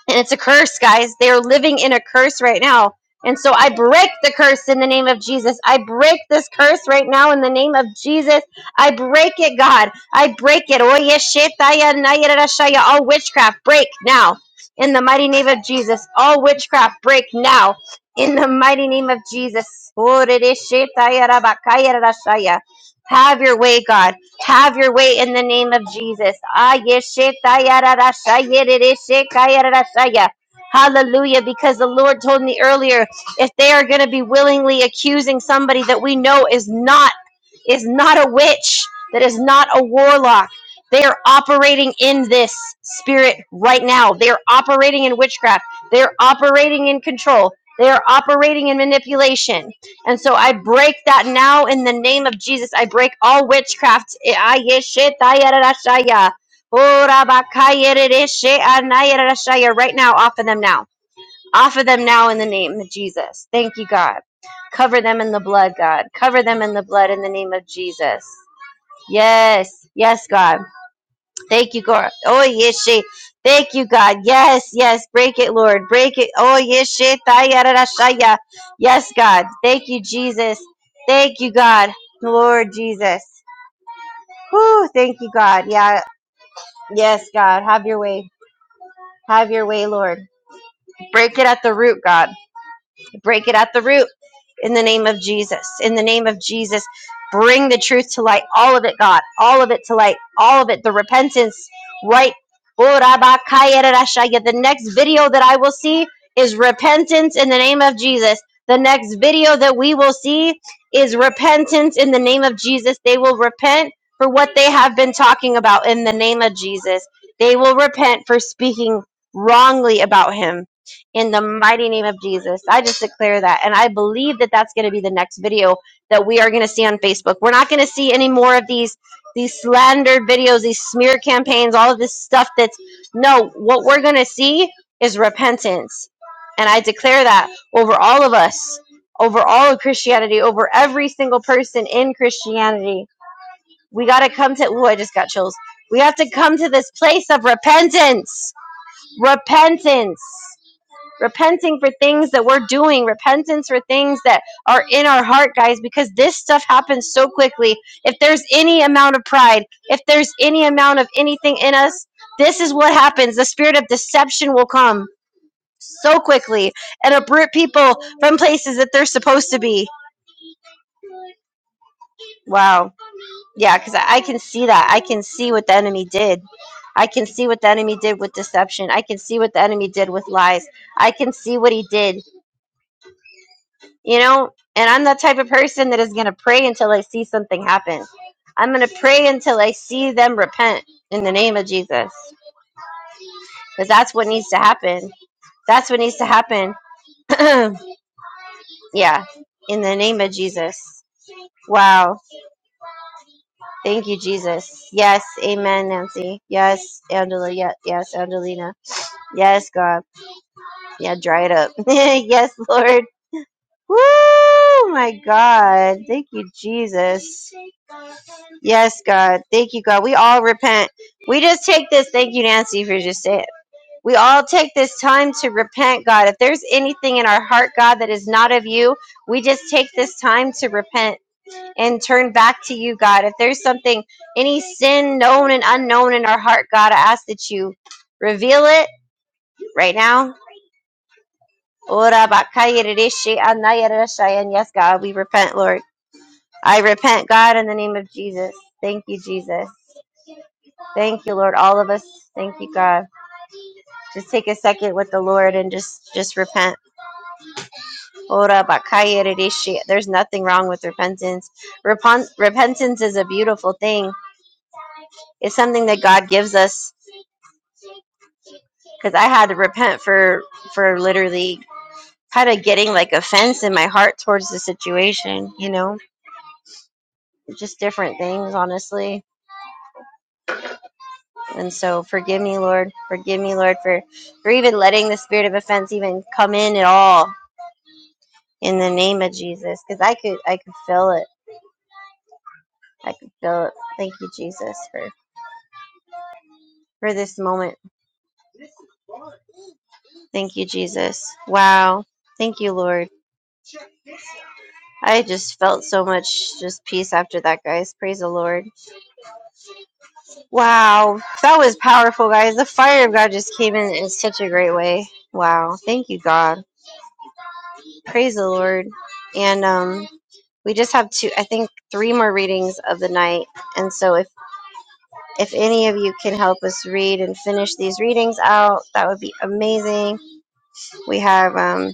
and it's a curse, guys. They are living in a curse right now. And so I break the curse in the name of Jesus. I break this curse right now in the name of Jesus. I break it, God. I break it. Oye, shetaya, naya, rashaya. All witchcraft break now in the mighty name of Jesus. All witchcraft break now in the mighty name of Jesus. Orere, shetaya, rabakaya, rashaya. Have your way, God. Have your way in the name of Jesus. Ayeshetayarashayereshekayarashaya. Hallelujah. Because the Lord told me earlier, if they are going to be willingly accusing somebody that we know is not is not a witch, that is not a warlock, they are operating in this spirit right now. They are operating in witchcraft. They are operating in control. They are operating in manipulation. And so I break that now in the name of Jesus. I break all witchcraft. Eh, ah, yes, shit, ah, yeah, yeah. Oh, yeah, ah, nah, yeah, yeah. Right now, off of them now. Off of them now in the name of Jesus. Thank you, God. Cover them in the blood, God. Cover them in the blood in the name of Jesus. Yes, yes, God. Thank you, God. Oh, yes, she. Thank you, God. Yes, yes. Break it, Lord. Break it. Oh, yes, she. Tayarashaya. Yes, God. Thank you, Jesus. Thank you, God. Lord Jesus. Whew. Thank you, God. Yeah. Yes, God. Have your way. Have your way, Lord. Break it at the root, God. Break it at the root in the name of Jesus. In the name of Jesus, bring the truth to light. All of it, God. All of it to light. All of it. The repentance right. Oh, Rabba Kaya Rarashaya. The next video that I will see is repentance in the name of Jesus. The next video that we will see is repentance in the name of Jesus. They will repent for what they have been talking about in the name of Jesus. They will repent for speaking wrongly about him in the mighty name of Jesus. I just declare that. And I believe that that's going to be the next video that we are going to see on Facebook. We're not going to see any more of these these slandered videos, these smear campaigns, all of this stuff that's no, what we're going to see is repentance. And I declare that over all of us, over all of Christianity, over every single person in Christianity. We got to come to, ooh, I just got chills. We have to come to this place of repentance. Repentance repenting for things that we're doing, repentance for things that are in our heart, guys, because this stuff happens so quickly. If there's any amount of pride, if there's any amount of anything in us, this is what happens. The spirit of deception will come so quickly and uproot people from places that they're supposed to be. Wow. Yeah, because I I can see that. I can see what the enemy did. I can see what the enemy did with deception. I can see what the enemy did with lies. I can see what he did you know and i'm that type of person that is going to pray until i see something happen i'm going to pray until i see them repent in the name of jesus because that's what needs to happen that's what needs to happen <clears throat> yeah in the name of jesus wow thank you jesus yes amen nancy yes angela yes, yes angelina yes god yeah dry it up <laughs> yes lord Woo! My God, thank you, Jesus. Yes, God. Thank you, God. We all repent. We just take this. Thank you, Nancy, for just saying it. We all take this time to repent, God. If there's anything in our heart, God, that is not of you, we just take this time to repent and turn back to you, God. If there's something, any sin known and unknown in our heart, God, I ask that you reveal it right now. Ora bakaya rishi anaya rashaya. And yes, God, we repent, Lord. I repent, God, in the name of Jesus. Thank you, Jesus. Thank you, Lord. All of us. Thank you, God. Just take a second with the Lord and just just repent. Ora bakaya rishi. There's nothing wrong with repentance. Repent, repentance is a beautiful thing. It's something that God gives us. Because I had to repent for for literally kind of getting like offense in my heart towards the situation. You know, just different things, honestly. And so, forgive me, Lord. Forgive me, Lord, for for even letting the spirit of offense even come in at all in the name of Jesus because I could I could feel it. I could feel it. Thank you Jesus for for this moment. Thank you Jesus. Wow. Thank you Lord. I just felt so much just peace after that guys. Praise the Lord. Wow. That was powerful guys. The fire of God just came in in such a great way. Wow. Thank you God. Praise the Lord. And um we just have two I think three more readings of the night. And so if if any of you can help us read and finish these readings out, that would be amazing. We have um,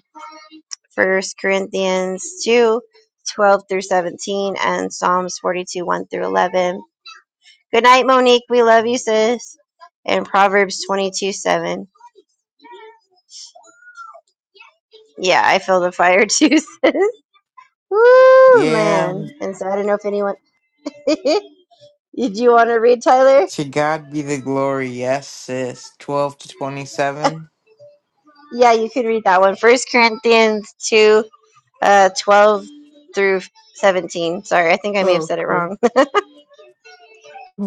1 Corinthians 2, 12 through 17 and Psalms 42 1 through 11. Good night, Monique. We love you, sis. And Proverbs 22 7. Yeah, I feel the fire too, sis. <laughs> Woo, Yeah, man. And so I don't know if anyone. <laughs> Did you want to read, Tyler? to God be the glory. Yes, sis. 12 to 27. Yeah, you can read that one. First Corinthians 2 Uh, 12 through 17. Sorry, I think I may have said it Okay. wrong. <laughs> <sighs>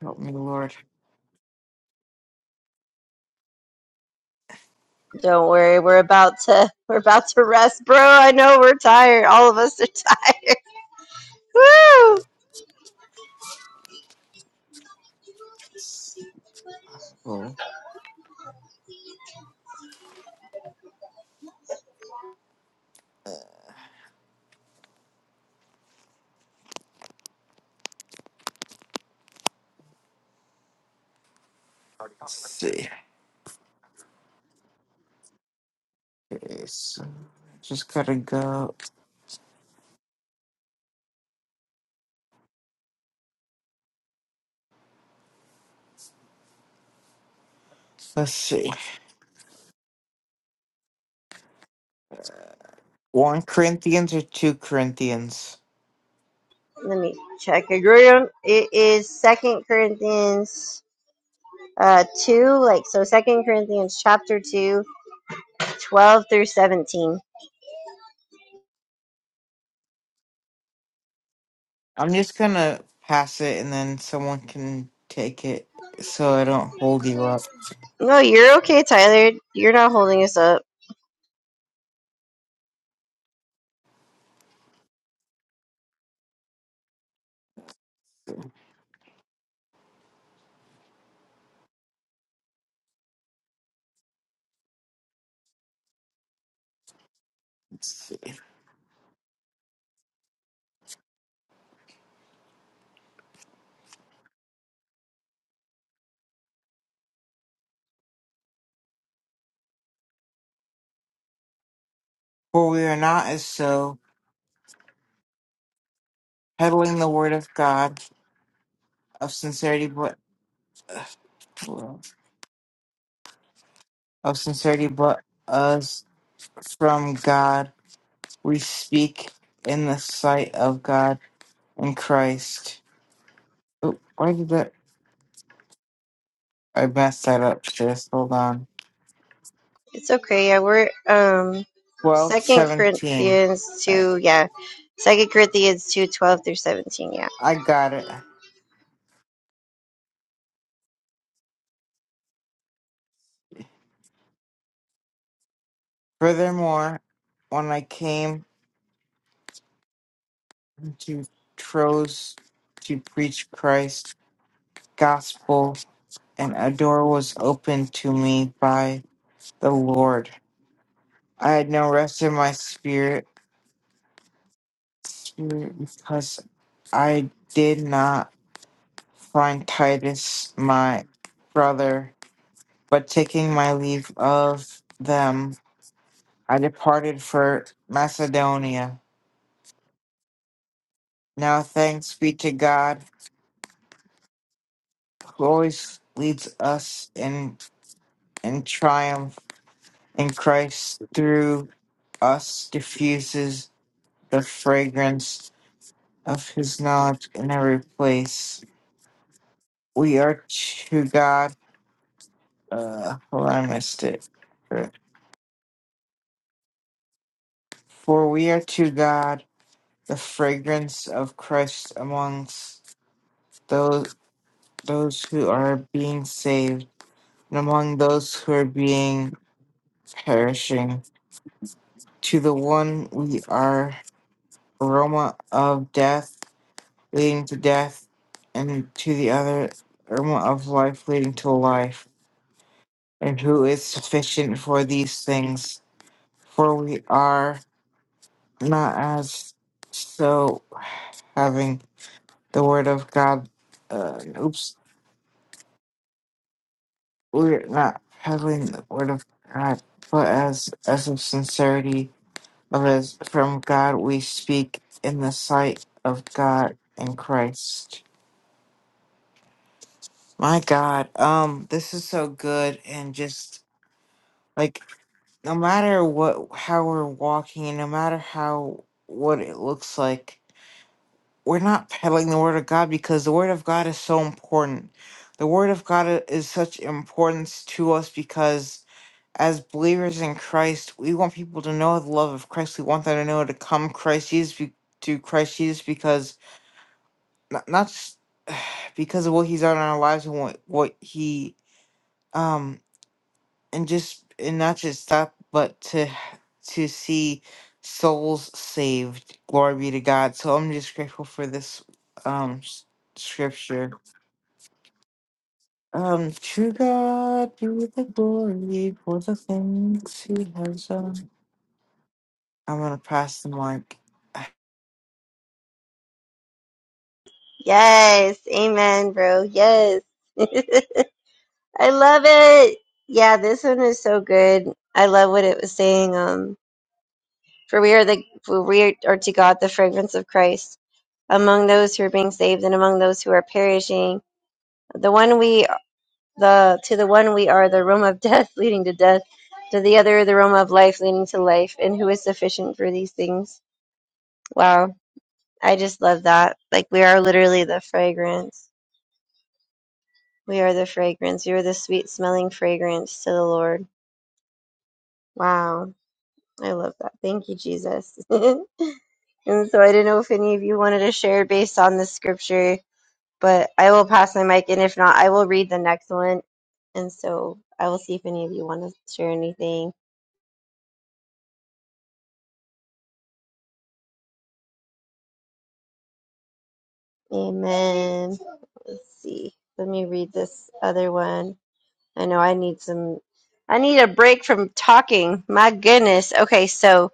Help me, Lord. Don't worry, we're about to <laughs> we're about to rest, bro. I know we're tired. All of us are <laughs> tired. Woo! see. Oh, let's see. Okay, so just gotta go. Let's see. One Corinthians or two Corinthians? Let me check again. It is Second Corinthians uh two, like so Second Corinthians chapter 2, 12 through 17. I'm just gonna pass it and then someone can take it so I don't hold you up. No, you're okay, Tyler. You're not holding us up. Let's see. For we are not as so, peddling the word of God of sincerity, but <sighs> of sincerity, but us from God. We speak in the sight of God and Christ. Oh, why did that? I messed that up, sis. Hold on. It's okay. Yeah, we're um Twelve Second seventeen. Corinthians Right. two. Yeah, Second Corinthians two twelve through seventeen. Yeah. I got it. Furthermore, when I came to Troas to preach Christ's gospel, and a door was opened to me by the Lord. I had no rest in my spirit spirit because I did not find Titus, my brother, but taking my leave of them I departed for Macedonia. Now thanks be to God who always leads us in in triumph in Christ through us diffuses the fragrance of his knowledge in every place. We are to God uh hold on, I missed it. For we are to God the fragrance of Christ amongst those those who are being saved and among those who are being perishing. To the one we are aroma of death leading to death, and to the other aroma of life leading to life. And who is sufficient for these things? For we are not as so having the word of God. Uh, oops, we're not having the word of God, but as as of sincerity but as from God we speak in the sight of God and Christ. My God, um, this is so good and just like no matter what how we're walking, no matter how what it looks like, we're not peddling the word of God because the word of God is so important. The word of God i- is such importance to us because as believers in Christ, we want people to know the love of Christ. We want them to know to come Christ Jesus be- to Christ Jesus because not, not just <sighs> because of what he's done in our lives and what what he um and just and not just that but to to see souls saved glory be to god so i'm just grateful for this um s- scripture um to god be the glory for the things he has done i'm gonna pass the mic <sighs> Yes. Amen, bro. Yes. <laughs> I love it. Yeah, this one is so good. I love what it was saying. Um, for we are the for we are to God the fragrance of Christ among those who are being saved and among those who are perishing. The one we the to the one we are the realm of <laughs> death leading to death to the other the realm of life leading to life and who is sufficient for these things wow i just love that like we are literally the fragrance we are the fragrance you are the sweet smelling fragrance to the lord wow i love that thank you jesus <laughs> and so i didn't know if any of you wanted to share based on the scripture but i will pass my mic and if not i will read the next one and so i will see if any of you want to share anything Amen. Let's see. Let me read this other one. I know I need some, I need a break from talking. My goodness. Okay, so.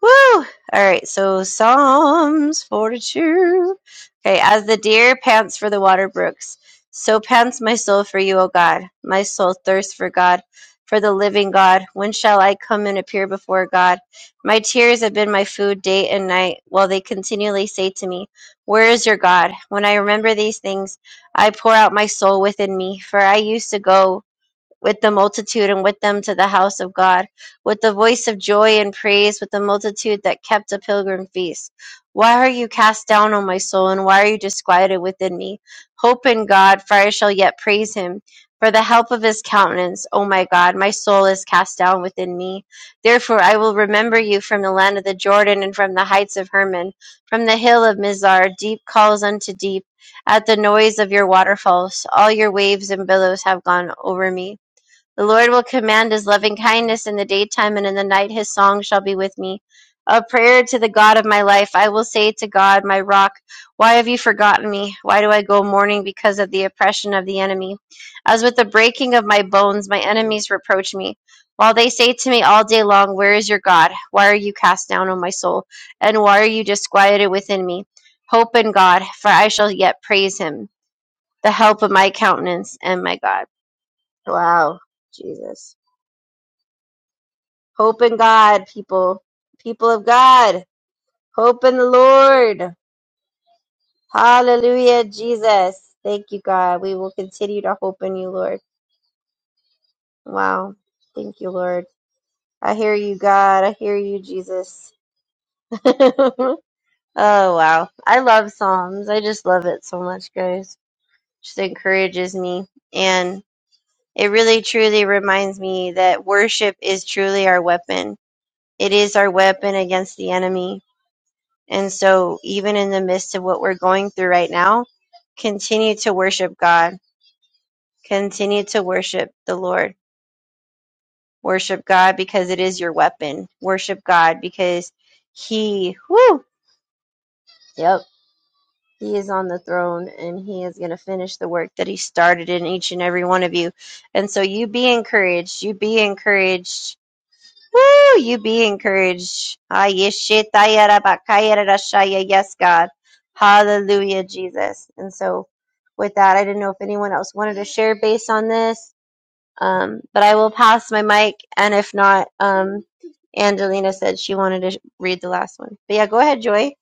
Woo! All right, so Psalms 42. Okay, as the deer pants for the water brooks, so pants my soul for you, O God. My soul thirsts for God, for the living God. When shall I come and appear before God? My tears have been my food day and night, while they continually say to me, Where is your God? When I remember these things, I pour out my soul within me, for I used to go with the multitude and with them to the house of God, with the voice of joy and praise, with the multitude that kept a pilgrim feast. Why are you cast down, O my soul, and why are you disquieted within me? Hope in God, for I shall yet praise him. For the help of his countenance, O my God, my soul is cast down within me. Therefore I will remember you from the land of the Jordan and from the heights of Hermon, from the hill of Mizar. Deep calls unto deep at the noise of your waterfalls. All your waves and billows have gone over me. The Lord will command his loving kindness in the daytime, and in the night his song shall be with me. A prayer to the God of my life. I will say to God, my rock, why have you forgotten me? Why do I go mourning because of the oppression of the enemy? As with the breaking of my bones, my enemies reproach me. While they say to me all day long, Where is your God? Why are you cast down, O my soul? And why are you disquieted within me? Hope in God, for I shall yet praise him, the help of my countenance and my God. Wow, Jesus. Hope in God, people, people of God. Hope in the Lord. Hallelujah, Jesus. Thank you, God. We will continue to hope in you, Lord. Wow. Thank you, Lord. I hear you, God. I hear you, Jesus. <laughs> oh, wow. I love Psalms. I just love it so much, guys. Just encourages me. And it really, truly reminds me that worship is truly our weapon. It is our weapon against the enemy And so, even in the midst of what we're going through right now, continue to worship God. Continue to worship the Lord. Worship God because it is your weapon. Worship God because He, whoo, yep, He is on the throne and He is going to finish the work that He started in each and every one of you. And so, you be encouraged. You be encouraged Woo, you be encouraged. Ah, yeshitaya rabakaya rarashaya. Yes, God. Hallelujah, Jesus. And so with that, I didn't know if anyone else wanted to share based on this, um, but I will pass my mic. And if not, um, Angelina said she wanted to sh- read the last one. But yeah, go ahead, Joy.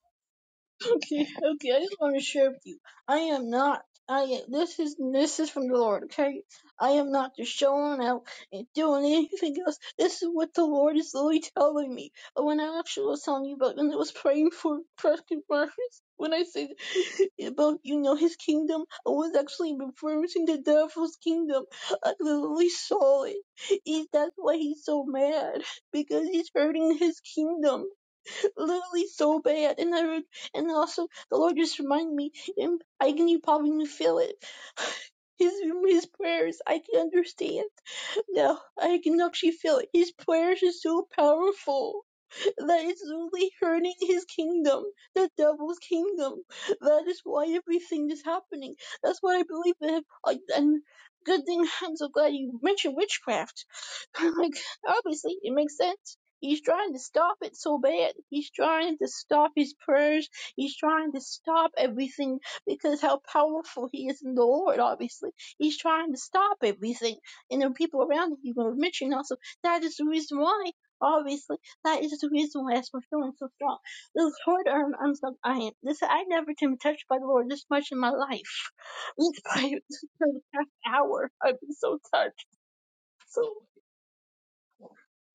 Okay, okay. I just want to share with you. I am not. I this is this is from the Lord. Okay, I am not just showing out and doing anything else. This is what the Lord is literally telling me. Uh, When I actually was telling you about, and I was praying for Preston Marcus. When I said <laughs> about you know his kingdom, I was actually referencing the devil's kingdom. I literally saw it. He, that's why he's so mad because he's hurting his kingdom literally so bad. And I would, and also the Lord just reminded me, and I can you probably can feel it. <sighs> His his prayers, I can understand now. I can actually feel it. His prayers are so powerful that it's really hurting his kingdom, the devil's kingdom. That is why everything is happening. That's why I believe in. And good thing I'm so glad you mentioned witchcraft <laughs> like obviously it makes sense. He's trying to stop it so bad. He's trying to stop his prayers. He's trying to stop everything because how powerful he is in the Lord, obviously. He's trying to stop everything. And the people around him you were mentioning also that is the reason why, obviously, that is the reason why that's I'm feeling so strong. This hard arm I'm so I am this I never been touched by the Lord this much in my life. <laughs> This for past hour I've been so touched. So.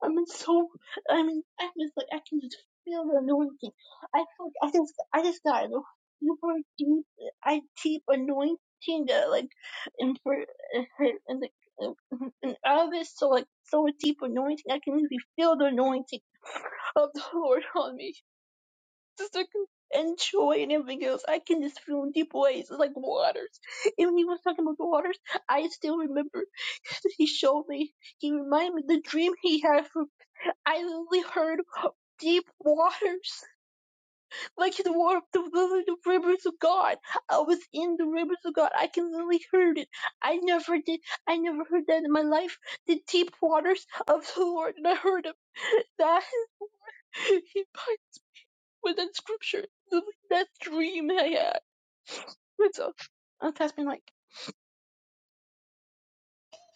I'm so I mean I was like I can just feel the anointing. I feel like I just I just got a super deep I deep anointing that like and for and like and out of this so like so deep anointing I can really feel the anointing of the Lord on me. Just like and joy and everything else. I can just feel in deep ways. It's like waters. And when he was talking about the waters, I still remember <laughs> he showed me he reminded me the dream he had for I only heard deep waters, like the water, the, the, the rivers of God. I was in the rivers of God. I can only heard it. I never did. I never heard that in my life. The deep waters of the Lord, and I heard Him. That <laughs> with that scripture, that dream I had. That's all. And that's been like,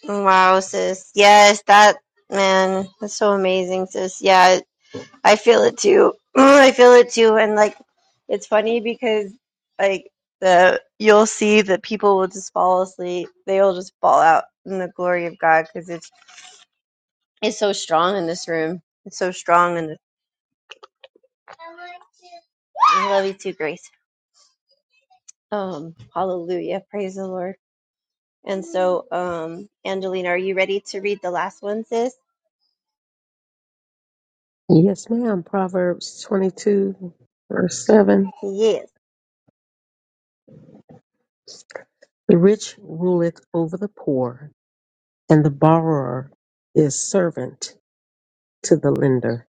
Wow, sis. Yes, that, man, that's so amazing, sis. Yeah, I feel it too. <clears throat> I feel it too, and like it's funny because like the you'll see that people will just fall asleep. They'll just fall out in the glory of God because it's it's so strong in this room. It's so strong in this. I love you too, Grace. Um, hallelujah, praise the Lord. And so, um, Angelina, are you ready to read the last one, sis? yes, ma'am. Proverbs 22, verse 7. Yes. The rich ruleth over the poor, and the borrower is servant to the lender.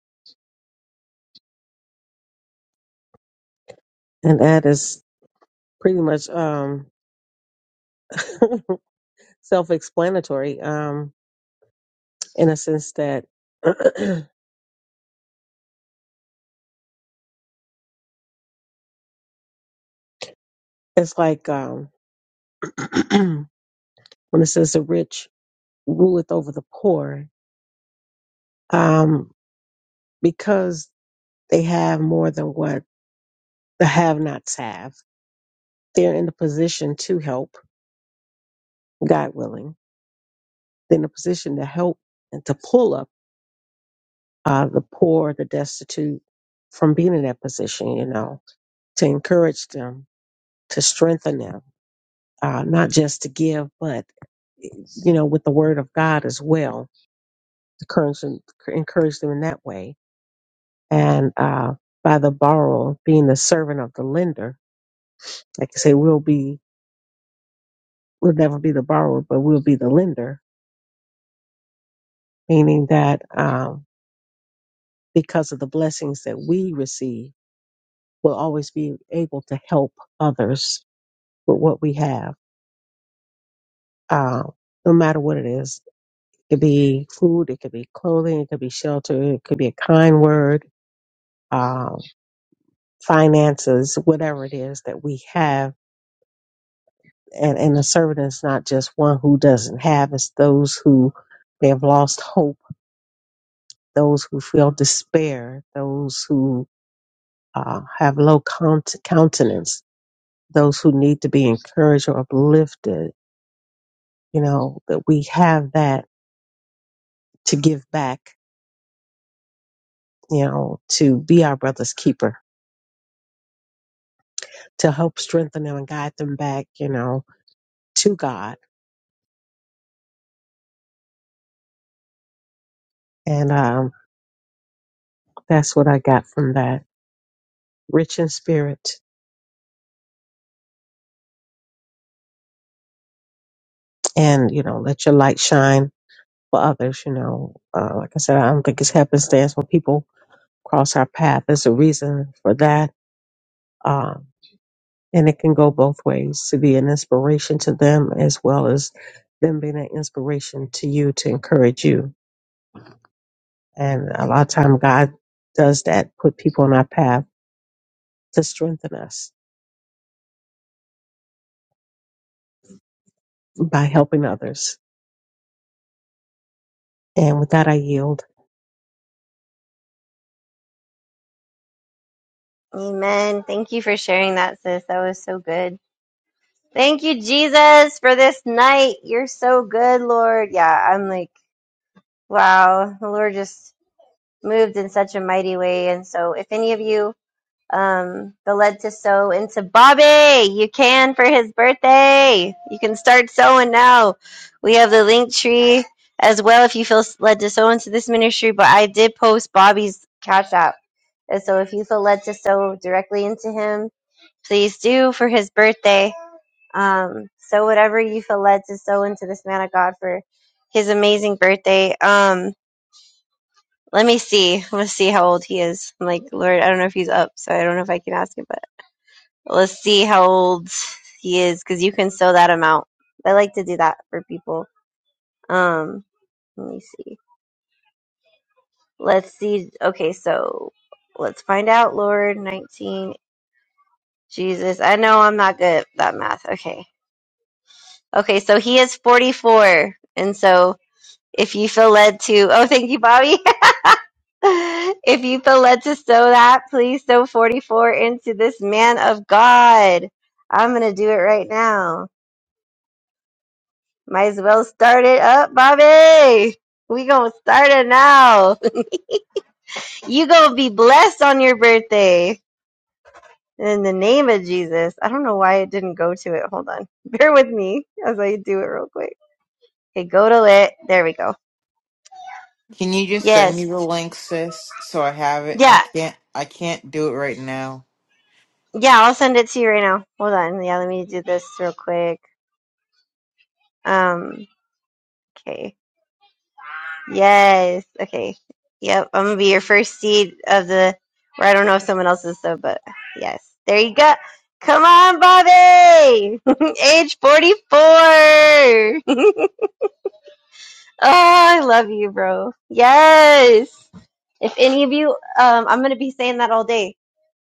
And that is pretty much um, <laughs> self explanatory um, in a sense that <clears throat> it's like um, <clears throat> when it says the rich ruleth over the poor, um, because they have more than what the have nots have, they're in the position to help, God willing. They're in a position to help and to pull up uh, the poor, the destitute from being in that position, you know, to encourage them, to strengthen them, uh, not just to give, but, you know, with the word of God as well, to encourage them, encourage them in that way and uh, by the borrower being the servant of the lender. Like I say, we'll be we'll never be the borrower, but we'll be the lender, meaning that um, because of the blessings that we receive, we'll always be able to help others with what we have, uh, no matter what it is. It could be food, it could be clothing, it could be shelter, it could be a kind word, um, finances, whatever it is that we have and and a servant is not just one who doesn't have it's those who they have lost hope those who feel despair those who uh, have low count- countenance those who need to be encouraged or uplifted you know that we have that to give back you know to be our brother's keeper to help strengthen them and guide them back you know to god and um, that's what i got from that rich in spirit and you know let your light shine for others. You know, uh, like I said, I don't think it's happenstance when people cross our path. There's a reason for that. Um, and it can go both ways to be an inspiration to them as well as them being an inspiration to you to encourage you. And a lot of time God does that, put people on our path to strengthen us by helping others. And with that, I yield. Amen. Thank you for sharing that, sis. That was so good. Thank you, Jesus, for this night. You're so good, Lord. Yeah, I'm like, wow, the Lord just moved in such a mighty way. And so, if any of you um, feel led to sow into Bobby, you can for his birthday. You can start sowing now. We have the link tree as well if you feel led to sow into this ministry. But I did post Bobby's Cash App. And so, if you feel led to sow directly into him, please do for his birthday. Um, so whatever you feel led to sow into this man of God for his amazing birthday. Um, let me see. Let's see how old he is. I'm like, Lord, I don't know if he's up, so I don't know if I can ask him, but let's see how old he is because you can sow that amount. I like to do that for people. Um, let me see. Let's see. Okay, so let's find out, Lord. 19. Jesus. I know I'm not good at that math. Okay. Okay, so he is 44. And so If you feel led to, oh, thank you, Bobby. <laughs> if you feel led to sow that, please sow 44 into this man of God. I'm going to do it right now. Might as well start it up, Bobby. We going to start it now. You going to be blessed on your birthday. In the name of Jesus. I don't know why it didn't go to it. Hold on. <laughs> Bear with me as I do it real quick. Okay, go to it. There we go. can you just send me Yes. the link sis so i have it Yeah. i can't i can't do it right now Yeah, I'll send it to you right now. Hold on. Yeah, let me do this real quick. Um, okay. Yes. Okay. Yep. I'm gonna be your first seed of the. Or I don't know if someone else is though, but yes. There you go. Come on, Bobby. <laughs> Age forty-four. <laughs> oh, I love you, bro. Yes. If any of you, um, I'm gonna be saying that all day.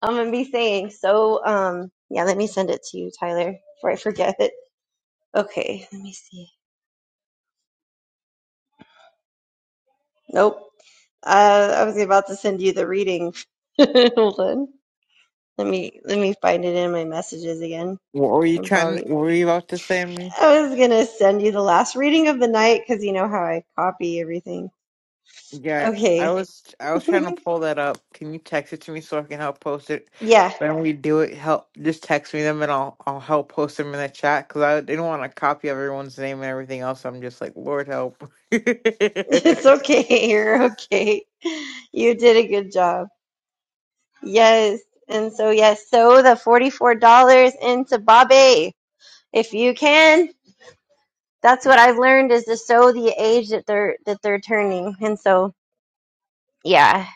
I'm gonna be saying so. Um, yeah. Let me send it to you, Tyler, before I forget. Okay, let me see. Nope. Uh, I was about to send you the reading. <laughs> Hold on. Let me let me find it in my messages again What were you from trying? Bobby. What were you about to say to me? I was gonna send you the last reading of the night because you know how I copy everything. Yeah, I Okay. was. I was trying to <laughs> pull that up. Can you text it to me so I can help post it? Yeah, When we do it, help. Just text me them and I'll. I'll help post them in the chat because I didn't want to copy everyone's name and everything else. I'm just like, Lord help. <laughs> it's <laughs> okay. You're okay. You did a good job. Yes. And so yes, so the $44 into Bobby if you can. that's what I've learned is to sow the age that they're that they're turning. And so yeah.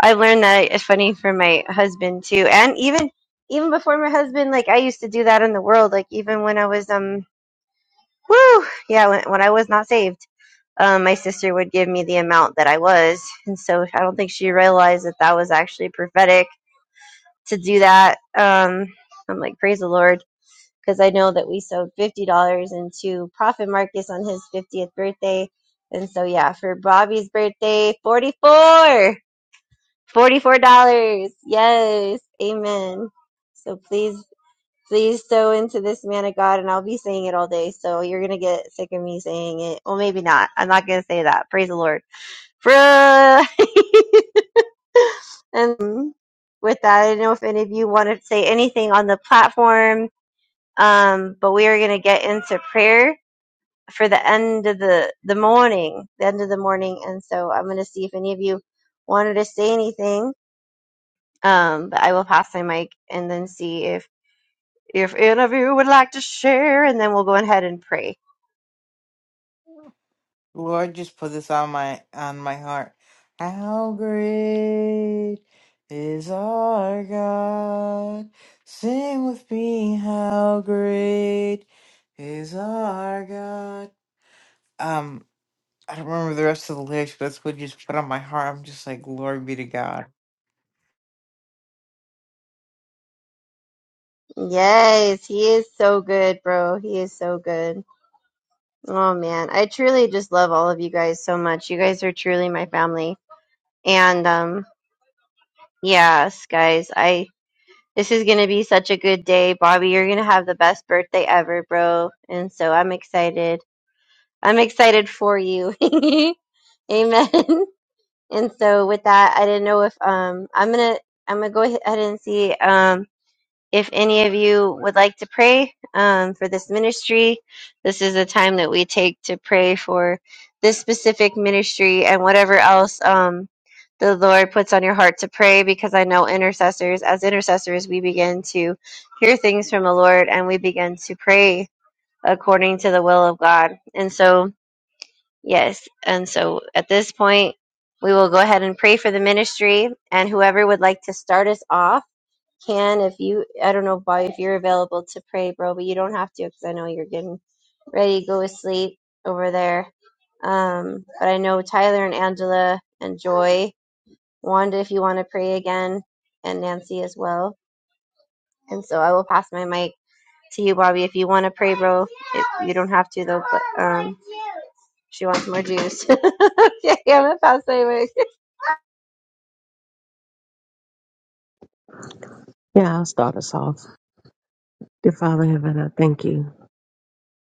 I've learned that it's funny for my husband too. And even even before my husband, like I used to do that in the world. Like even when I was um woo yeah, when when I was not saved. Um, my sister would give me the amount that I was, and so I don't think she realized that that was actually prophetic to do that. Um, I'm like, praise the Lord because I know that we sewed fifty dollars into Prophet Marcus on his fiftieth birthday, and so yeah, for Bobby's birthday, forty four. Forty-four dollars. Yes. Amen. So please, please sow into this man of God, and I'll be saying it all day. So you're gonna get sick of me saying it. Well, maybe not. I'm not gonna say that. Praise the Lord. Bruh. <laughs> and with that, I don't know if any of you want to say anything on the platform um, but we are going to get into prayer for the end of the, the morning, the end of the morning. And so I'm going to see if any of you wanted to say anything. Um, but I will pass my mic and then see if, if any of you would like to share, and then we'll go ahead and pray. Lord, just put this on my on my heart. How great is our God? Sing with me, how great is our God? Um, I don't remember the rest of the lyrics, but that's what you just put on my heart. I'm just like, glory be to God. Yes, he is so good, bro. He is so good. Oh man, I truly just love all of you guys so much. You guys are truly my family. And um yes, guys, I This is gonna be such a good day, Bobby. You're gonna have the best birthday ever, bro. And so I'm excited. I'm excited for you. <laughs> Amen. And so with that, I didn't know if um I'm gonna I'm gonna go ahead and see. Um if any of you would like to pray um, for this ministry, this is a time that we take to pray for this specific ministry and whatever else um, the Lord puts on your heart to pray. Because I know intercessors, as intercessors, we begin to hear things from the Lord and we begin to pray according to the will of God. And so, yes, and so at this point, we will go ahead and pray for the ministry and whoever would like to start us off can if you i don't know Bobby if you're available to pray bro but you don't have to because i know you're getting ready to go to sleep over there um but i know tyler and angela and joy wanda if you want to pray again and nancy as well and so i will pass my mic to you bobby if you want to pray bro if you don't have to though but um she wants more juice <laughs> okay i'm gonna pass my mic Yeah, I'll start us off. Dear Father in heaven, I thank you.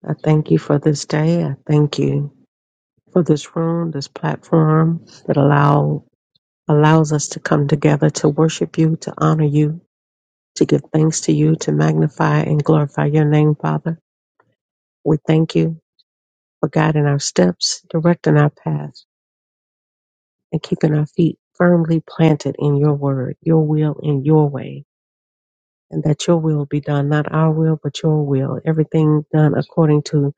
I thank you for this day. I thank you for this room, this platform that allow allows us to come together to worship you, to honor you, to give thanks to you, to magnify and glorify your name, Father. We thank you for guiding our steps, directing our paths, and keeping our feet firmly planted in your word, your will and your way, and that your will be done, not our will, but your will. Everything done according to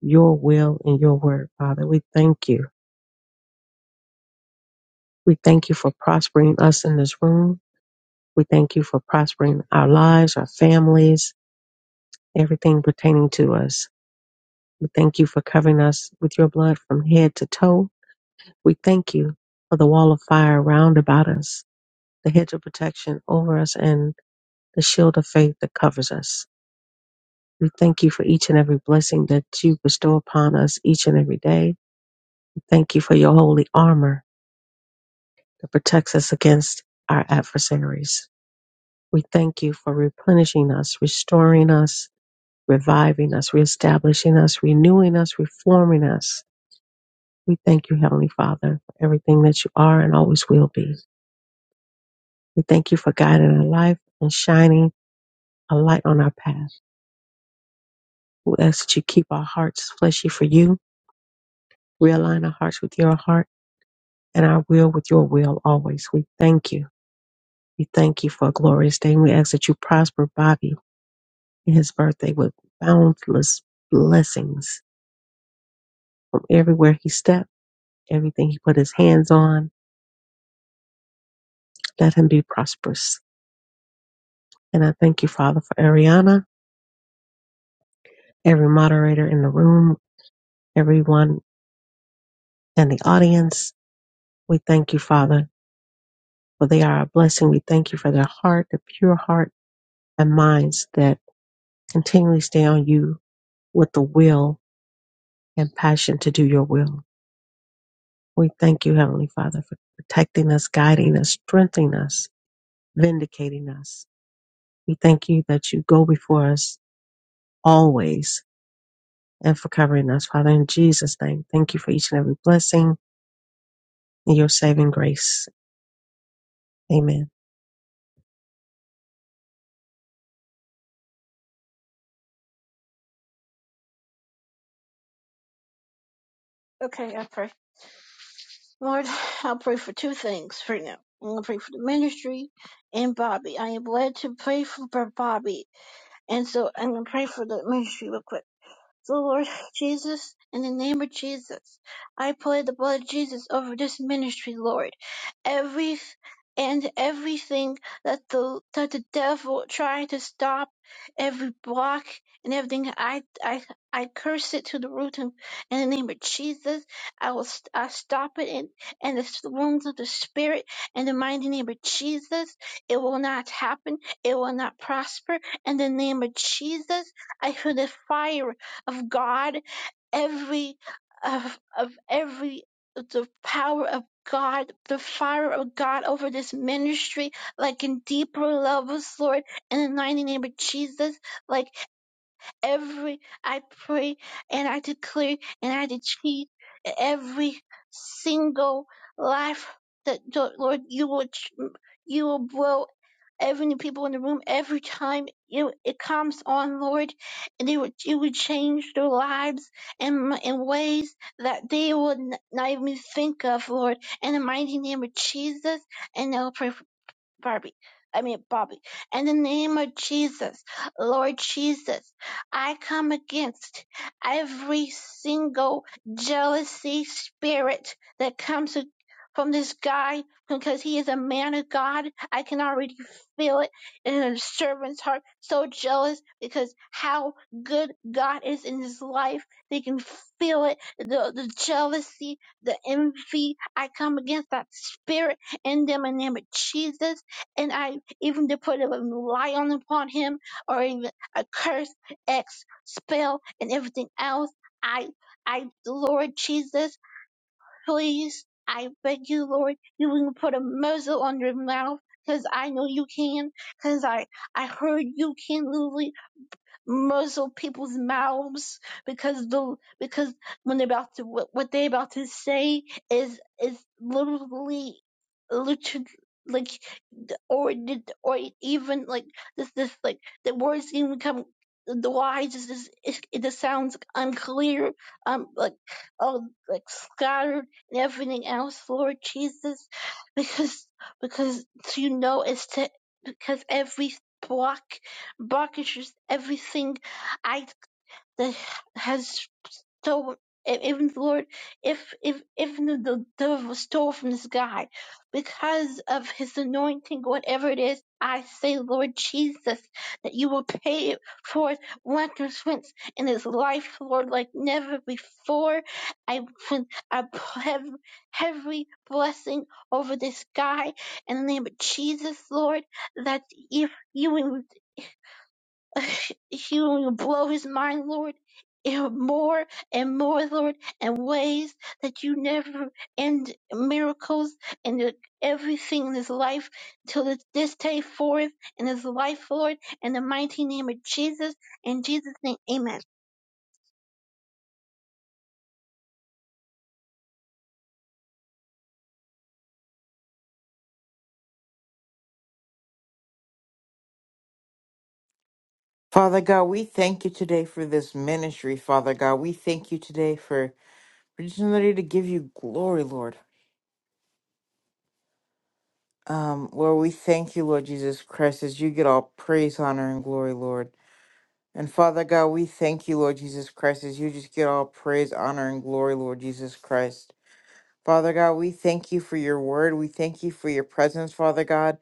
your will and your word, Father. We thank you. We thank you for prospering us in this room. We thank you for prospering our lives, our families, everything pertaining to us. We thank you for covering us with your blood from head to toe. We thank you for the wall of fire round about us, the hedge of protection over us, and the shield of faith that covers us. We thank you for each and every blessing that you bestow upon us each and every day. We thank you for your holy armor that protects us against our adversaries. We thank you for replenishing us, restoring us, reviving us, reestablishing us, renewing us, reforming us. We thank you, Heavenly Father, for everything that you are and always will be. We thank you for guiding our life and shining a light on our path. We ask that you keep our hearts fleshy for you, realign our hearts with your heart and our will with your will always. We thank you. We thank you for a glorious day. And we ask that you prosper Bobby in his birthday with boundless blessings from everywhere he stepped, everything he put his hands on Let him be prosperous. And I thank you, Father, for Ariana, every moderator in the room, everyone in the audience. We thank you, Father, for they are a blessing. We thank you for their heart, their pure heart and minds that continually stay on you with the will and passion to do your will. We thank you, Heavenly Father, for protecting us, guiding us, strengthening us, vindicating us. We thank you that you go before us always and for covering us. Father, in Jesus' name, thank you for each and every blessing and your saving grace. Amen. okay, I pray. Lord, I'll pray for two things for now. I'm gonna pray for the ministry and Bobby. I am led to pray for Bobby And so I'm going to pray for the ministry real quick. So Lord Jesus, in the name of Jesus, I pray the blood of Jesus over this ministry, Lord every and everything that the that the devil tried to stop every block and everything i i i curse it to the root and in the name of jesus i will st- I stop it in and the s- wounds of the spirit in the mighty name of jesus it will not happen it will not prosper in the name of jesus i feel the fire of god every of of every the power of God, the fire of God over this ministry, like in deeper levels, Lord, in the mighty name of Jesus, like every I pray and I declare and I decree every single life that Lord you will you will blow every new people in the room every time you it comes on Lord and it would you would change their lives in in ways that they would not even think of Lord in the mighty name of Jesus and I'll pray for Barbie. I mean, Bobby. In the name of Jesus, Lord Jesus, I come against every single jealousy spirit that comes from this guy because he is a man of God. I can already feel it in a servant's heart. So jealous because how good God is in his life. They can feel it. The, the jealousy, the envy. I come against that spirit in them in the name of Jesus and I even to put a lion upon him, or even a curse, X spell, and everything else. I, I, Lord Jesus, please, I beg you, Lord, you can put a muzzle on your mouth, cause I know you can, cause I, I heard you can, Lily, muzzle people's mouths because the because when they're about to what, what they're about to say is is literally literally like or did or even like this this like the words even come the lines just is it, it just sounds unclear um like oh like scattered and everything else Lord Jesus because because you know it's to because every block blockages, everything I that has stolen, e- even the Lord, if if even the devil was stole from this guy, because of his anointing, whatever it is, I say, Lord Jesus, that you will pay for it for recompense in his life, Lord, like never before. I I have every blessing over this guy in the name of Jesus, Lord, that if you <laughs> You will blow his mind, Lord, in more and more, Lord, and ways that you never end miracles and the- everything in his life till this this day forth in his life, Lord, in the mighty name of Jesus. In Jesus' name, amen. Father God, we thank you today for this ministry, Father God. We thank you today for for just another day to give you glory, Lord. Um, Lord, we thank you, Lord Jesus Christ, as you get all praise, honor, and glory, Lord. And Father God, we thank you, Lord Jesus Christ, as you just get all praise, honor, and glory, Lord Jesus Christ. Father God, we thank you for your word. We thank you for your presence, Father God.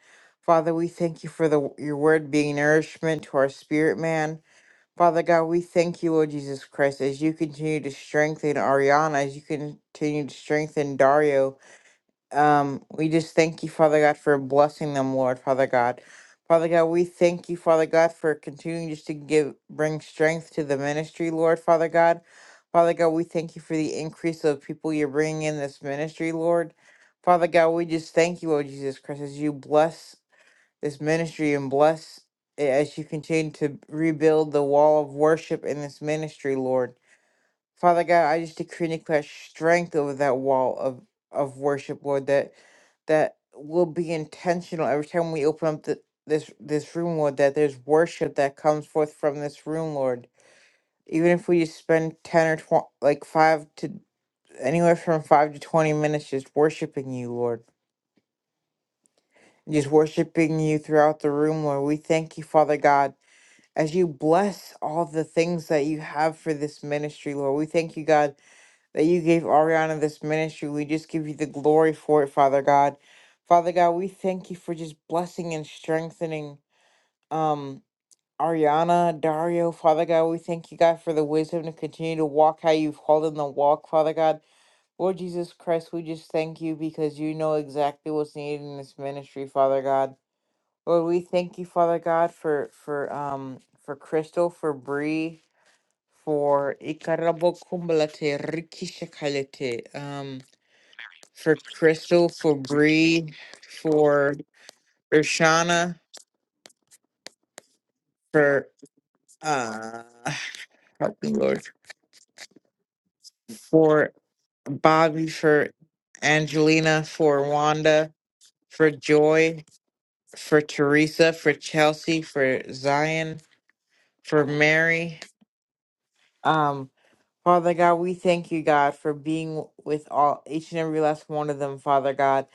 Father, we thank you for the your word being nourishment to our spirit, man. Father God, we thank you, Lord Jesus Christ, as you continue to strengthen Ariana, as you continue to strengthen Dario, um, we just thank you, Father God, for blessing them, Lord, Father God. Father God, we thank you, Father God, for continuing just to give bring strength to the ministry, Lord, Father God. Father God, we thank you for the increase of people you're bringing in this ministry, Lord. Father God, we just thank you, Lord Jesus Christ, as you bless this ministry and bless it as you continue to rebuild the wall of worship in this ministry, Lord. Father God, I just decree and declare strength over that wall of, of worship, Lord, that that will be intentional every time we open up the, this this room, Lord, that there's worship that comes forth from this room, Lord. Even if we just spend ten or twenty, like five to anywhere from five to twenty minutes just worshiping you, Lord. Just worshiping you throughout the room, Lord. We thank you, Father God, as you bless all the things that you have for this ministry, Lord. We thank you, God. that you gave Ariana this ministry. We just give you the glory for it, Father God. Father God, we thank you for just blessing and strengthening um Ariana, Dario, Father God, we thank you, God, for the wisdom to continue to walk how you've called them to walk, Father God. Lord Jesus Christ, we just thank you because you know exactly what's needed in this ministry, Father God. Lord, we thank you, Father God, for for um for Crystal, for Bree, for Ikarabo Kumbalate, Rikishakalete. um for Crystal, for Bree, for Urshana, for uh help me Lord, for Bobby, for Angelina, for Wanda, for Joy, for Teresa, for Chelsea, for Zion, for Mary. Um, Father God, we thank you, God, for being with all each and every last one of them, Father God.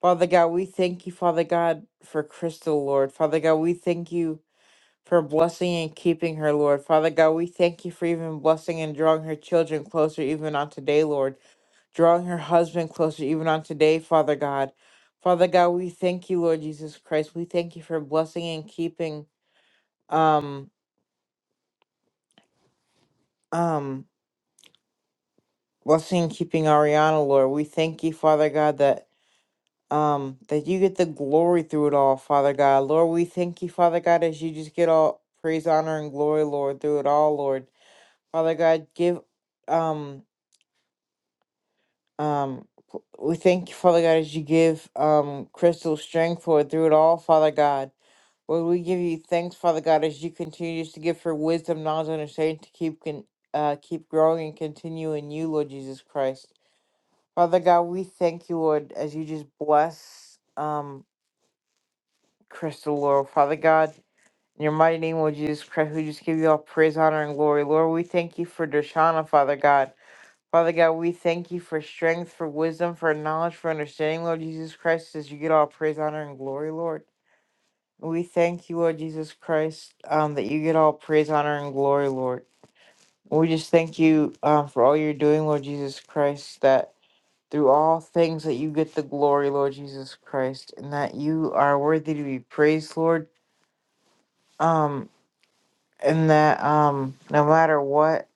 Father God, we thank you, Father God, for Crystal, Lord. Father God, we thank you. for blessing and keeping her, Lord. Father God, we thank you for even blessing and drawing her children closer even on today, Lord. Drawing her husband closer even on today, Father God. Father God, we thank you, Lord Jesus Christ. We thank you for blessing and keeping um um blessing and keeping Ariana, Lord. We thank you, Father God, that um that you get the glory through it all, Father God. Lord, we thank you, Father God, as you just get all praise, honor, and glory, Lord, through it all, Lord. Father God, give um Um, p- we thank you, Father God, as you give um Crystal strength, Lord, through it all, Father God. Lord, we give you thanks, Father God, as you continue to give her wisdom, knowledge, and understanding to keep con- uh keep growing and continue in you, Lord Jesus Christ. Father God, we thank you, Lord, as you just bless um Crystal, Lord, Father God. In your mighty name, Lord Jesus Christ, we just give you all praise, honor, and glory. Lord, we thank you for Dershana, Father God. Father God, we thank you for strength, for wisdom, for knowledge, for understanding, Lord Jesus Christ, as you get all praise, honor, and glory, Lord. We thank you, Lord Jesus Christ, um, that you get all praise, honor, and glory, Lord. We just thank you um, for all you're doing, Lord Jesus Christ, that through all things that you get the glory, Lord Jesus Christ, and that you are worthy to be praised, Lord. Um, and that um, no matter what,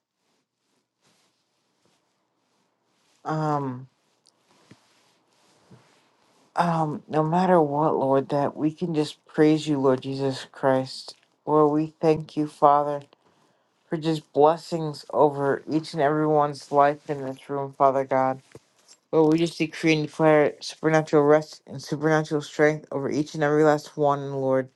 um. Um, no matter what, Lord, that we can just praise you, Lord Jesus Christ. Lord, we thank you, Father, for just blessings over each and everyone's life in this room, Father God. Lord, we just decree and declare supernatural rest and supernatural strength over each and every last one, Lord.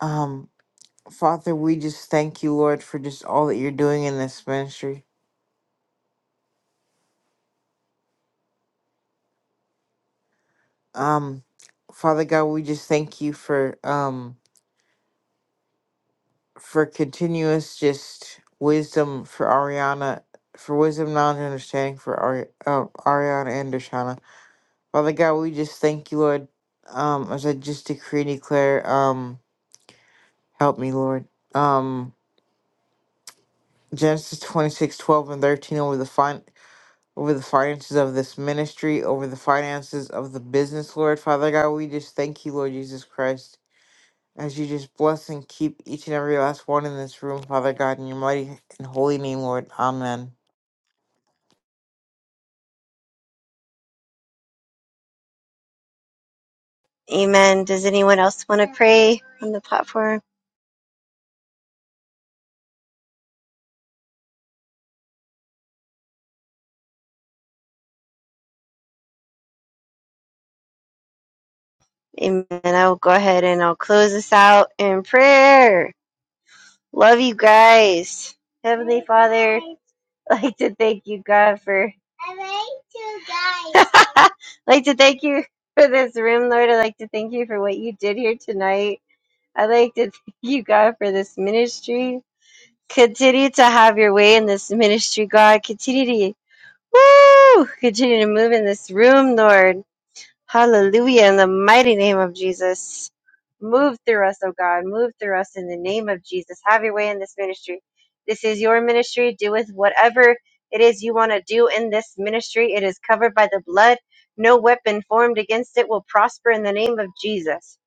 Um, Father, we just thank you, Lord, for just all that you're doing in this ministry. Um, Father God, we just thank you for um for continuous just wisdom for Ariana, for wisdom, knowledge, and understanding for Ari- uh, Ariana and Dashana. Father God, we just thank you, Lord. Um, as I just decree and declare, um, help me, Lord. Um, Genesis 26 12 and 13 over the fin- over the finances of this ministry, over the finances of the business, Lord. Father God, we just thank you, Lord Jesus Christ. as you just bless and keep each and every last one in this room, Father God, in your mighty and holy name, Lord. Amen. amen does anyone else want to pray on the platform Amen. I will go ahead and I'll close this out in prayer. Love you guys. Heavenly Father, <laughs> I'd like to thank you, God, for. <laughs> I'd like to guys. <laughs> like to thank you for this room, Lord. I'd like to thank you for what you did here tonight. I'd like to <laughs> thank you, God, for this ministry. Continue to have your way in this ministry, God. Continue to, woo! Continue to move in this room, Lord. Hallelujah. In the mighty name of Jesus. Move through us, oh God. Move through us in the name of Jesus. Have your way in this ministry. This is your ministry. Do with whatever it is you want to do in this ministry. It is covered by the blood. No weapon formed against it will prosper in the name of Jesus.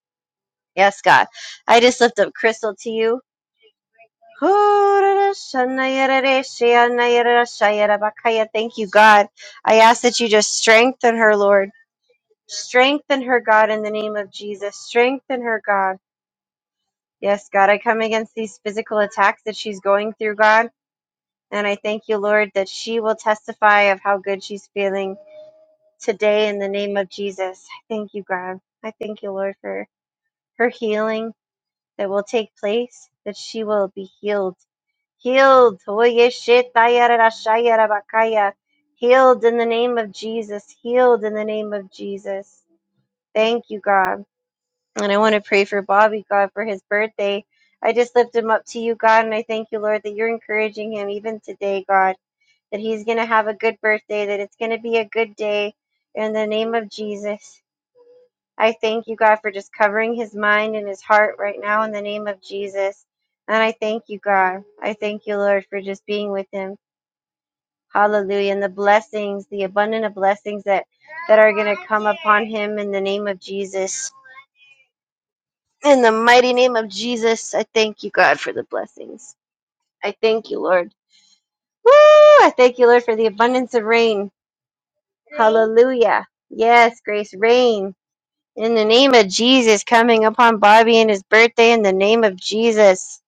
Yes, God. I just lift up Crystal to you. Thank you, God. I ask that you just strengthen her, Lord. Strengthen her, God, in the name of Jesus. Strengthen her, God. Yes, God, I come against these physical attacks that she's going through, God. And I thank you, Lord, that she will testify of how good she's feeling today in the name of Jesus. I thank you, God. I thank you, Lord, for her healing that will take place, that she will be healed. Healed. Oye, shetayarashayarabakaya. Healed in the name of Jesus. Healed in the name of Jesus. Thank you, God. And I want to pray for Bobby, God, for his birthday. I just lift him up to you, God, and I thank you, Lord, that you're encouraging him even today, God, that he's going to have a good birthday, that it's going to be a good day. In the name of Jesus, I thank you, God, for just covering his mind and his heart right now in the name of Jesus. And I thank you, God. I thank you, Lord, for just being with him. Hallelujah. And the blessings, the abundant of blessings that, that are going to come upon him in the name of Jesus. In the mighty name of Jesus, I thank you, God, for the blessings. I thank you, Lord. Woo! I thank you, Lord, for the abundance of rain. Hallelujah. Yes, grace, rain. In the name of Jesus, coming upon Bobby and his birthday, in the name of Jesus.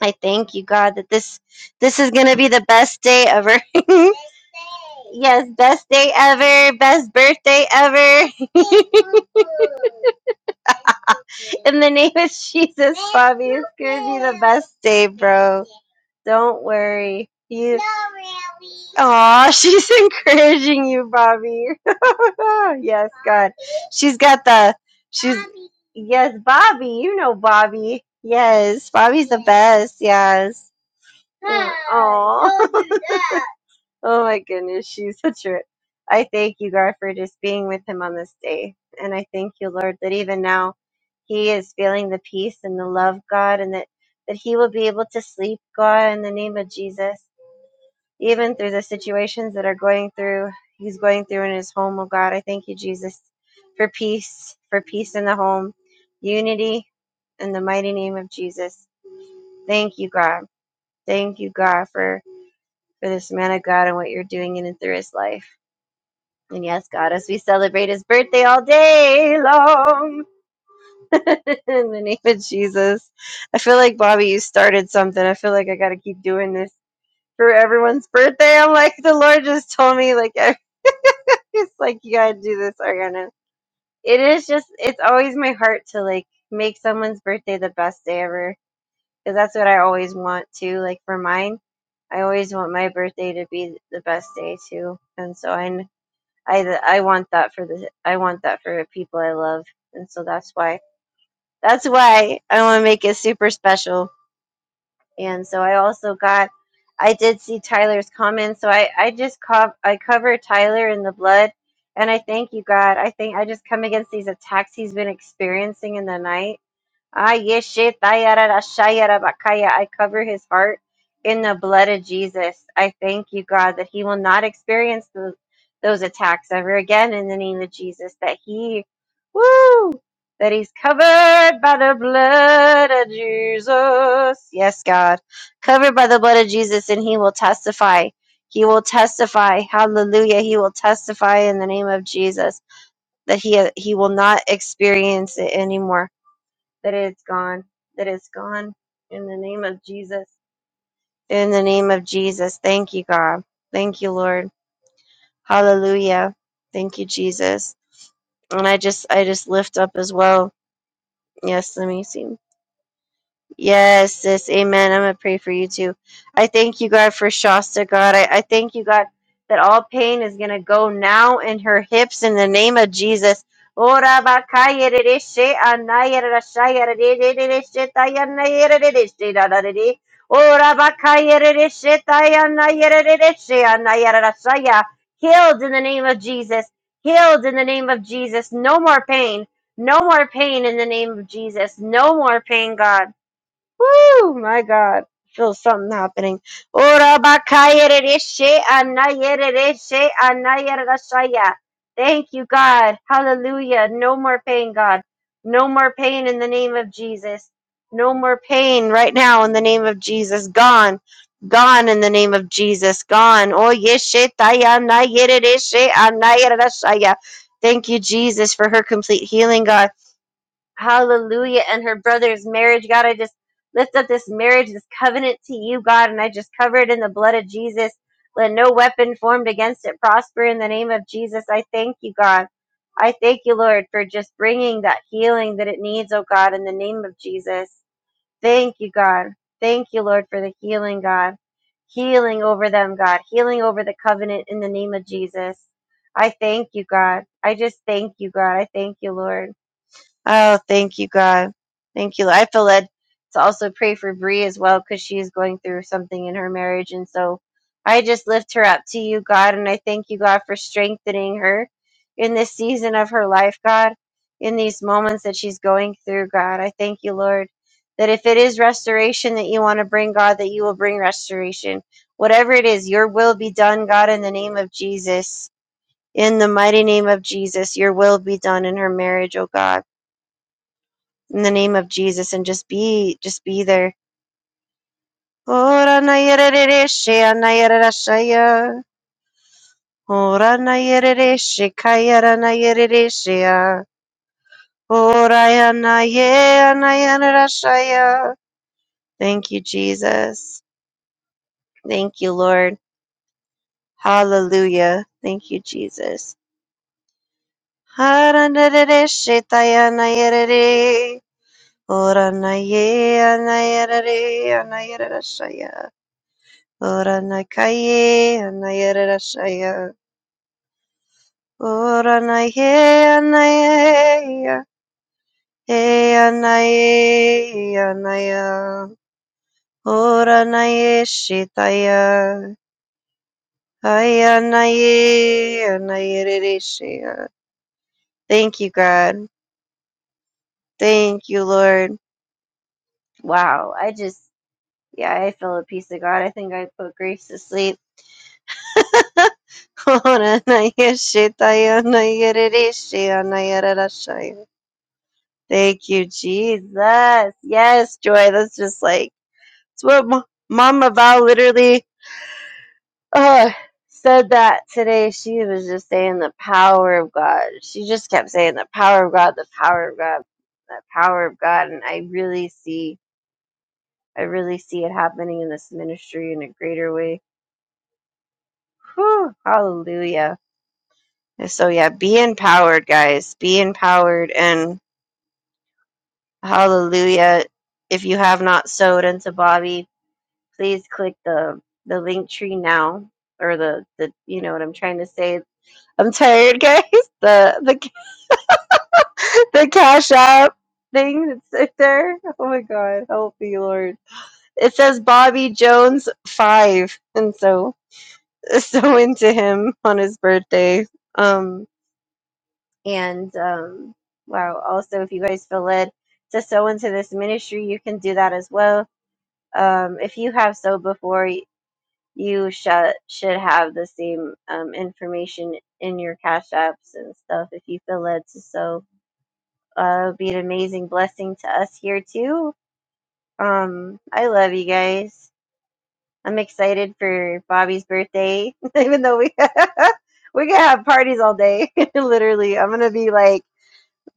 I thank you, God, that this this is gonna be the best day ever. <laughs> yes, best day ever, best birthday ever. <laughs> <laughs> In the name of Jesus, Bobby, it's gonna be the best day, bro. Don't worry. You. Aw, <laughs> she's encouraging you, Bobby. <laughs> yes, God. She's got the. She's. Yes, Bobby. You know Bobby. Yes, Bobby's the best. Yes. Aw. <laughs> Oh my goodness, she's such a. I thank you, God, for just being with him on this day. And I thank you, Lord, that even now he is feeling the peace and the love, God, and that, that he will be able to sleep, God, in the name of Jesus. Even through the situations that are going through, he's going through in his home, oh God. I thank you, Jesus, for peace, for peace in the home, unity in the mighty name of Jesus. Thank you, God. Thank you, God, for, for this man of God and what you're doing in and through his life. And yes, God, as we celebrate his birthday all day long. <laughs> In the name of Jesus. I feel like Bobby, you started something. I feel like I gotta keep doing this for everyone's birthday. I'm like, the Lord just told me like I <laughs> it's like you gotta do this, Ariana. It is just it's always my heart to like make someone's birthday the best day ever. Because that's what I always want to. Like for mine, I always want my birthday to be the best day too. And so I I I want that for the I want that for the people I love, and so that's why that's why I want to make it super special. And so I also got I did see Tyler's comments, so I I just cov I cover Tyler in the blood, and I thank you God. I think I just come against these attacks he's been experiencing in the night Ah, yeshe tayarara shayara bakaya. I cover his heart in the blood of Jesus. I thank you, God, that he will not experience those, those attacks ever again in the name of Jesus. That he, woo, that he's covered by the blood of Jesus. Yes, God. Covered by the blood of Jesus, and he will testify. He will testify. Hallelujah. He will testify in the name of Jesus that he, he will not experience it anymore that it's gone, that it's gone in the name of Jesus. In the name of Jesus. Thank you, God. Thank you, Lord. Hallelujah. Thank you, Jesus. And I just I just lift up as well. Yes, let me see. Yes, sis. Amen. I'm going to pray for you too. I thank you, God, for Shasta, God. I, I thank you, God, that all pain is going to go now in her hips in the name of Jesus. Ora bakaya rere she anaya rara shaya rere rere rere she taya naya rere rere she da da rere. Ora bakaya rere she taya naya rere rere she anaya rara shaya. Healed in the name of Jesus. Healed in the name of Jesus. No more pain. No more pain in the name of Jesus. No more pain, God. Woo! My God. Feel something happening. Ora bakayeredeshe anayeredeshe anayeredashaya. Thank you, God. Hallelujah. No more pain, God. No more pain in the name of Jesus. No more pain right now in the name of Jesus. Gone. Gone in the name of Jesus. Gone. Oh, yeshe taya anayeredeshe anayeredashaya. Thank you, Jesus, for her complete healing, God hallelujah, and her brother's marriage. God, I just lift up this marriage, this covenant to you, God, and I just cover it in the blood of Jesus. Let no weapon formed against it prosper in the name of Jesus. I thank you, God. I thank you, Lord, for just bringing that healing that it needs, oh God, in the name of Jesus. Thank you, God. Thank you, Lord, for the healing, God. Healing over them, God. Healing over the covenant in the name of Jesus. I thank you, God. I just thank you, God. I thank you, Lord. Oh, thank you, God. Thank you. I feel led to also pray for Bree as well because she is going through something in her marriage. And so I just lift her up to you, God. And I thank you, God, for strengthening her in this season of her life, God, in these moments that she's going through, God. I thank you, Lord, that if it is restoration that you want to bring, God, that you will bring restoration. Whatever it is, your will be done, God, in the name of Jesus. In the mighty name of Jesus, your will be done in her marriage, oh God in the name of Jesus and just be just be there. Ora na yerere she ana yerera shaya. Ora na yerere she kayara na yerere shea. Ora ya na ye ana yerera shaya. Thank you, Jesus. Thank you, Lord. Hallelujah. Thank you, Jesus. Hara na rere she taya na yerere. Ora na ye ana yerere ana yerera shaya. Ora na kaye na yerashaya. Ora Oranaye anayerashaya oranaye anayeya eyanaye anaya oranaye shitaya ayanaye anayereshaya. Thank you, God. Thank you, Lord. Wow, I just yeah, I feel a peace of God. I think I put Grace to sleep. <laughs> Ora Oranaye shitaya anayereshaya anayerashaya. Thank you, Jesus. Yes, Joy. That's just like it's what Ma- Mama Val literally uh, said that today. She was just saying the power of God. She just kept saying the power of God, the power of God, the power of God. And I really see, I really see it happening in this ministry in a greater way. Whew, hallelujah. And so yeah, be empowered, guys. Be empowered and hallelujah. If you have not sowed into Bobby, please click the the link tree now or the the you know what I'm trying to say. I'm tired, guys. <laughs> The the the cash app thing that's right there. Oh my god, help me, Lord. It says Bobby Jones five, and so <laughs> so into him on his birthday. Um and um wow. Also, if you guys feel led to sow into this ministry, you can do that as well. Um, if you have sowed before, you should should have the same um, information in your cash apps and stuff if you feel led to so uh it'd be an amazing blessing to us here too um i love you guys i'm excited for bobby's birthday <laughs> even though we <laughs> we can have parties all day <laughs> literally i'm gonna be like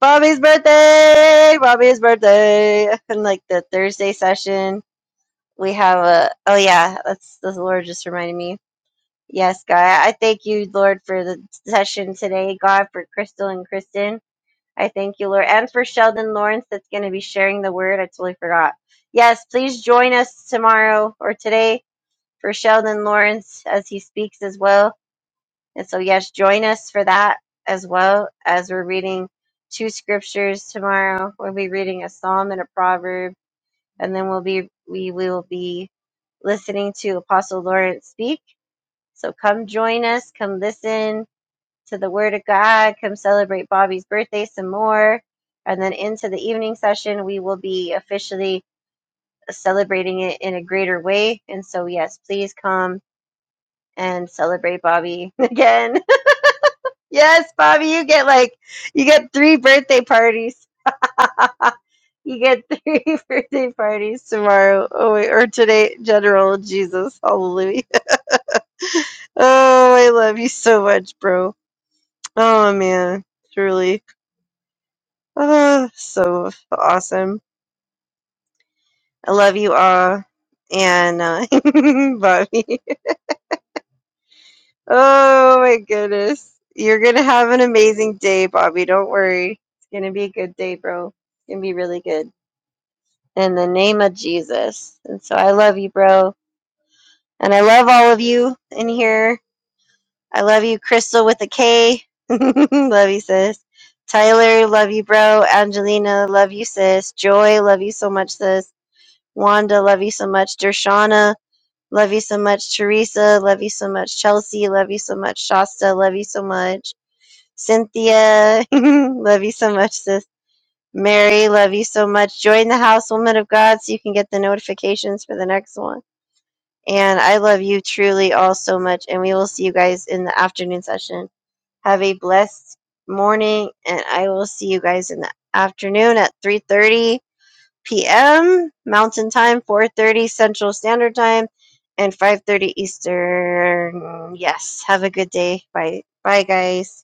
bobby's birthday bobby's birthday <laughs> and like the thursday session we have a oh yeah that's the lord just reminded me Yes, God. I thank you, Lord, for the session today, God, for Crystal and Kristen. I thank you, Lord, and for Sheldon Lawrence that's going to be sharing the word. I totally forgot. Yes, please join us tomorrow or today for Sheldon Lawrence as he speaks as well. And so, yes, join us for that as well as we're reading two scriptures tomorrow. We'll be reading a psalm and a proverb, and then we'll be we will be listening to Apostle Lawrence speak so come join us. Come listen to the Word of God. Come celebrate Bobby's birthday some more. And then into the evening session, we will be officially celebrating it in a greater way. And so, yes, please come and celebrate Bobby <laughs> again. <laughs> yes, Bobby, you get like, you get three birthday parties. <laughs> you get three <laughs> birthday parties tomorrow oh, wait, or today, General Jesus. Hallelujah. <laughs> Oh, I love you so much, bro. Oh man, truly. Uh, so awesome. I love you all. And uh, <laughs> Bobby. Oh my goodness. You're going to have an amazing day, Bobby. Don't worry. It's going to be a good day, bro. It's going to be really good. In the name of Jesus. And so I love you, bro. And I love all of you in here. I love you, Crystal with a K. <laughs> love you, sis. Tyler, love you, bro. Angelina, love you, sis. Joy, love you so much, sis. Wanda, love you so much. Dershana, love you so much. Teresa, love you so much. Chelsea, love you so much. Shasta, love you so much. Cynthia, <laughs> love you so much, sis. Mary, love you so much. Join the house, woman of God, so you can get the notifications for the next one. And I love you truly all so much. And we will see you guys in the afternoon session. Have a blessed morning, and I will see you guys in the afternoon at 3:30 p.m. Mountain Time, 4:30 Central Standard Time, and 5:30 Eastern. Yes, have a good day. Bye. Bye guys.